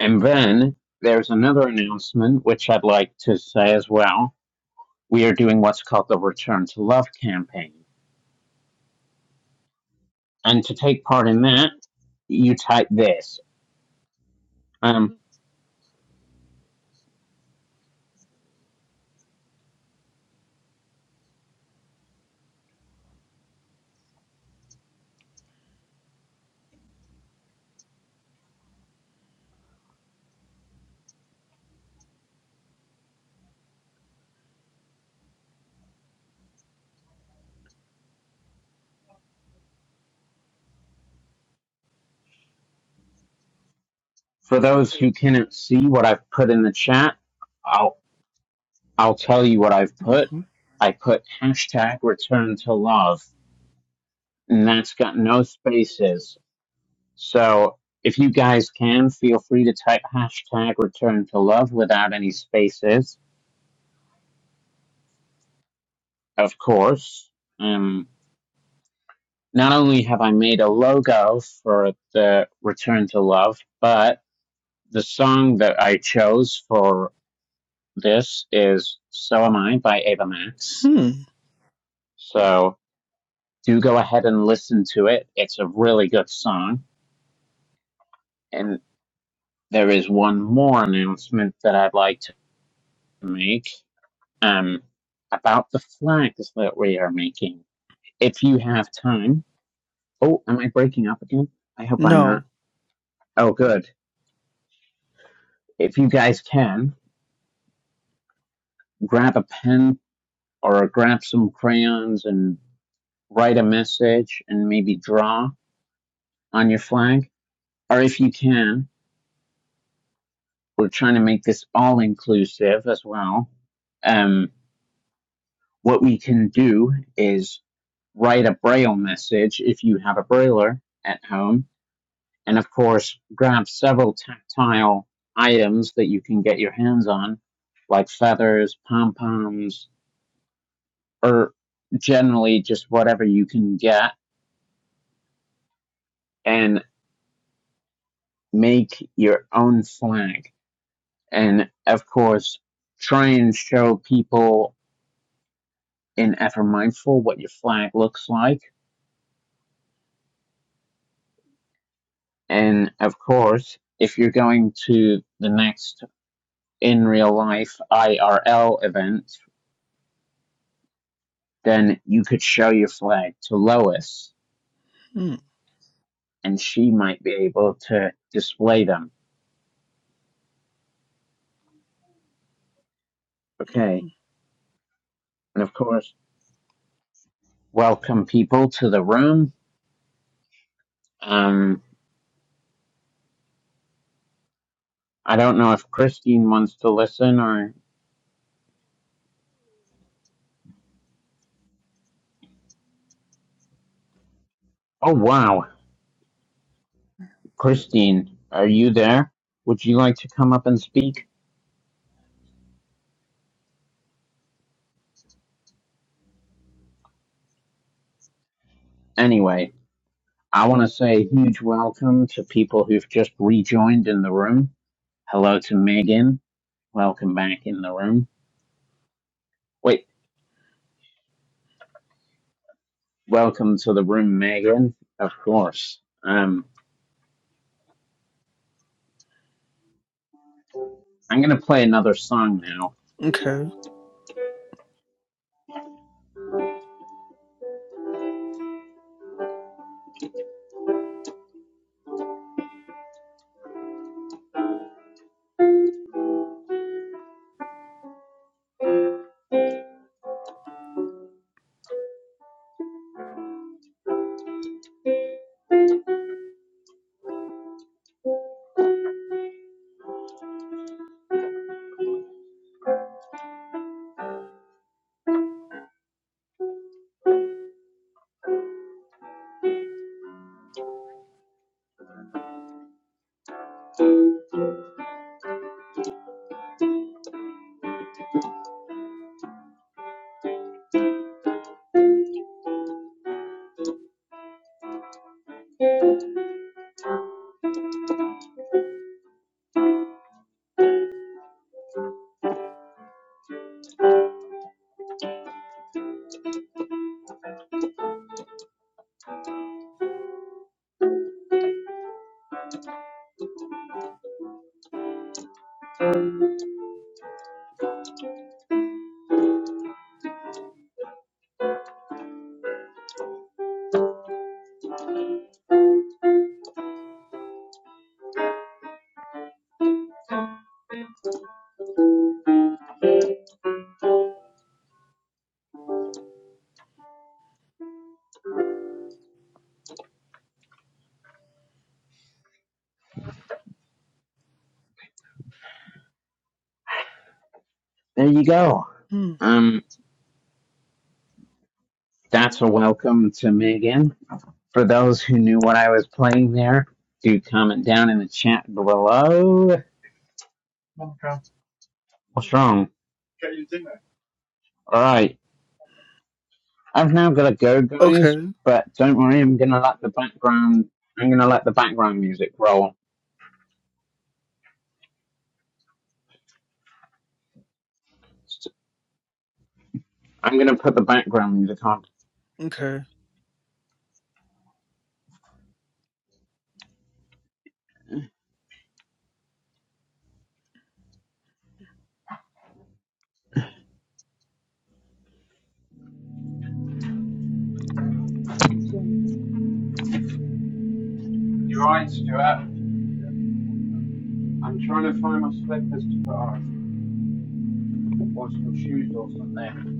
[SPEAKER 1] And then there's another announcement which I'd like to say as well. We are doing what's called the Return to Love campaign. And to take part in that, you type this. Um, for those who cannot see what I've put in the chat, I'll I'll tell you what I've put.
[SPEAKER 5] Mm-hmm.
[SPEAKER 1] I put hashtag return to love, and that's got no spaces So if you guys can, feel free to type hashtag return to love without any spaces, of course. Um, not only have I made a logo for the return to love, but the song that I chose for this is So Am I by Ava Max.
[SPEAKER 5] Hmm.
[SPEAKER 1] So do go ahead and listen to it. It's a really good song. And there is one more announcement that I'd like to make. um, about the flags that we are making. If you have time, oh, am I breaking up again? I hope I'm
[SPEAKER 5] No.
[SPEAKER 1] not. Oh, good. If you guys can, grab a pen or grab some crayons and write a message and maybe draw on your flag. Or if you can, we're trying to make this all inclusive as well. Um, what we can do is write a braille message if you have a brailler at home and of course grab several tactile items that you can get your hands on, like feathers, pom poms, or generally just whatever you can get, and make your own flag. And of course, try and show people in Ever Mindful what your flag looks like. And of course, if you're going to the next in real life IRL event, then you could show your flag to Lois
[SPEAKER 5] Hmm.
[SPEAKER 1] and she might be able to display them. Okay. And of course, welcome people to the room. Um, I don't know if Christine wants to listen or. Oh, wow. Christine, are you there? Would you like to come up and speak? Anyway, I want to say a huge welcome to people who've just rejoined in the room. Hello to Megan. Welcome back in the room. Wait, welcome to the room, Megan. Of course. Um, I'm going to play another song now
[SPEAKER 5] Okay.
[SPEAKER 1] There you go.
[SPEAKER 5] Hmm.
[SPEAKER 1] Um, that's a welcome to Megan. For those who knew what I was playing there, do comment down in the chat below. What's wrong? All right. I've now got to go, guys.
[SPEAKER 5] Okay.
[SPEAKER 1] But don't worry, I'm gonna let the background. I'm gonna let the background music roll. I'm gonna put the background music on.
[SPEAKER 5] Okay.
[SPEAKER 1] You're right, Stuart. I'm trying to find my slippers or some shoes or something.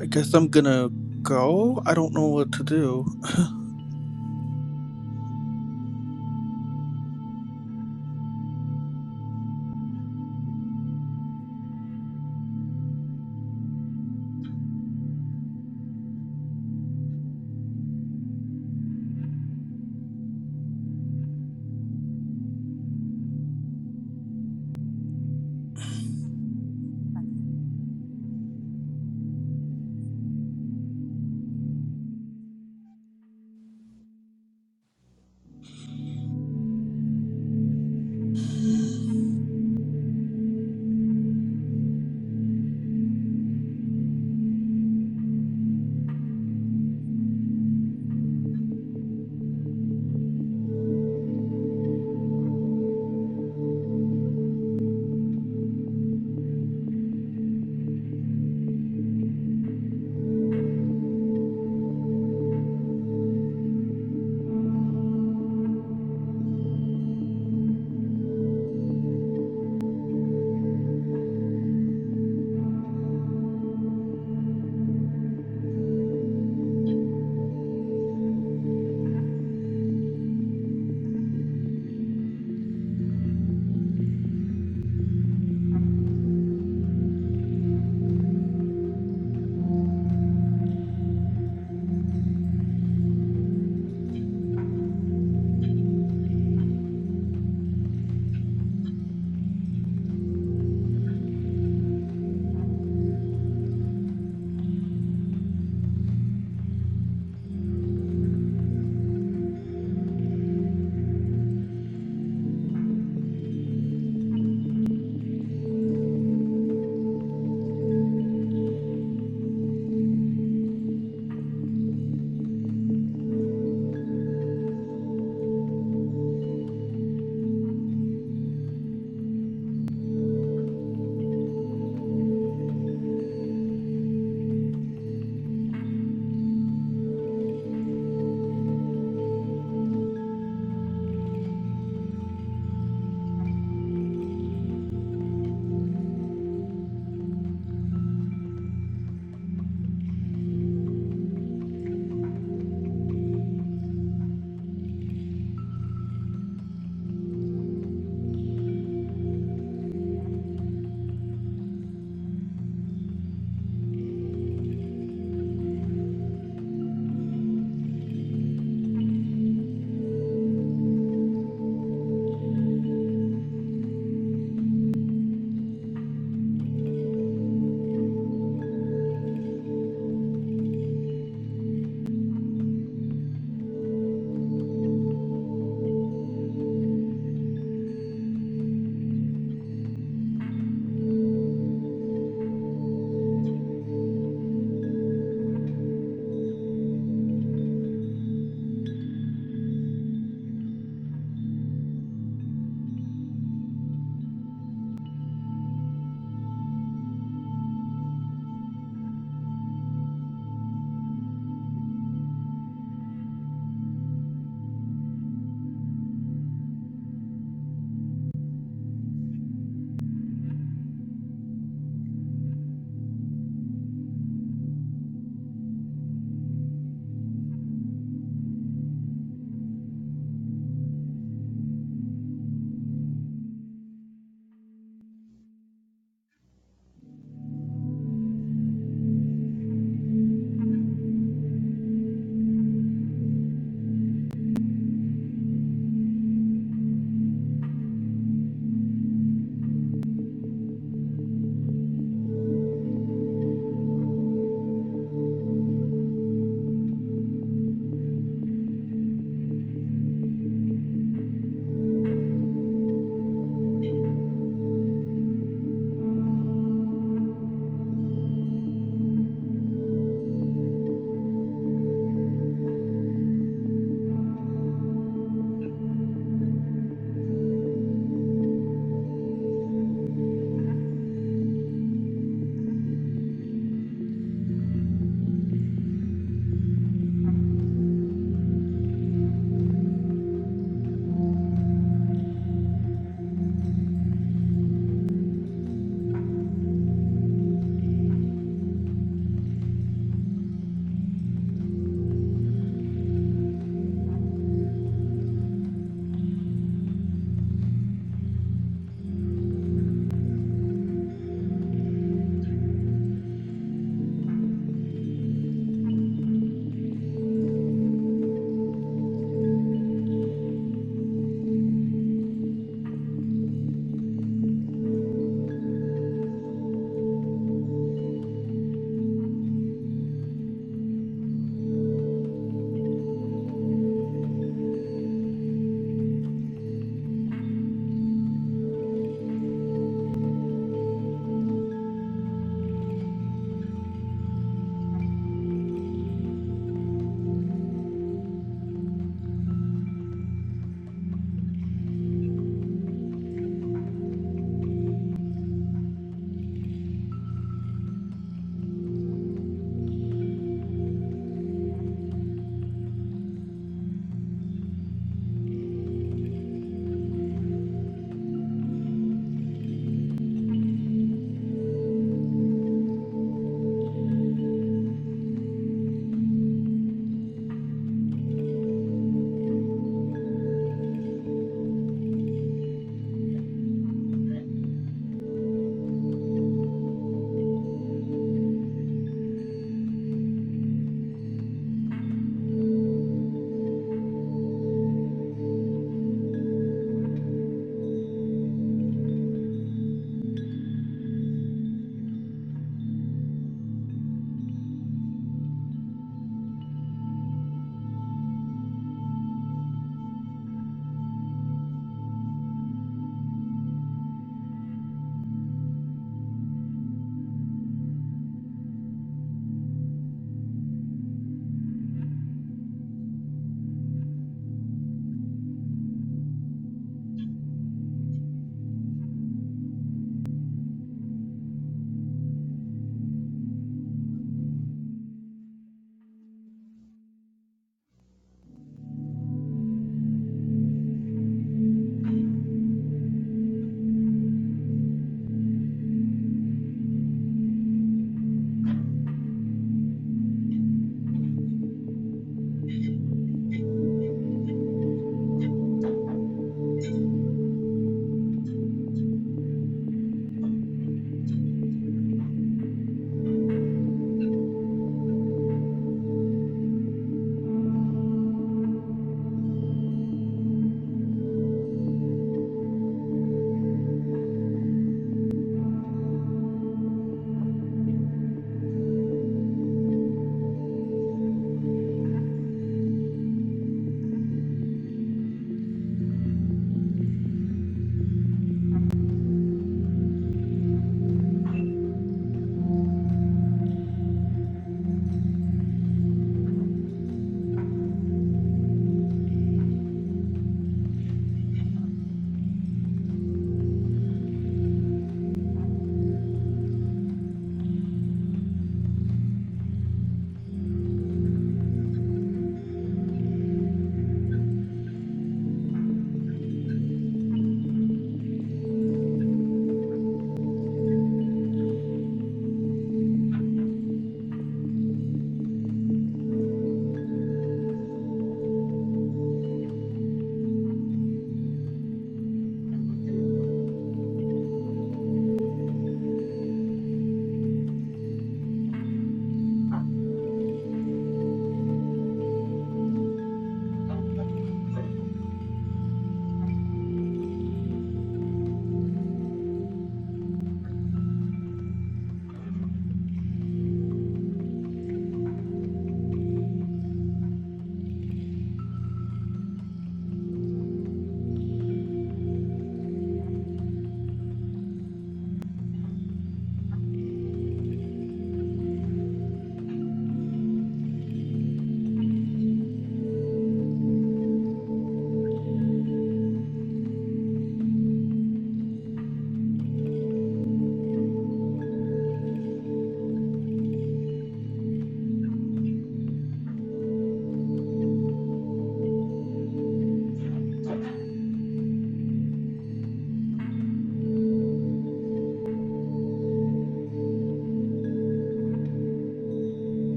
[SPEAKER 5] I guess I'm gonna go. I don't know what to do.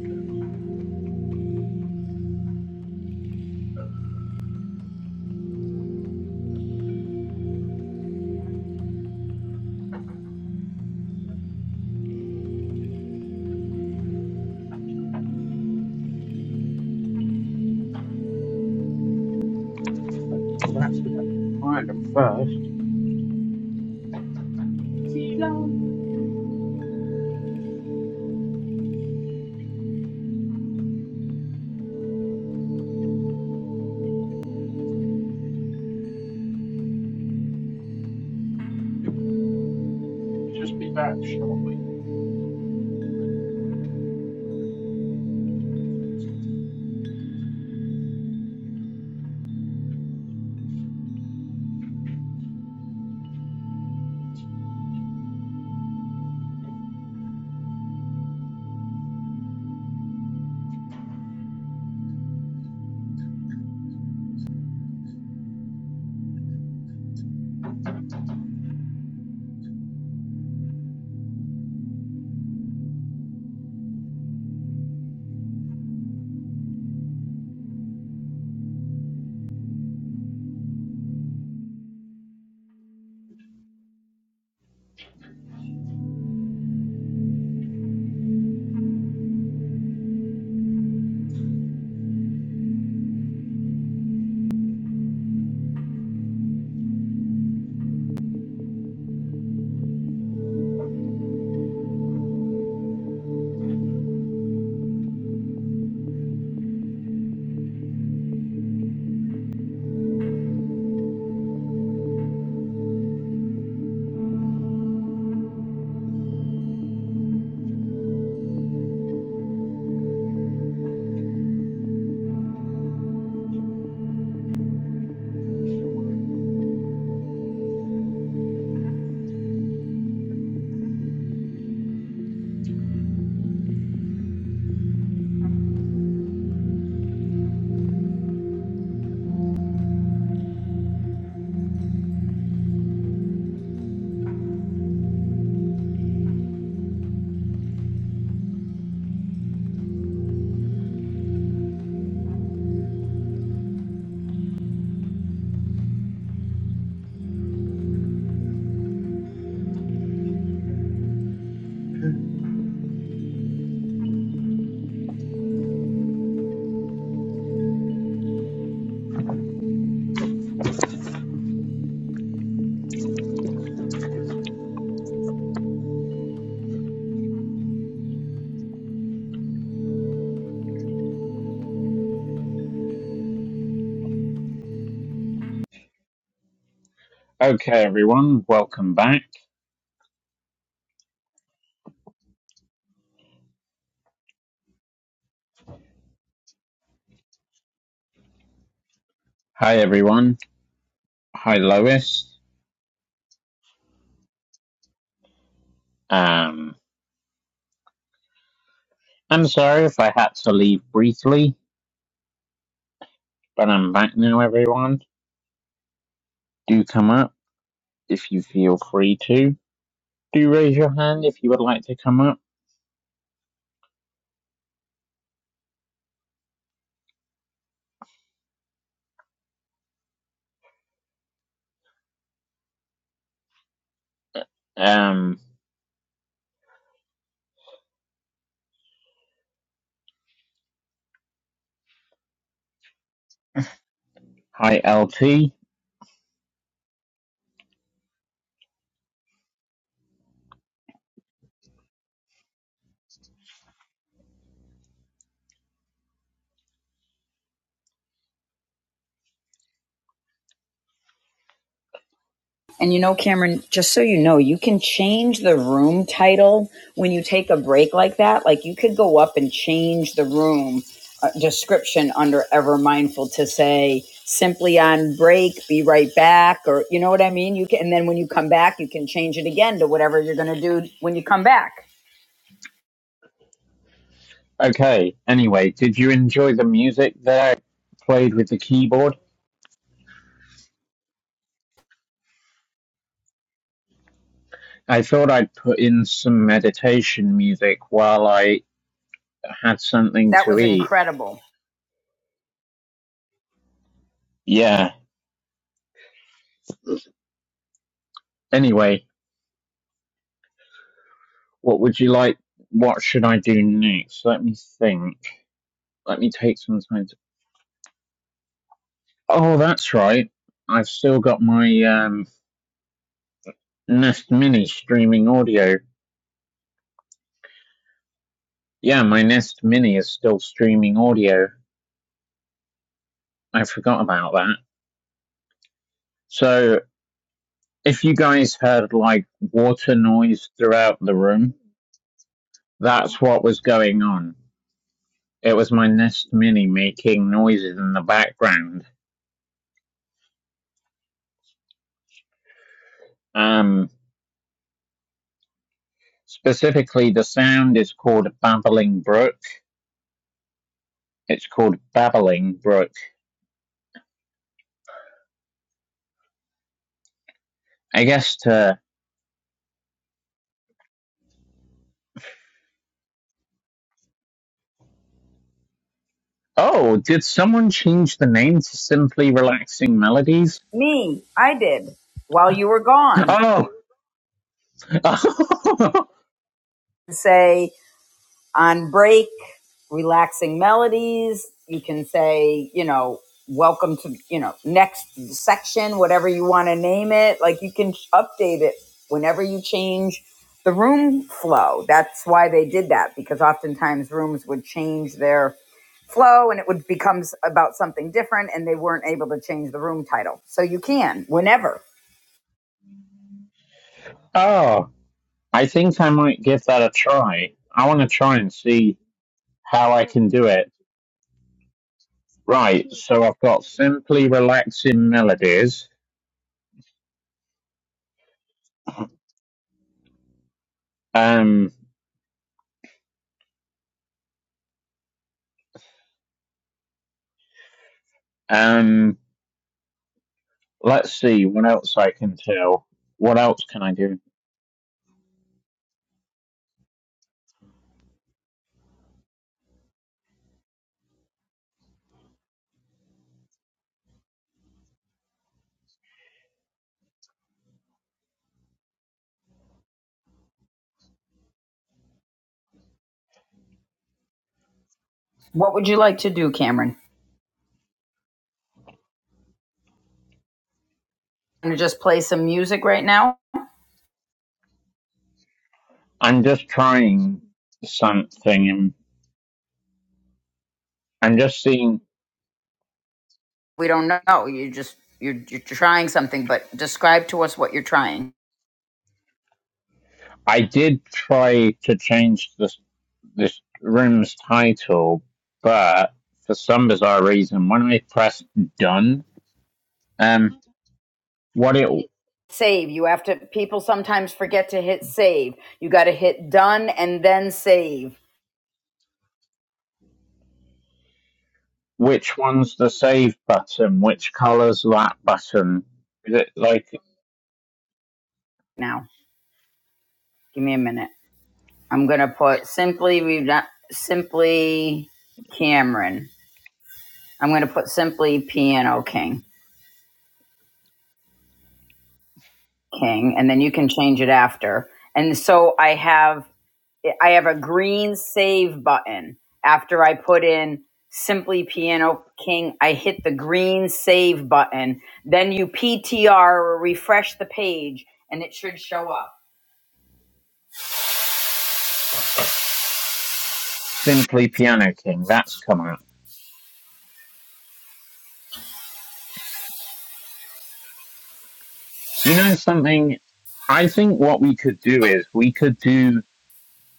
[SPEAKER 1] Hey. Right, and first, We'll just be back shortly. okay, everyone, welcome back. Hi, everyone. Hi, Lois. Um, I'm sorry if I had to leave briefly, but I'm back now, everyone. Do come up if you feel free to. Do raise your hand if you would like to come up. Um, hi, LT.
[SPEAKER 3] And you know, Cameron, just so you know, you can change the room title when you take a break like that. Like you could go up and change the room uh, description under Ever Mindful to say simply on break, be right back, or you know what I mean? You can, and then when you come back, you can change it again to whatever you're going to do when you come back.
[SPEAKER 1] Okay, anyway, did you enjoy the music that I played with the keyboard? I thought I'd put in some meditation music while I had something
[SPEAKER 3] That
[SPEAKER 1] to
[SPEAKER 3] was
[SPEAKER 1] eat.
[SPEAKER 3] incredible.
[SPEAKER 1] Yeah. Anyway, what would you like? What should I do next? Let me think. Let me take some time to. Oh, that's right. I've still got my um, Nest Mini streaming audio. Yeah, my Nest Mini is still streaming audio. I forgot about that. So, if you guys heard like water noise throughout the room, that's what was going on. It was my Nest Mini making noises in the background. Um, Specifically, the sound is called Babbling Brook. It's called Babbling Brook. I guess to. Oh, did someone change the name to simply Relaxing Melodies?
[SPEAKER 3] Me, I did while you were gone.
[SPEAKER 1] Oh!
[SPEAKER 3] Say on break, relaxing melodies. You can say, you know, welcome to, you know, next section, whatever you want to name it. Like you can update it whenever you change the room flow. That's why they did that because oftentimes rooms would change their flow and it would become about something different and they weren't able to change the room title. So you can whenever.
[SPEAKER 1] oh! I think I might give that a try. I want to try and see how I can do it. Right, so I've got Simply Relaxing Melodies. Um, um, let's see what else I can do. What else can I do?
[SPEAKER 3] What would you like to do, Cameron? You just play some music right now?
[SPEAKER 1] I'm just trying something. and I'm just seeing.
[SPEAKER 3] we don't know. You just you're you're trying something, but describe to us what you're trying.
[SPEAKER 1] I did try to change this this room's title, but for some bizarre reason, when I pressed done, um, what it
[SPEAKER 3] Save. You have to. People sometimes forget to hit save. You got to hit done and then save.
[SPEAKER 1] which one's the save button? Which colors that button? Is it like
[SPEAKER 3] Now, give me a minute. I'm gonna put simply. We've not simply Cameron. I'm gonna put simply Piano King King, and then you can change it after. And so I have I have a green save button. After I put in Simply Piano King, I hit the green save button. Then you PTR or refresh the page and it should show up.
[SPEAKER 1] simply Piano King? That's come up. You know something? I think what we could do is we could do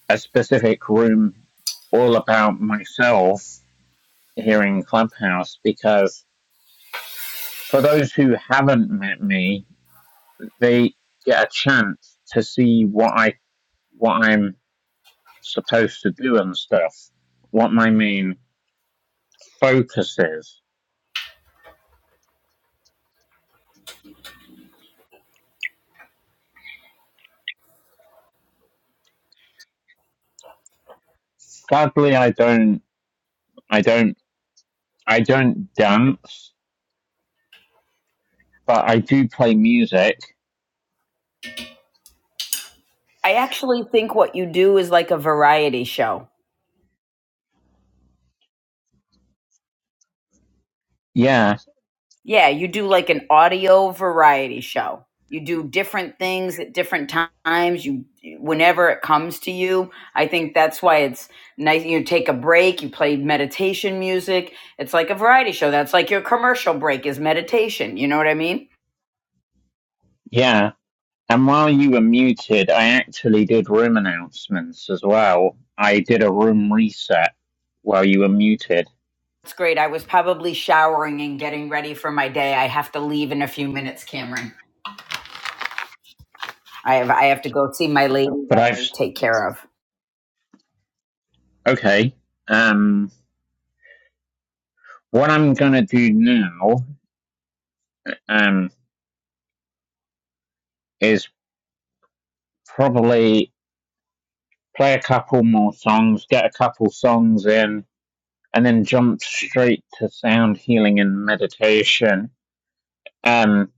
[SPEAKER 1] a specific room all about myself here in Clubhouse because for those who haven't met me, they get a chance to see what I what I'm supposed to do and stuff, what my main focus is. Sadly, I don't I don't I don't dance, but I do play music.
[SPEAKER 3] I actually think what you do is like a variety show
[SPEAKER 1] Yeah,
[SPEAKER 3] Yeah, you do like an audio variety show. You do different things at different times. You, whenever it comes to you, I think that's why it's nice. You take a break. You play meditation music. It's like a variety show. That's like your commercial break is meditation. You know what I mean?
[SPEAKER 1] yeah. And while you were muted, I actually did room announcements as well. I did a room reset while you were muted.
[SPEAKER 3] It's great. I was probably showering and getting ready for my day. I have to leave in a few minutes, Cameron. I have I have to go see my lady
[SPEAKER 1] But
[SPEAKER 3] that
[SPEAKER 1] I've
[SPEAKER 3] I take care of.
[SPEAKER 1] Okay. Um, what I'm gonna do now um, is probably play a couple more songs, get a couple songs in, and then jump straight to sound healing and meditation. Um,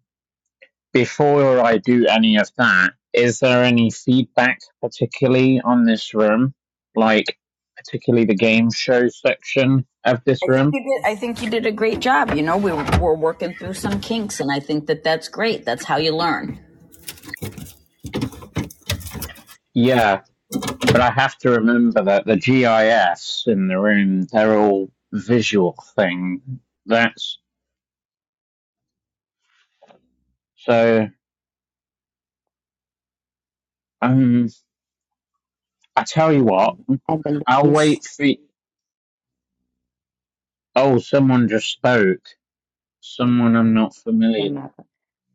[SPEAKER 1] before I do any of that, is there any feedback, particularly on this room, like particularly the game show section of
[SPEAKER 3] I
[SPEAKER 1] this
[SPEAKER 3] think
[SPEAKER 1] room?
[SPEAKER 3] you did. I think you did a great job. You know, we were, we're working through some kinks, and I think that that's great. That's how you learn.
[SPEAKER 1] Yeah, But I have to remember that the GIS in the room, they're all visual thing. That's so. Um, I tell you what,
[SPEAKER 6] Marine And the
[SPEAKER 1] I'll
[SPEAKER 6] Louis
[SPEAKER 1] wait for. y- Oh, someone just spoke. Someone I'm not familiar.
[SPEAKER 6] came up.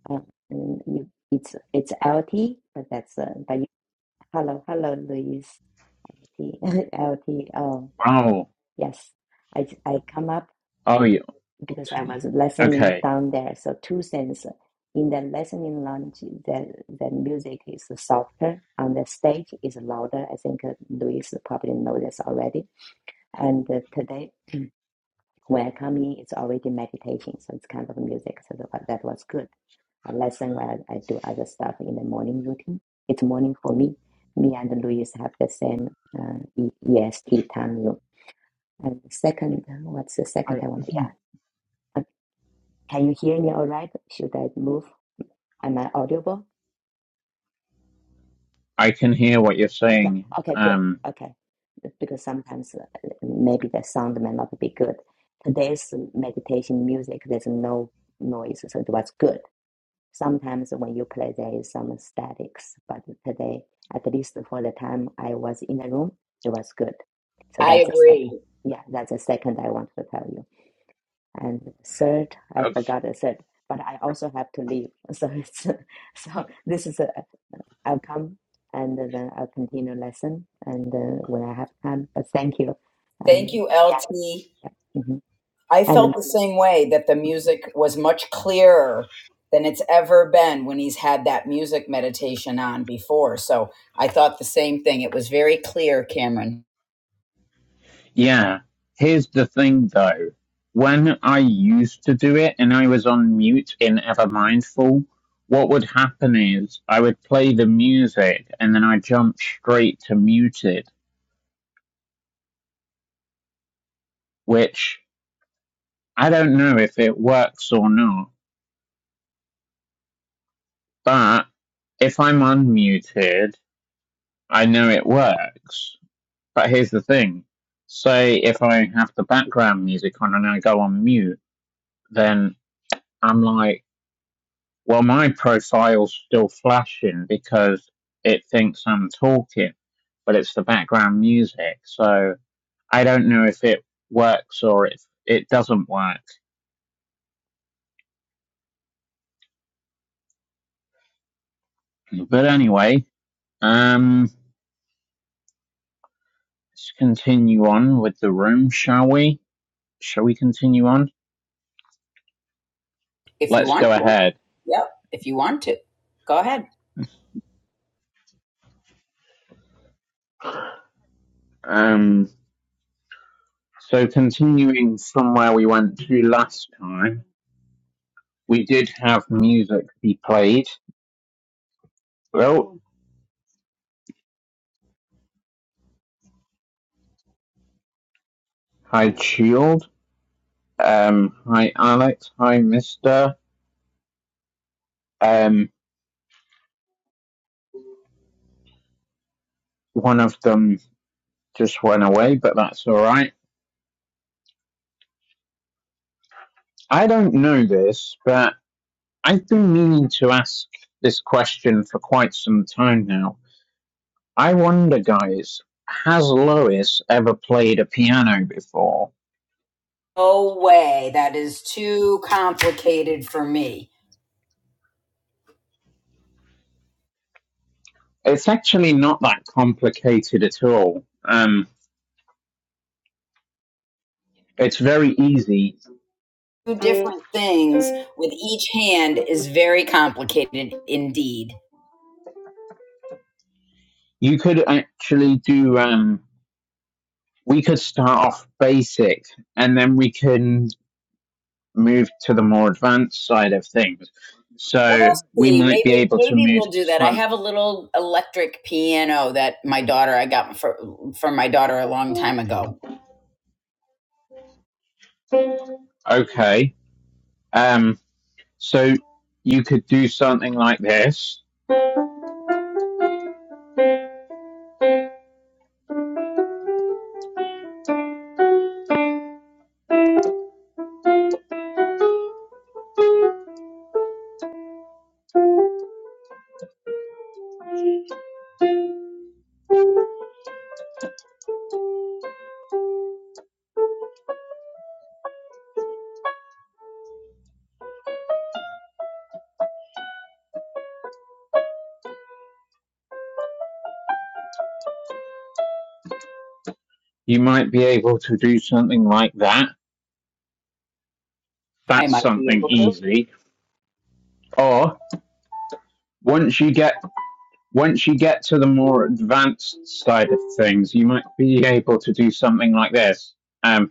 [SPEAKER 6] Um, and you, it's it's LT, but that's uh, but you, hello hello Louis. T- LT. Oh
[SPEAKER 1] Oh,
[SPEAKER 6] yes, I I come up
[SPEAKER 1] oh, you.
[SPEAKER 6] because I was listening
[SPEAKER 1] Okay,
[SPEAKER 6] down there. So two things in the listening lounge, the the music is softer on the stage is louder. I think uh, Louise probably knows this already. And uh, today when I come in, it's already meditation, so it's kind of music. So that that was good. a lesson while I, I do other stuff in the morning routine. It's morning for me. Me and Luis have the same uh, E- EST time zone. And second, what's the second
[SPEAKER 1] I
[SPEAKER 6] I want? Yeah. Uh, Can you hear me all right? Should I move? Am I audible?
[SPEAKER 1] I can hear what you're
[SPEAKER 6] Okay.
[SPEAKER 1] saying.
[SPEAKER 6] Okay, good.
[SPEAKER 1] Um,
[SPEAKER 6] Okay. Because sometimes uh, maybe the sound may not be good. Today's meditation music, there's no noise, so it was good. Sometimes when you play, there is some statics, but today, at least for the time I was in the room, it was good. So
[SPEAKER 3] I
[SPEAKER 6] that's the sec.
[SPEAKER 3] agree.
[SPEAKER 6] Yeah, that's the second I want to tell you. And third, I forgot the third, but I also have to leave. So it's so this is a I'll come and then I'll continue lesson and uh, when I have time. But thank you.
[SPEAKER 3] Thank
[SPEAKER 6] Um,
[SPEAKER 3] you, LT.
[SPEAKER 6] yeah. mhm.
[SPEAKER 3] I felt the same way that the music was much clearer than it's ever been when he's had that music meditation on before. So I thought the same thing. It was very clear, Cameron.
[SPEAKER 1] Yeah. Here's the thing though. When I used to do it and I was on mute in Ever Mindful, what would happen is I would play the music and then I jump straight to muted, which I don't know if it works or not, but if I'm unmuted, I know it works. But here's the thing. Say if I have the background music on and I go on mute, then I'm like, Well, my profile's still flashing because it thinks I'm talking, but it's the background music. So I don't know if it works or if it doesn't work. But anyway, um, let's continue on with the room, shall we? Shall we continue on?
[SPEAKER 3] If you
[SPEAKER 1] Let's
[SPEAKER 3] want
[SPEAKER 1] go
[SPEAKER 3] to,
[SPEAKER 1] ahead.
[SPEAKER 3] yep. If you want to, go ahead.
[SPEAKER 1] Um, so continuing from where we went to last time, we did have music be played. Well, hi, Shield. Um, hi, Alex. Hi, Mister. Um, one of them just went away, but that's all right. I don't know this, but I've been meaning to ask this question for quite some time now. I wonder, guys, has Lois ever played a piano before?
[SPEAKER 3] No way. That is too complicated for me.
[SPEAKER 1] It's actually not that complicated at all. Um, it's very easy.
[SPEAKER 3] do different things with each hand is very complicated indeed.
[SPEAKER 1] You could actually do. Um, we could start off basic, and then we can move to the more advanced side of things. So
[SPEAKER 3] We'll
[SPEAKER 1] we
[SPEAKER 3] see.
[SPEAKER 1] might be
[SPEAKER 3] Maybe
[SPEAKER 1] able to
[SPEAKER 3] maybe
[SPEAKER 1] move
[SPEAKER 3] we'll
[SPEAKER 1] to
[SPEAKER 3] do that. I
[SPEAKER 1] some.
[SPEAKER 3] have a little electric piano that my daughter I got for for my daughter a long time ago.
[SPEAKER 1] Okay. Um, so you could do something like this. You might be able to do something like that.
[SPEAKER 3] I
[SPEAKER 1] That's
[SPEAKER 3] might be
[SPEAKER 1] something
[SPEAKER 3] able to.
[SPEAKER 1] easy. Or once you get once you get to the more advanced side of things, you might be able to do something like this. Um,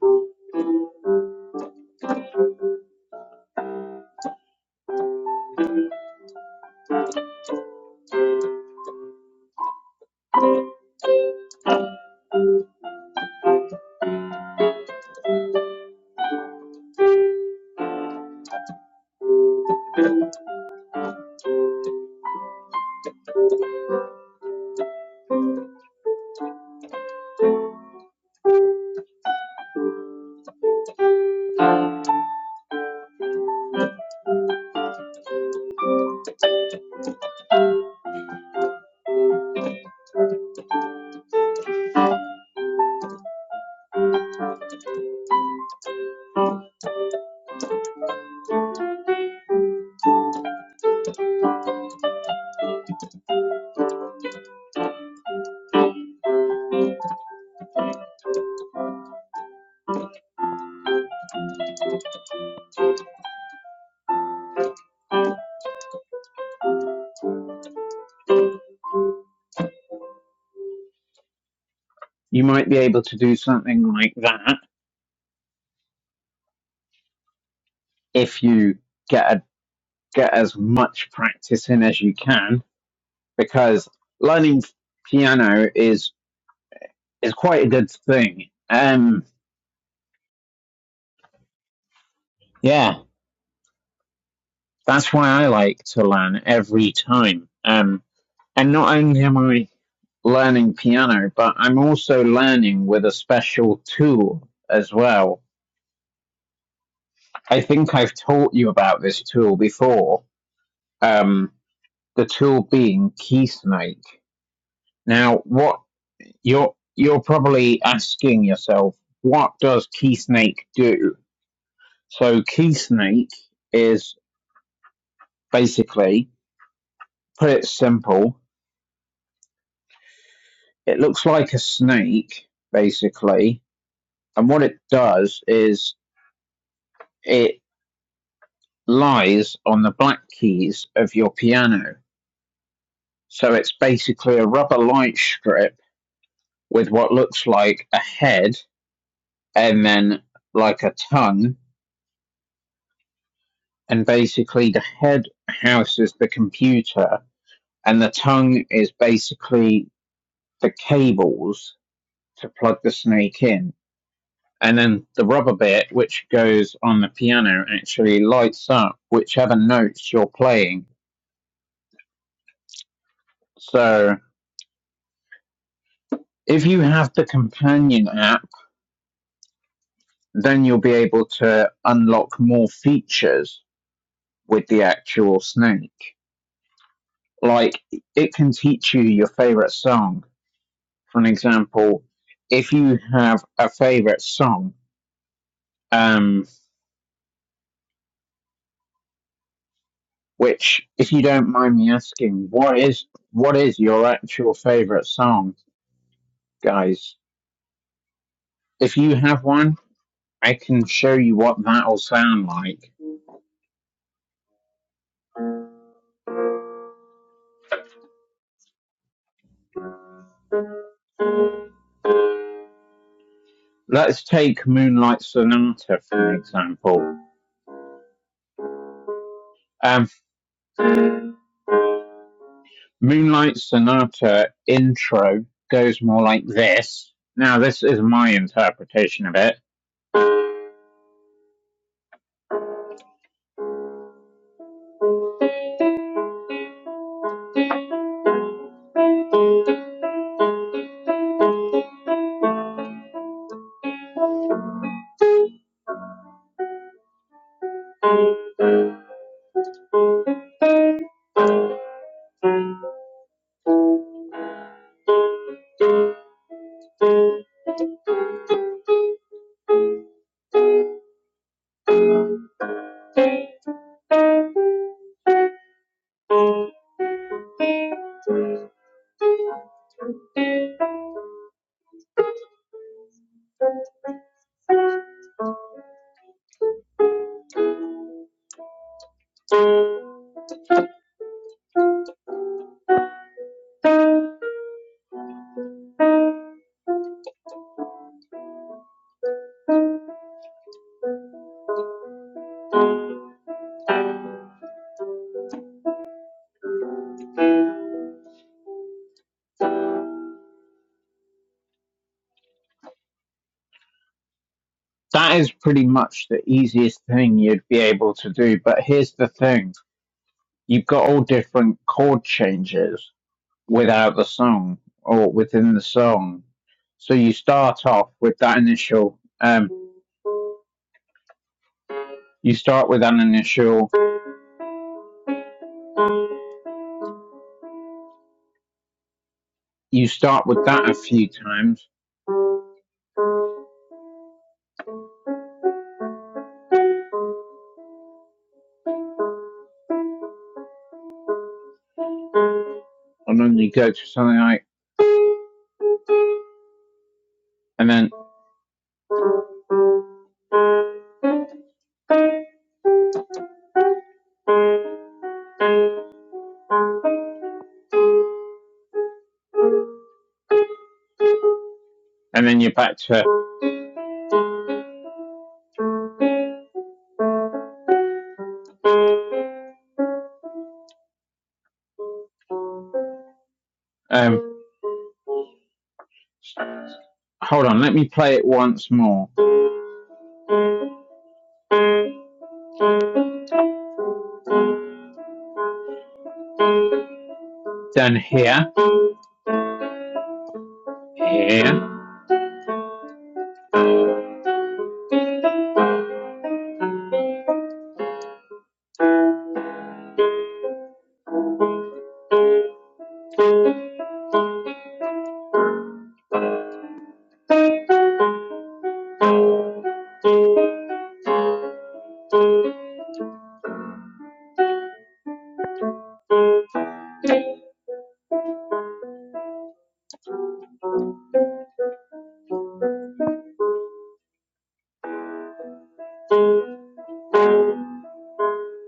[SPEAKER 1] you might be able to do something like that if you get a, get as much practice in as you can because learning piano is is quite a good thing. Um, yeah, that's why I like to learn every time. Um, and not only am I learning piano, but I'm also learning with a special tool as well. I think I've taught you about this tool before. Um, the tool being KeySnake. Now, what you're you're probably asking yourself, what does KeySnake do? So key snake is basically, put it simple, it looks like a snake, basically. And what it does is it lies on the black keys of your piano. So it's basically a rubber light strip with what looks like a head and then like a tongue. And basically the head houses the computer and the tongue is basically the cables to plug the snake in and then the rubber bit which goes on the piano actually lights up whichever notes you're playing so if you have the companion app then you'll be able to unlock more features with the actual snake like it can teach you your favorite song for an example if you have a favorite song um which if you don't mind me asking what is what is your actual favorite song guys If you have one, I can show you what that'll sound like. Let's take Moonlight Sonata for example. Um, Moonlight Sonata intro goes more like this. Now, this is my interpretation of it. That is pretty much the easiest thing you'd be able to do. But here's the thing you've got all different chord changes without the song or within the song. So you start off with that initial. Um, You start with an initial, you start with that a few times, and then you go to something like, and then, and then you're back to, um, hold on, let me play it once more. Then here, here,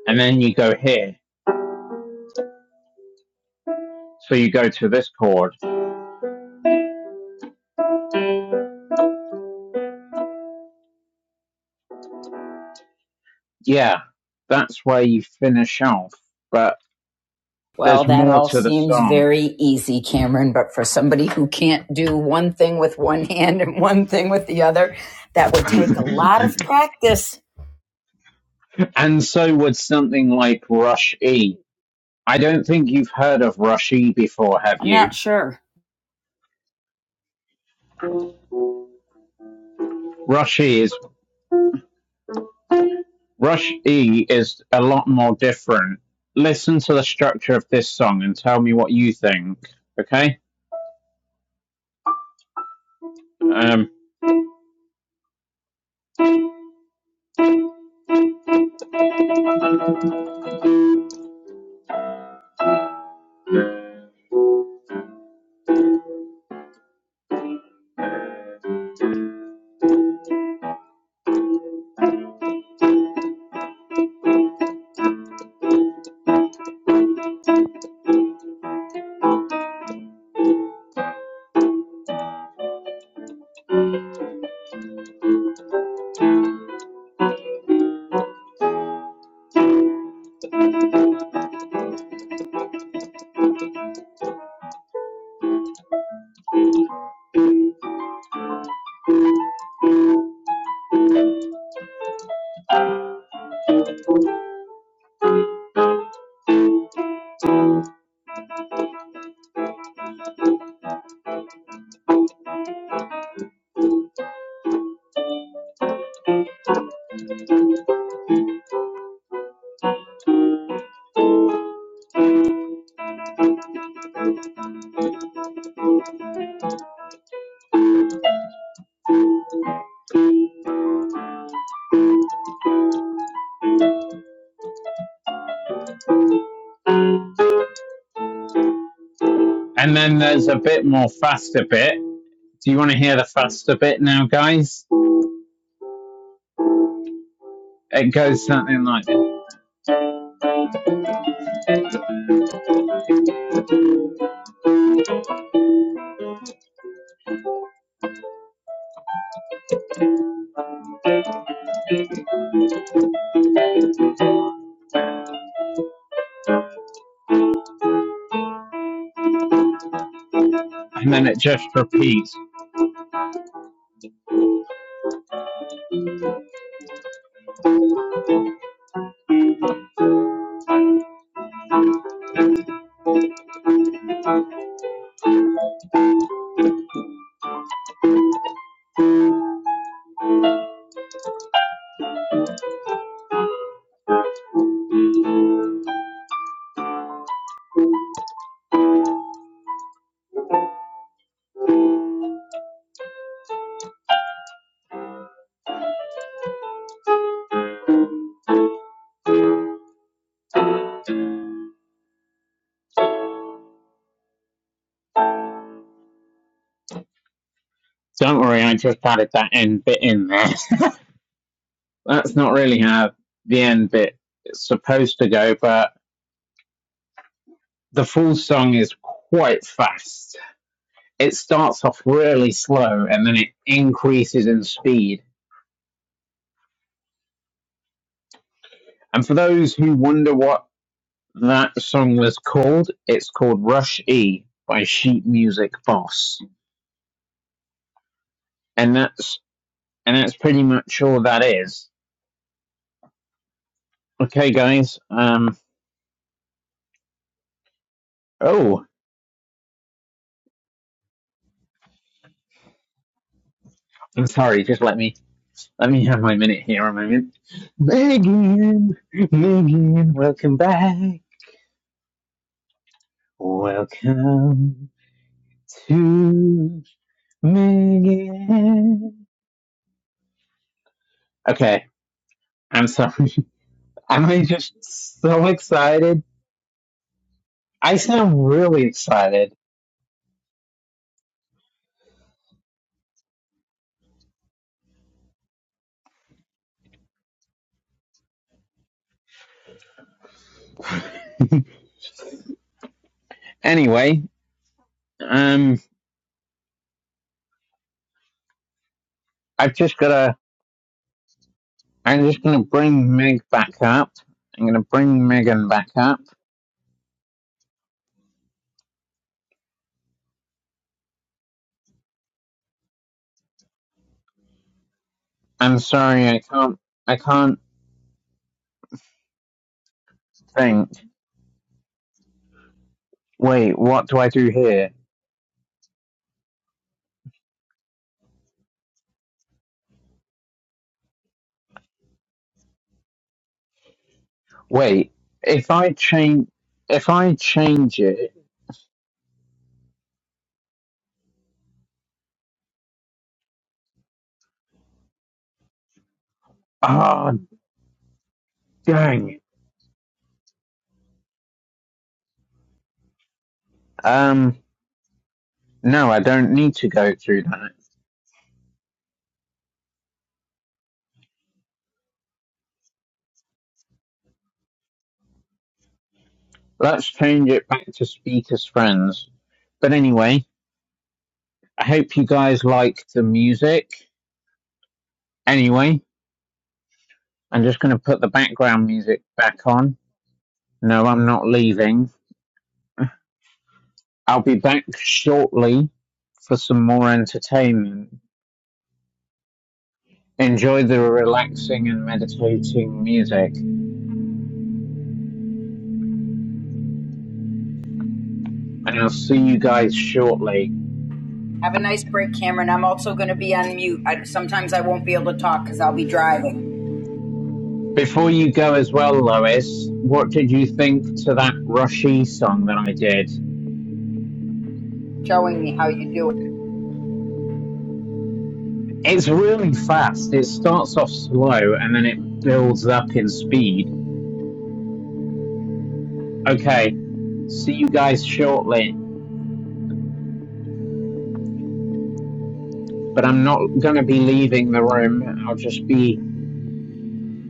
[SPEAKER 1] and then you go here. So you go to this chord. Yeah, that's where you finish off, but
[SPEAKER 3] Well,
[SPEAKER 1] there's
[SPEAKER 3] that
[SPEAKER 1] more
[SPEAKER 3] all
[SPEAKER 1] to the
[SPEAKER 3] seems
[SPEAKER 1] song.
[SPEAKER 3] very easy, Cameron, but for somebody who can't do one thing with one hand and one thing with the other, that would take a lot of practice.
[SPEAKER 1] And so would something like Rush E. I don't think you've heard of rush E before, have
[SPEAKER 3] I'm
[SPEAKER 1] you?
[SPEAKER 3] not sure.
[SPEAKER 1] rush E is rush E is a lot more different. Listen to the structure of this song and tell me what you think, okay? Um, and then there's a bit more faster bit. Do you want to hear the faster bit now, guys? It goes something like this, and then it just repeats. Don't worry, I just added that end bit in there. That's not really how the end bit is supposed to go, but The full song is quite fast. It starts off really slow and then it increases in speed. And for those who wonder what that song was called, it's called Rush E by Sheet Music Boss. And that's and that's pretty much all that is. Okay guys, um oh I'm sorry, just let me let me have my minute here a moment. Megan Megan, welcome back. Welcome. to me again. Okay, I'm sorry. I'm just so excited. I sound really excited. Anyway, um, I've just gotta. I'm just gonna bring Meg back up. I'm gonna bring Megan back up. I'm sorry, I can't. I can't think. Wait, what do I do here? Wait, if I change, if I change it, oh dang. Um, No, I don't need to go through that. Let's change it back to speakers friends. But anyway, I hope you guys like the music. Anyway, I'm just going to put the background music back on. No, I'm not leaving. I'll be back shortly for some more entertainment. Enjoy the relaxing and meditating music, and I'll see you guys shortly.
[SPEAKER 3] Have a nice break, Cameron. I'm also going to be on mute. I, sometimes I won't be able to talk because I'll be driving,
[SPEAKER 1] Before you go as well, Lois, what did you think to that Rushy song that I did?
[SPEAKER 3] showing me how you do it.
[SPEAKER 1] It's really fast. It starts off slow and then it builds up in speed. Okay, see you guys shortly, but I'm not going to be leaving the room. I'll just be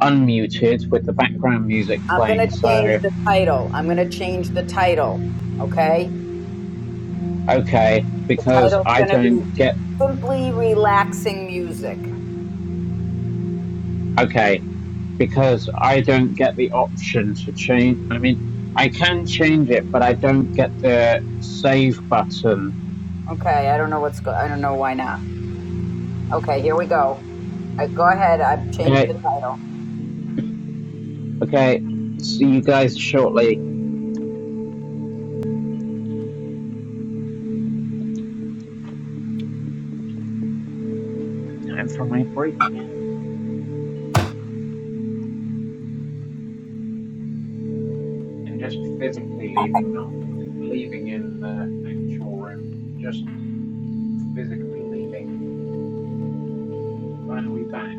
[SPEAKER 1] unmuted with the background music
[SPEAKER 3] I'm going
[SPEAKER 1] playing.
[SPEAKER 3] to change
[SPEAKER 1] So,
[SPEAKER 3] the title. I'm going to change the title. Okay?
[SPEAKER 1] okay,
[SPEAKER 3] The
[SPEAKER 1] because
[SPEAKER 3] title's
[SPEAKER 1] I
[SPEAKER 3] going to be
[SPEAKER 1] don't get
[SPEAKER 3] Simply Relaxing Music.
[SPEAKER 1] okay, because I don't get the option to change. I mean, I can change it, but I don't get the save button.
[SPEAKER 3] Okay, I don't know what's go- I don't know why not. Okay, here we go. Uh, go ahead. I've changed the
[SPEAKER 1] Okay,
[SPEAKER 3] title.
[SPEAKER 1] okay. See you guys shortly. Time for my break again. And just physically leaving, not leaving in the actual room, just physically leaving when we back.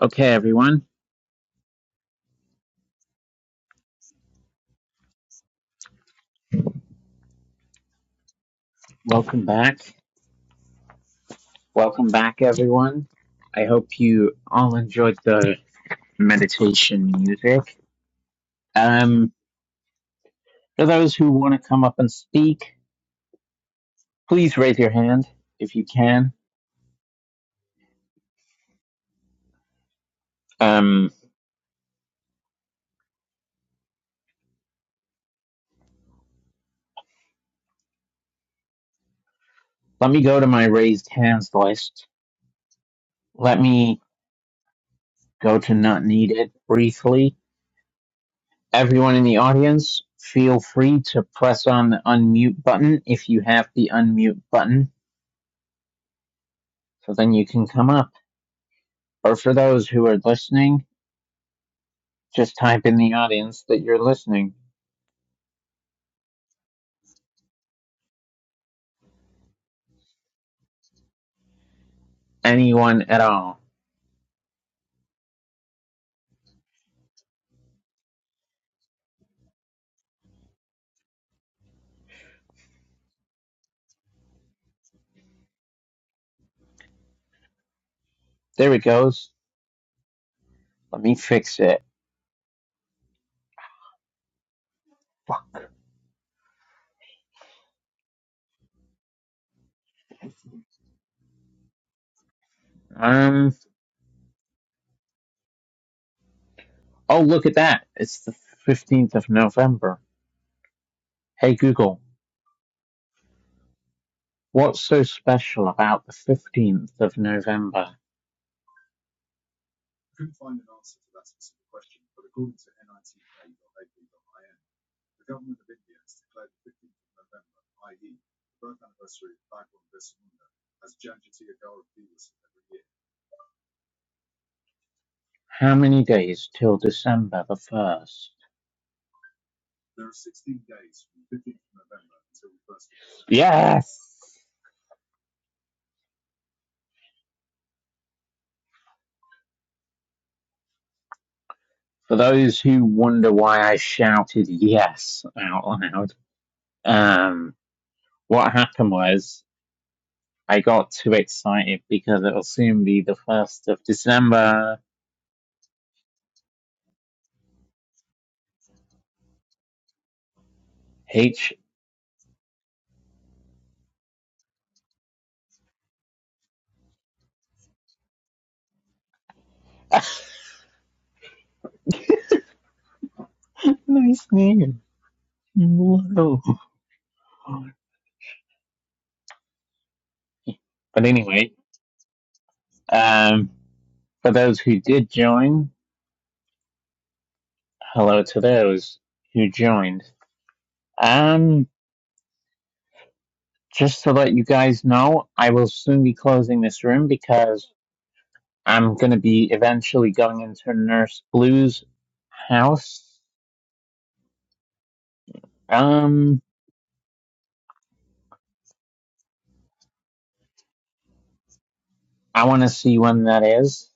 [SPEAKER 1] Okay, everyone. Welcome back. Welcome back, everyone. I hope you all enjoyed the meditation music. Um, for those who want to come up and speak, please raise your hand if you can. Um, let me go to my raised hands list. Let me go to not needed briefly Everyone in the audience, feel free to press on the unmute button if you have the unmute button, so then you can come up. Or for those who are listening, just type in the audience that you're listening. Anyone at all. There it goes. Let me fix it. Um, oh, look at that. It's the 15th of November. Hey Google, what's so special about the 15th of November? How many days till December the 1st? Yes! For those who wonder why I shouted yes out loud, um, what happened was I got too excited because it'll soon be the 1st of December. H, nice name. Whoa. But anyway, um, for those who did join, hello to those who joined. Um, just to let you guys know, I will soon be closing this room because I'm gonna be eventually going into Nurse Blue's house. Um, I want to see when that is.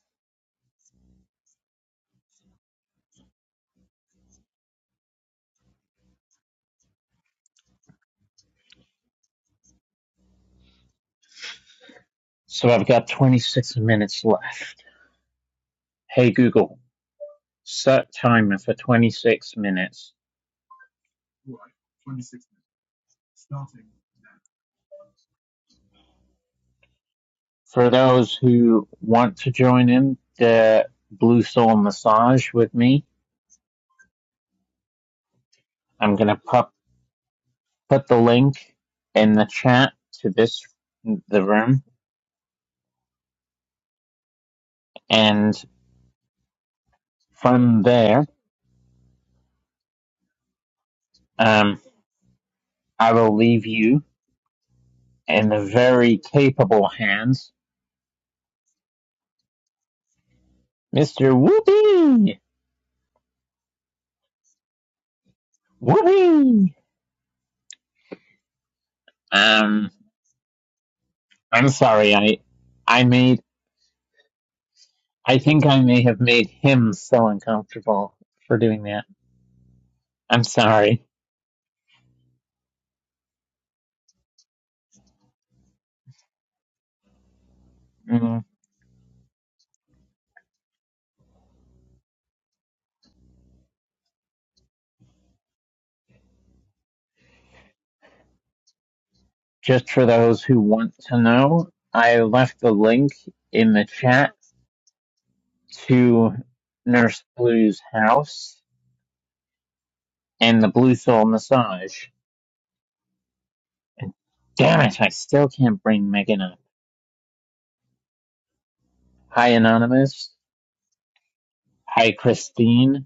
[SPEAKER 1] So I've got 26 minutes left. Hey Google, set timer for 26 minutes. For those who want to join in the Blue Soul Massage with me, I'm gonna put put the link in the chat to this the room, and from there, um, I will leave you in the very capable hands, Mister Whoopee Whoopee. Um, I'm sorry, I I made I think I may have made him so uncomfortable for doing that. I'm sorry. Mm, just for those who want to know, I left the link in the chat to Nurse Blue's house and the Blue Soul Massage. And damn it, I still can't bring Megan up. Hi, Anonymous. Hi, Christine.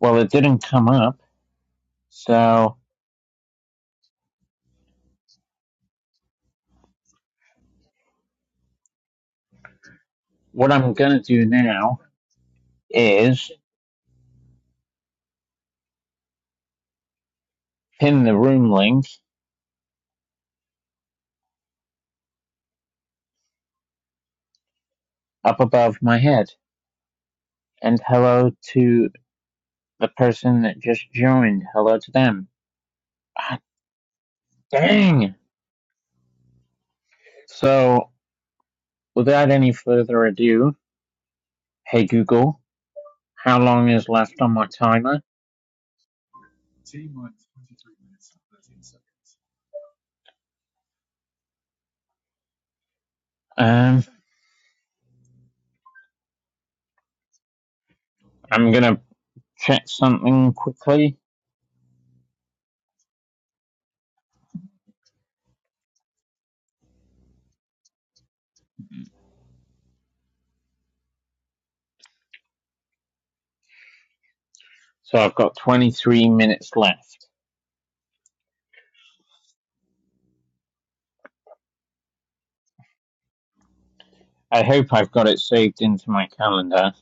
[SPEAKER 1] Well, it didn't come up. So what I'm going to do now is pin the room link up above my head. And hello to the person that just joined. Hello to them. Ah, dang! So without any further ado, hey Google, how long is left on my timer? Um, I'm going to check something quickly. So I've got 23 minutes left. I hope I've got it saved into my calendar.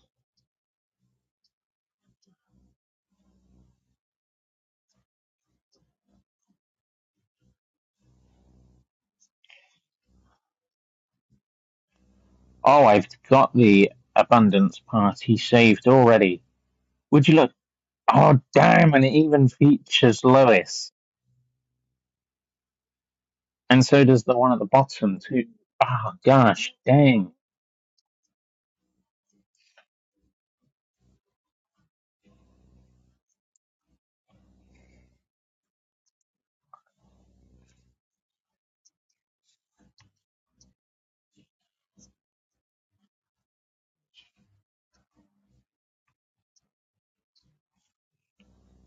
[SPEAKER 1] Oh, I've got the abundance party saved already. Would you look? Oh, damn, and it even features Lois. And so does the one at the bottom, too. Oh, gosh, dang.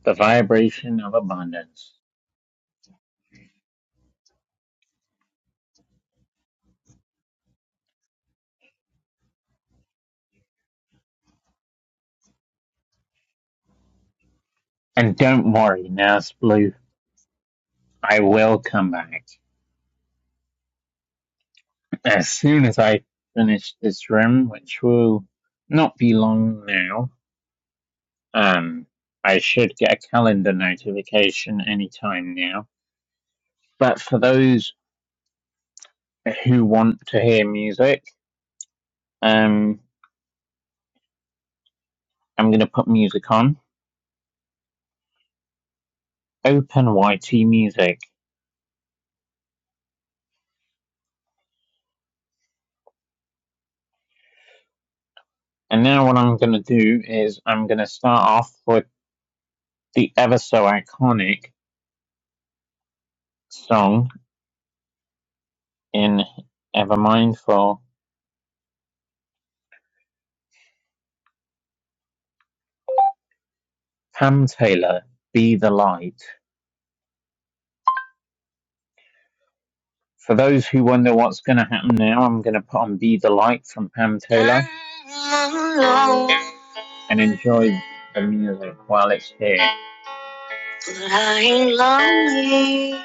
[SPEAKER 1] The vibration of abundance. And don't worry, Nurse Blue, I will come back. As soon as I finish this room, which will not be long now, um, I should get a calendar notification anytime now. But for those who want to hear music. Um, I'm going to put music on. Open YT music. And now what I'm going to do is I'm going to start off with the ever so iconic song in Evermind for Cam Taylor, Be the Light. For those who wonder what's going to happen now, I'm going to put on Be the Light from Pam Taylor and enjoy the music while it's here. I'm lonely.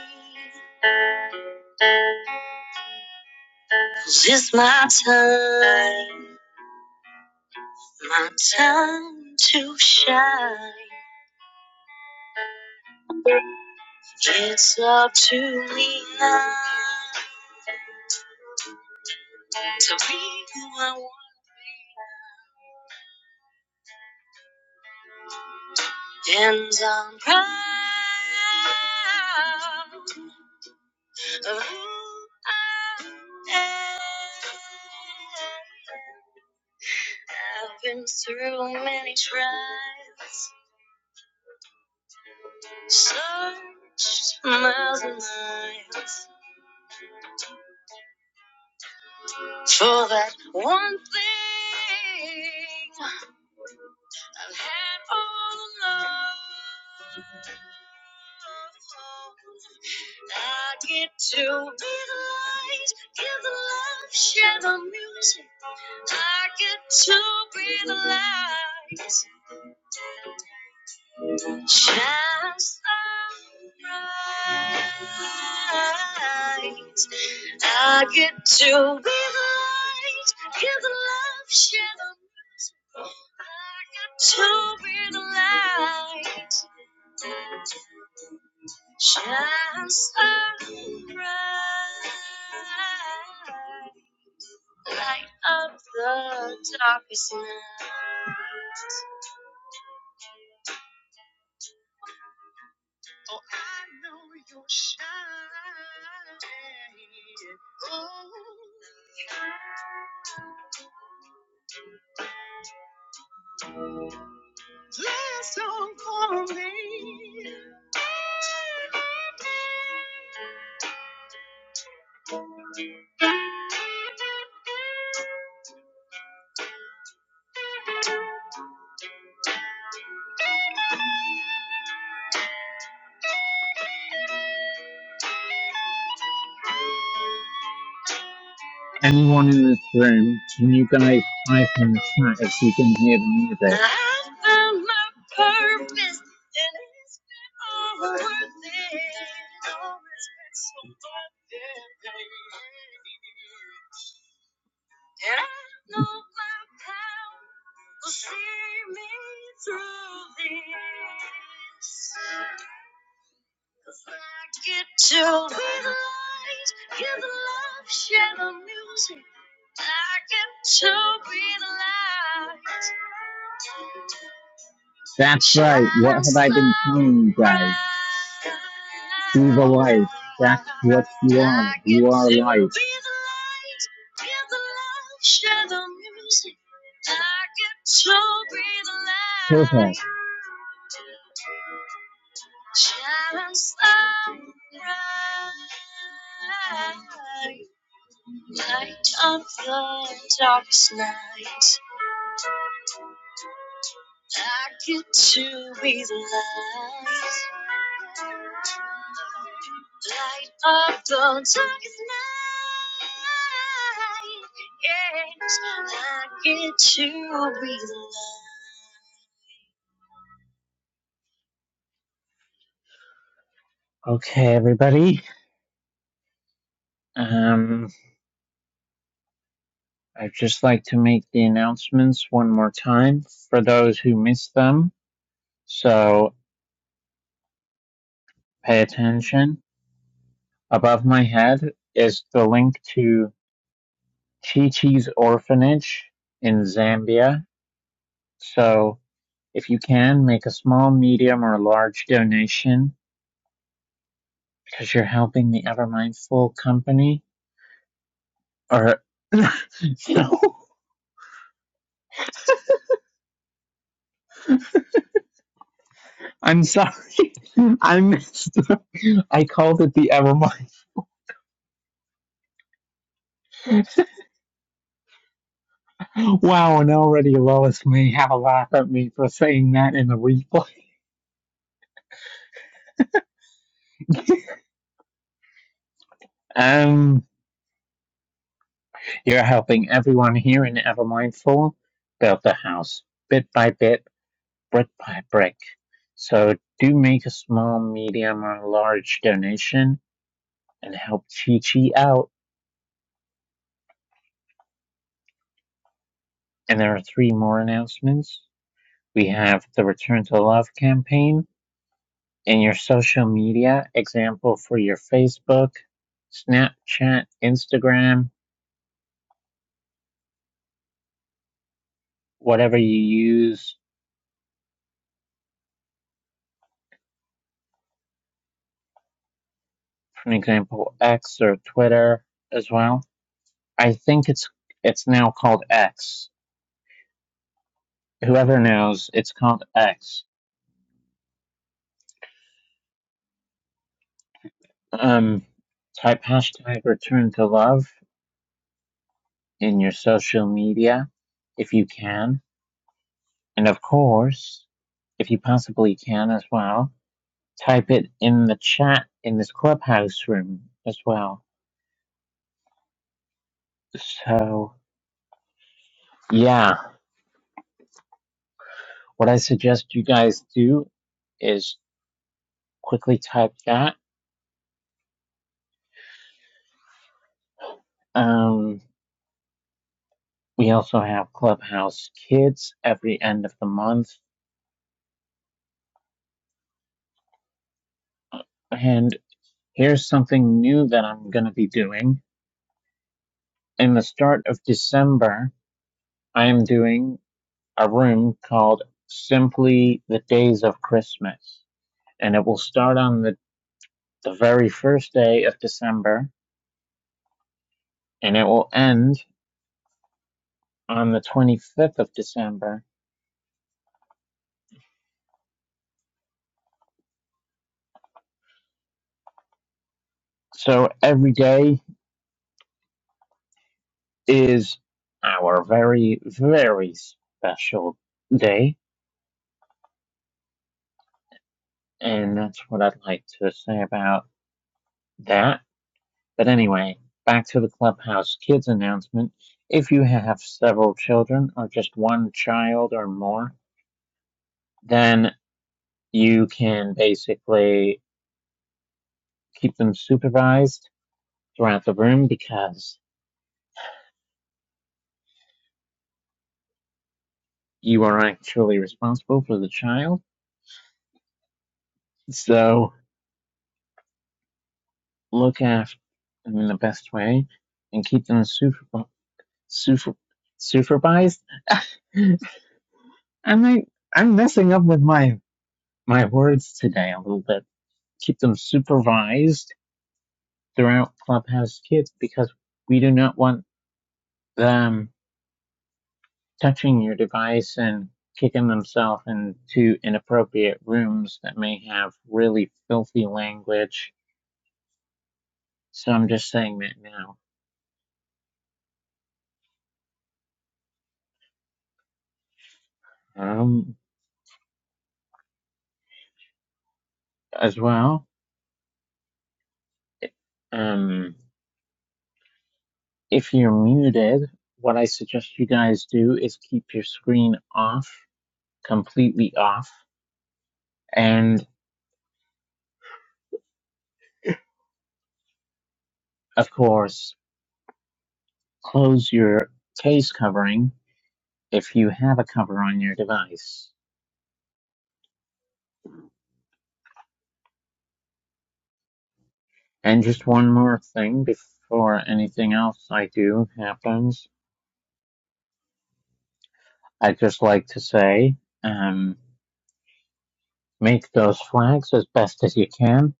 [SPEAKER 1] 'cause It's my time. My time to shine. It's up to me now to be who I want. Anyone in this room, when you guys type in the chat if you can hear the music. I found my purpose. That's right. What have I been telling you guys? Be the light. That's what you are. You are light. Perfect. Okay, everybody. Um, I'd just like to make the announcements one more time for those who missed them. So pay attention. Above my head is the link to Chi-Chi's orphanage in Zambia. So if you can, make a small, medium, or large donation because you're helping the Evermindful company. Or, no, I'm sorry. I missed. I called it the Evermindful. Wow, and already Lois may have a laugh at me for saying that in the replay. Um, you're helping everyone here in Evermindful build the house bit by bit, brick by brick. So do make a small, medium, or large donation and help Chi Chi out. And there are three more announcements. We have the Return to Love campaign and your social media example for your Facebook, Snapchat, Instagram, whatever you use, for an example, X or Twitter as well. I think it's it's now called X. Whoever knows, it's called X. Um, type hashtag return to love in your social media if you can, and of course, if you possibly can as well, type it in the chat in this clubhouse room as well. So yeah, what I suggest you guys do is quickly type that. Um, we also have Clubhouse Kids every end of the month. And here's something new that I'm going to be doing. In the start of December, I am doing a room called Simply the Days of Christmas. And it will start on the, the very first day of December and it will end on the 25th of December. So every day is our very, very special day. And that's what I'd like to say about that. But anyway, back to the Clubhouse Kids announcement. If you have several children or just one child or more, then you can basically keep them supervised throughout the room because you are actually responsible for the child. So look after them in the best way and keep them super, super, supervised. I'm like, I'm messing up with my my words today a little bit. Keep them supervised throughout Clubhouse Kids because we do not want them touching your device and kicking themselves into inappropriate rooms that may have really filthy language. So I'm just saying that now. Um, as well, um, If you're muted, what I suggest you guys do is keep your screen off, completely off, and of course, close your case covering if you have a cover on your device. And just one more thing before anything else I do happens, I'd just like to say, um, make those flags as best as you can.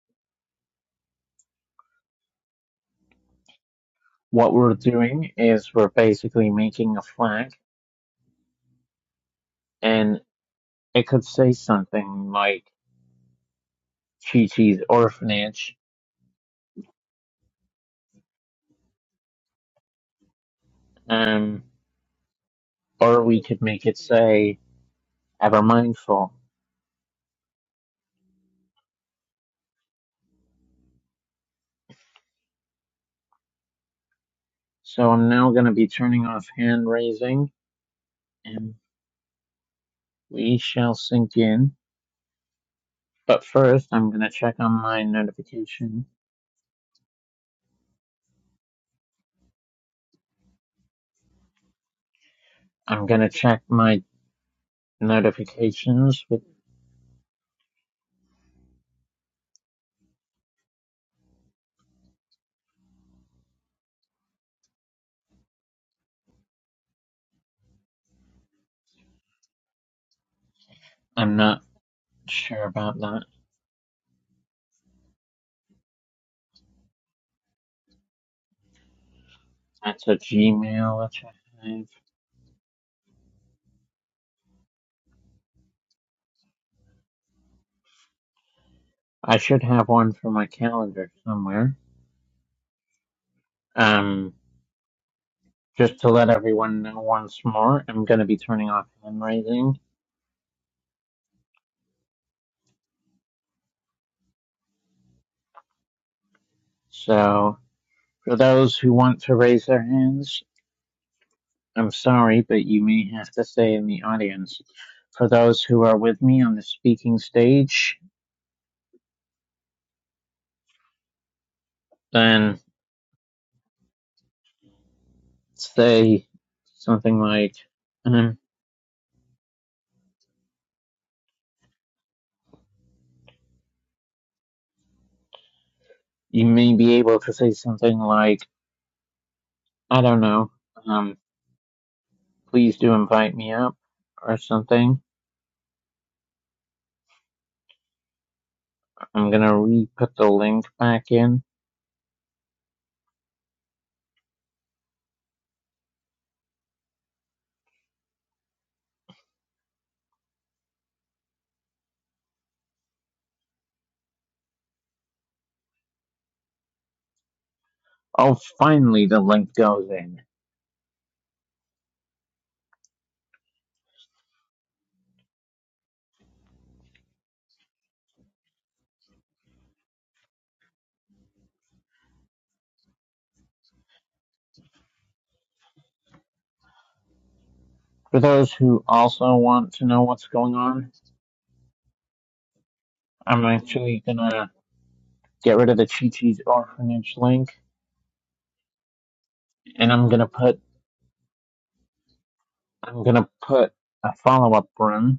[SPEAKER 1] What we're doing is we're basically making a flag and it could say something like Chi Chi's orphanage, um, or we could make it say ever mindful. So I'm now going to be turning off hand raising and we shall sink in. But first, I'm going to check on my notification. I'm going to check my notifications. With, I'm not sure about that. That's a Gmail that I have. I should have one for my calendar somewhere. Um, just to let everyone know once more, I'm going to be turning off hand raising So for those who want to raise their hands, I'm sorry, but you may have to stay in the audience. For those who are with me on the speaking stage, then say something like, um, you may be able to say something like, I don't know, um, please do invite me up or something. I'm gonna re-put the link back in. Oh, finally the link goes in. For those who also want to know what's going on, I'm actually gonna get rid of the Chi Chi's orphanage link, and I'm gonna put I'm gonna put a follow up run.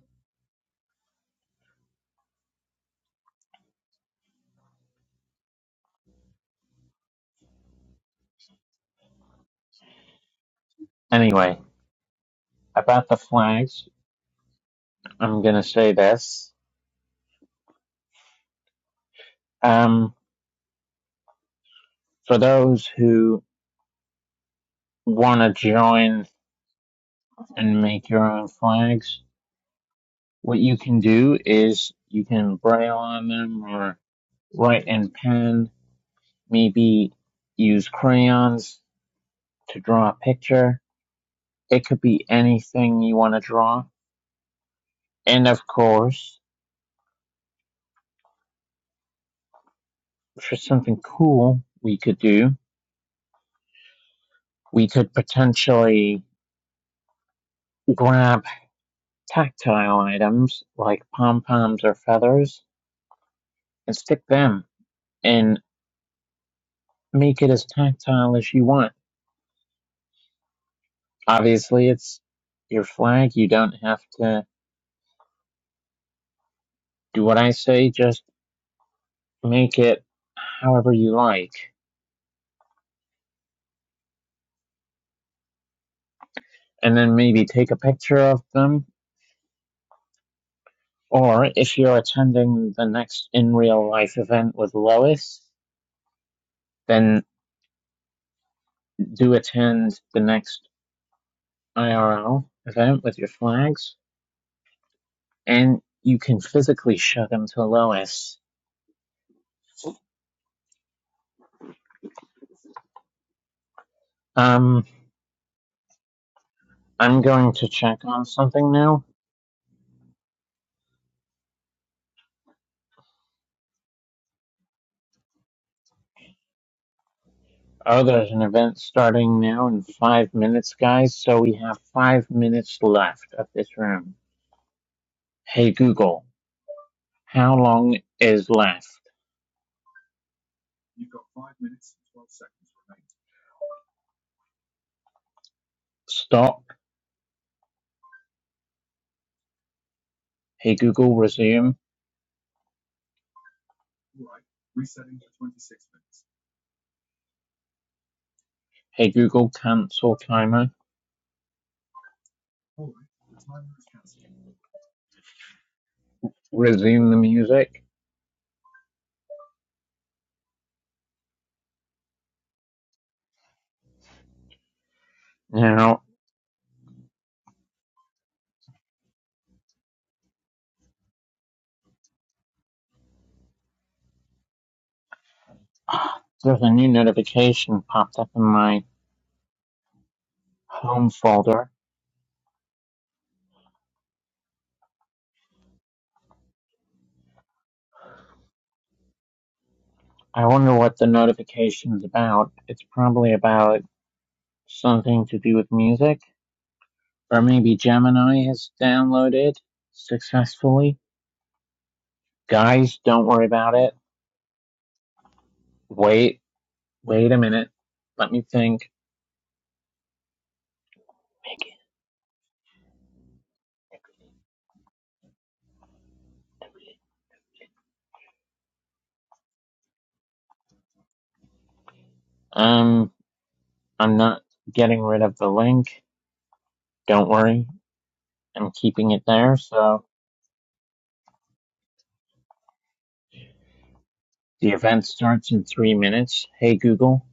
[SPEAKER 1] Anyway, about the flags, I'm gonna say this. Um, for those who want to join and make your own flags, what you can do is you can braille on them or write in pen. Maybe use crayons to draw a picture. It could be anything you want to draw. And of course, for something cool we could do, we could potentially grab tactile items like pom poms or feathers and stick them and make it as tactile as you want. Obviously, it's your flag. You don't have to do what I say, just make it however you like. And then maybe take a picture of them. Or if you're attending the next in real life event with Lois, then do attend the next IRL event with your flags, and you can physically shut them to Lois. Um, I'm going to check on something now. Oh, there's an event starting now in five minutes, guys, so we have five minutes left of this room. Hey Google, how long is left? Stop. Hey Google, resume. Hey Google, cancel timer. Resume the music. Now, there's a new notification popped up in my home folder I wonder what the notification's about. It's probably about something to do with music, or maybe Gemini has downloaded successfully. Guys, don't worry about it. Wait, wait a minute. Let me think. Um, I'm not getting rid of the link. Don't worry. I'm keeping it there, so the event starts in three minutes. Hey Google,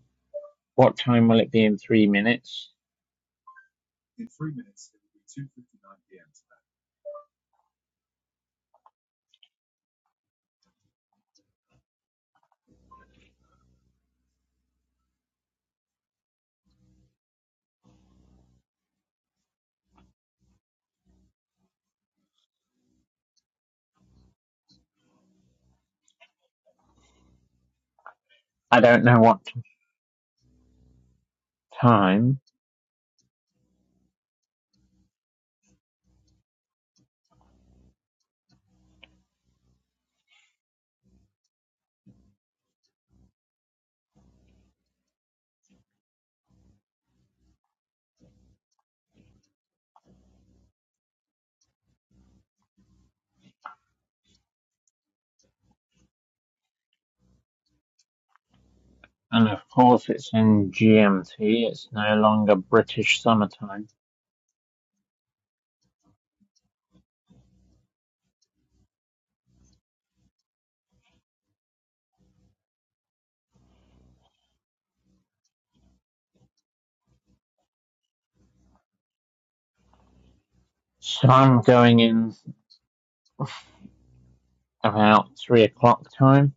[SPEAKER 1] what time will it be in three minutes? I don't know what time. And of course it's in GMT, it's no longer British summertime. So I'm going in about three o'clock time.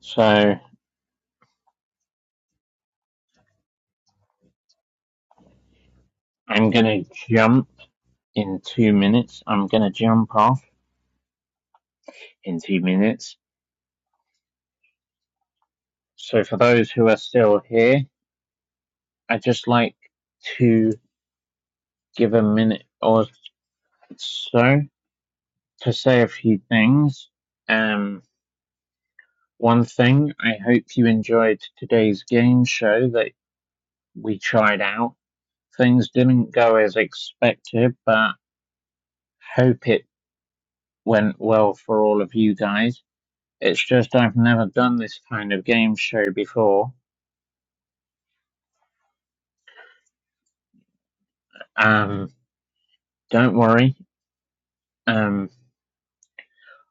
[SPEAKER 1] So I'm gonna jump in two minutes. I'm gonna jump off in two minutes. So for those who are still here, I'd just like to give a minute or so to say a few things. Um, one thing, I hope you enjoyed today's game show that we tried out things didn't go as expected, but hope it went well for all of you guys. It's just I've never done this kind of game show before. Um, don't worry. Um,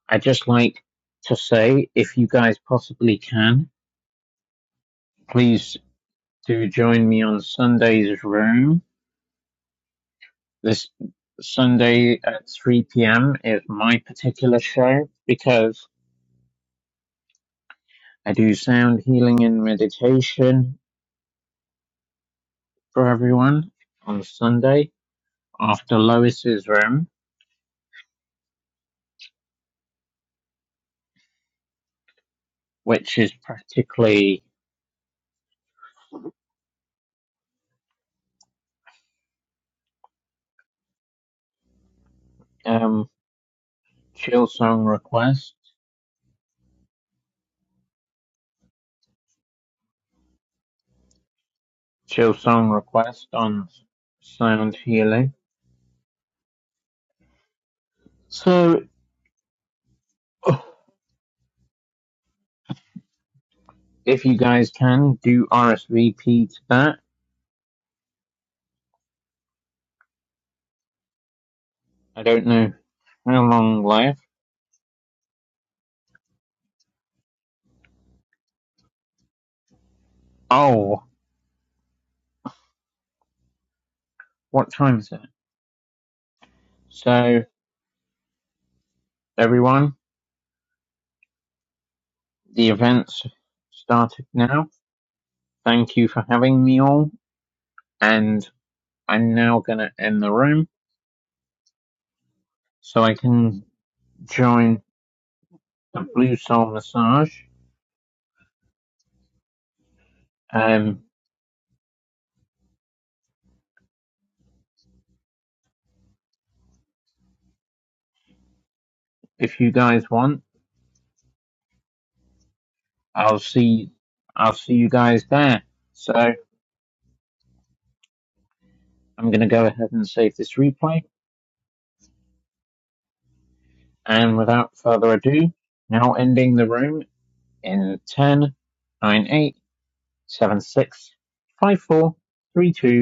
[SPEAKER 1] I just like to say, if you guys possibly can, please do join me on Sunday's room. This Sunday at 3 p.m. is my particular show because I do sound healing and meditation for everyone on Sunday after Lois's Room, which is practically um, Song Request, Song Request on Sound Healing. So if you guys can, do RSVP to that. I don't know how long left. Oh, what time is it? So everyone, the event's started now. Thank you for having me all, and I'm now gonna end the room so I can join the Blue Soul Massage Um, if you guys want, I'll see. I'll see you guys there. So I'm going to go ahead and save this replay. And without further ado, now ending the room in ten, nine, eight, seven, six, five, four, three, two, one.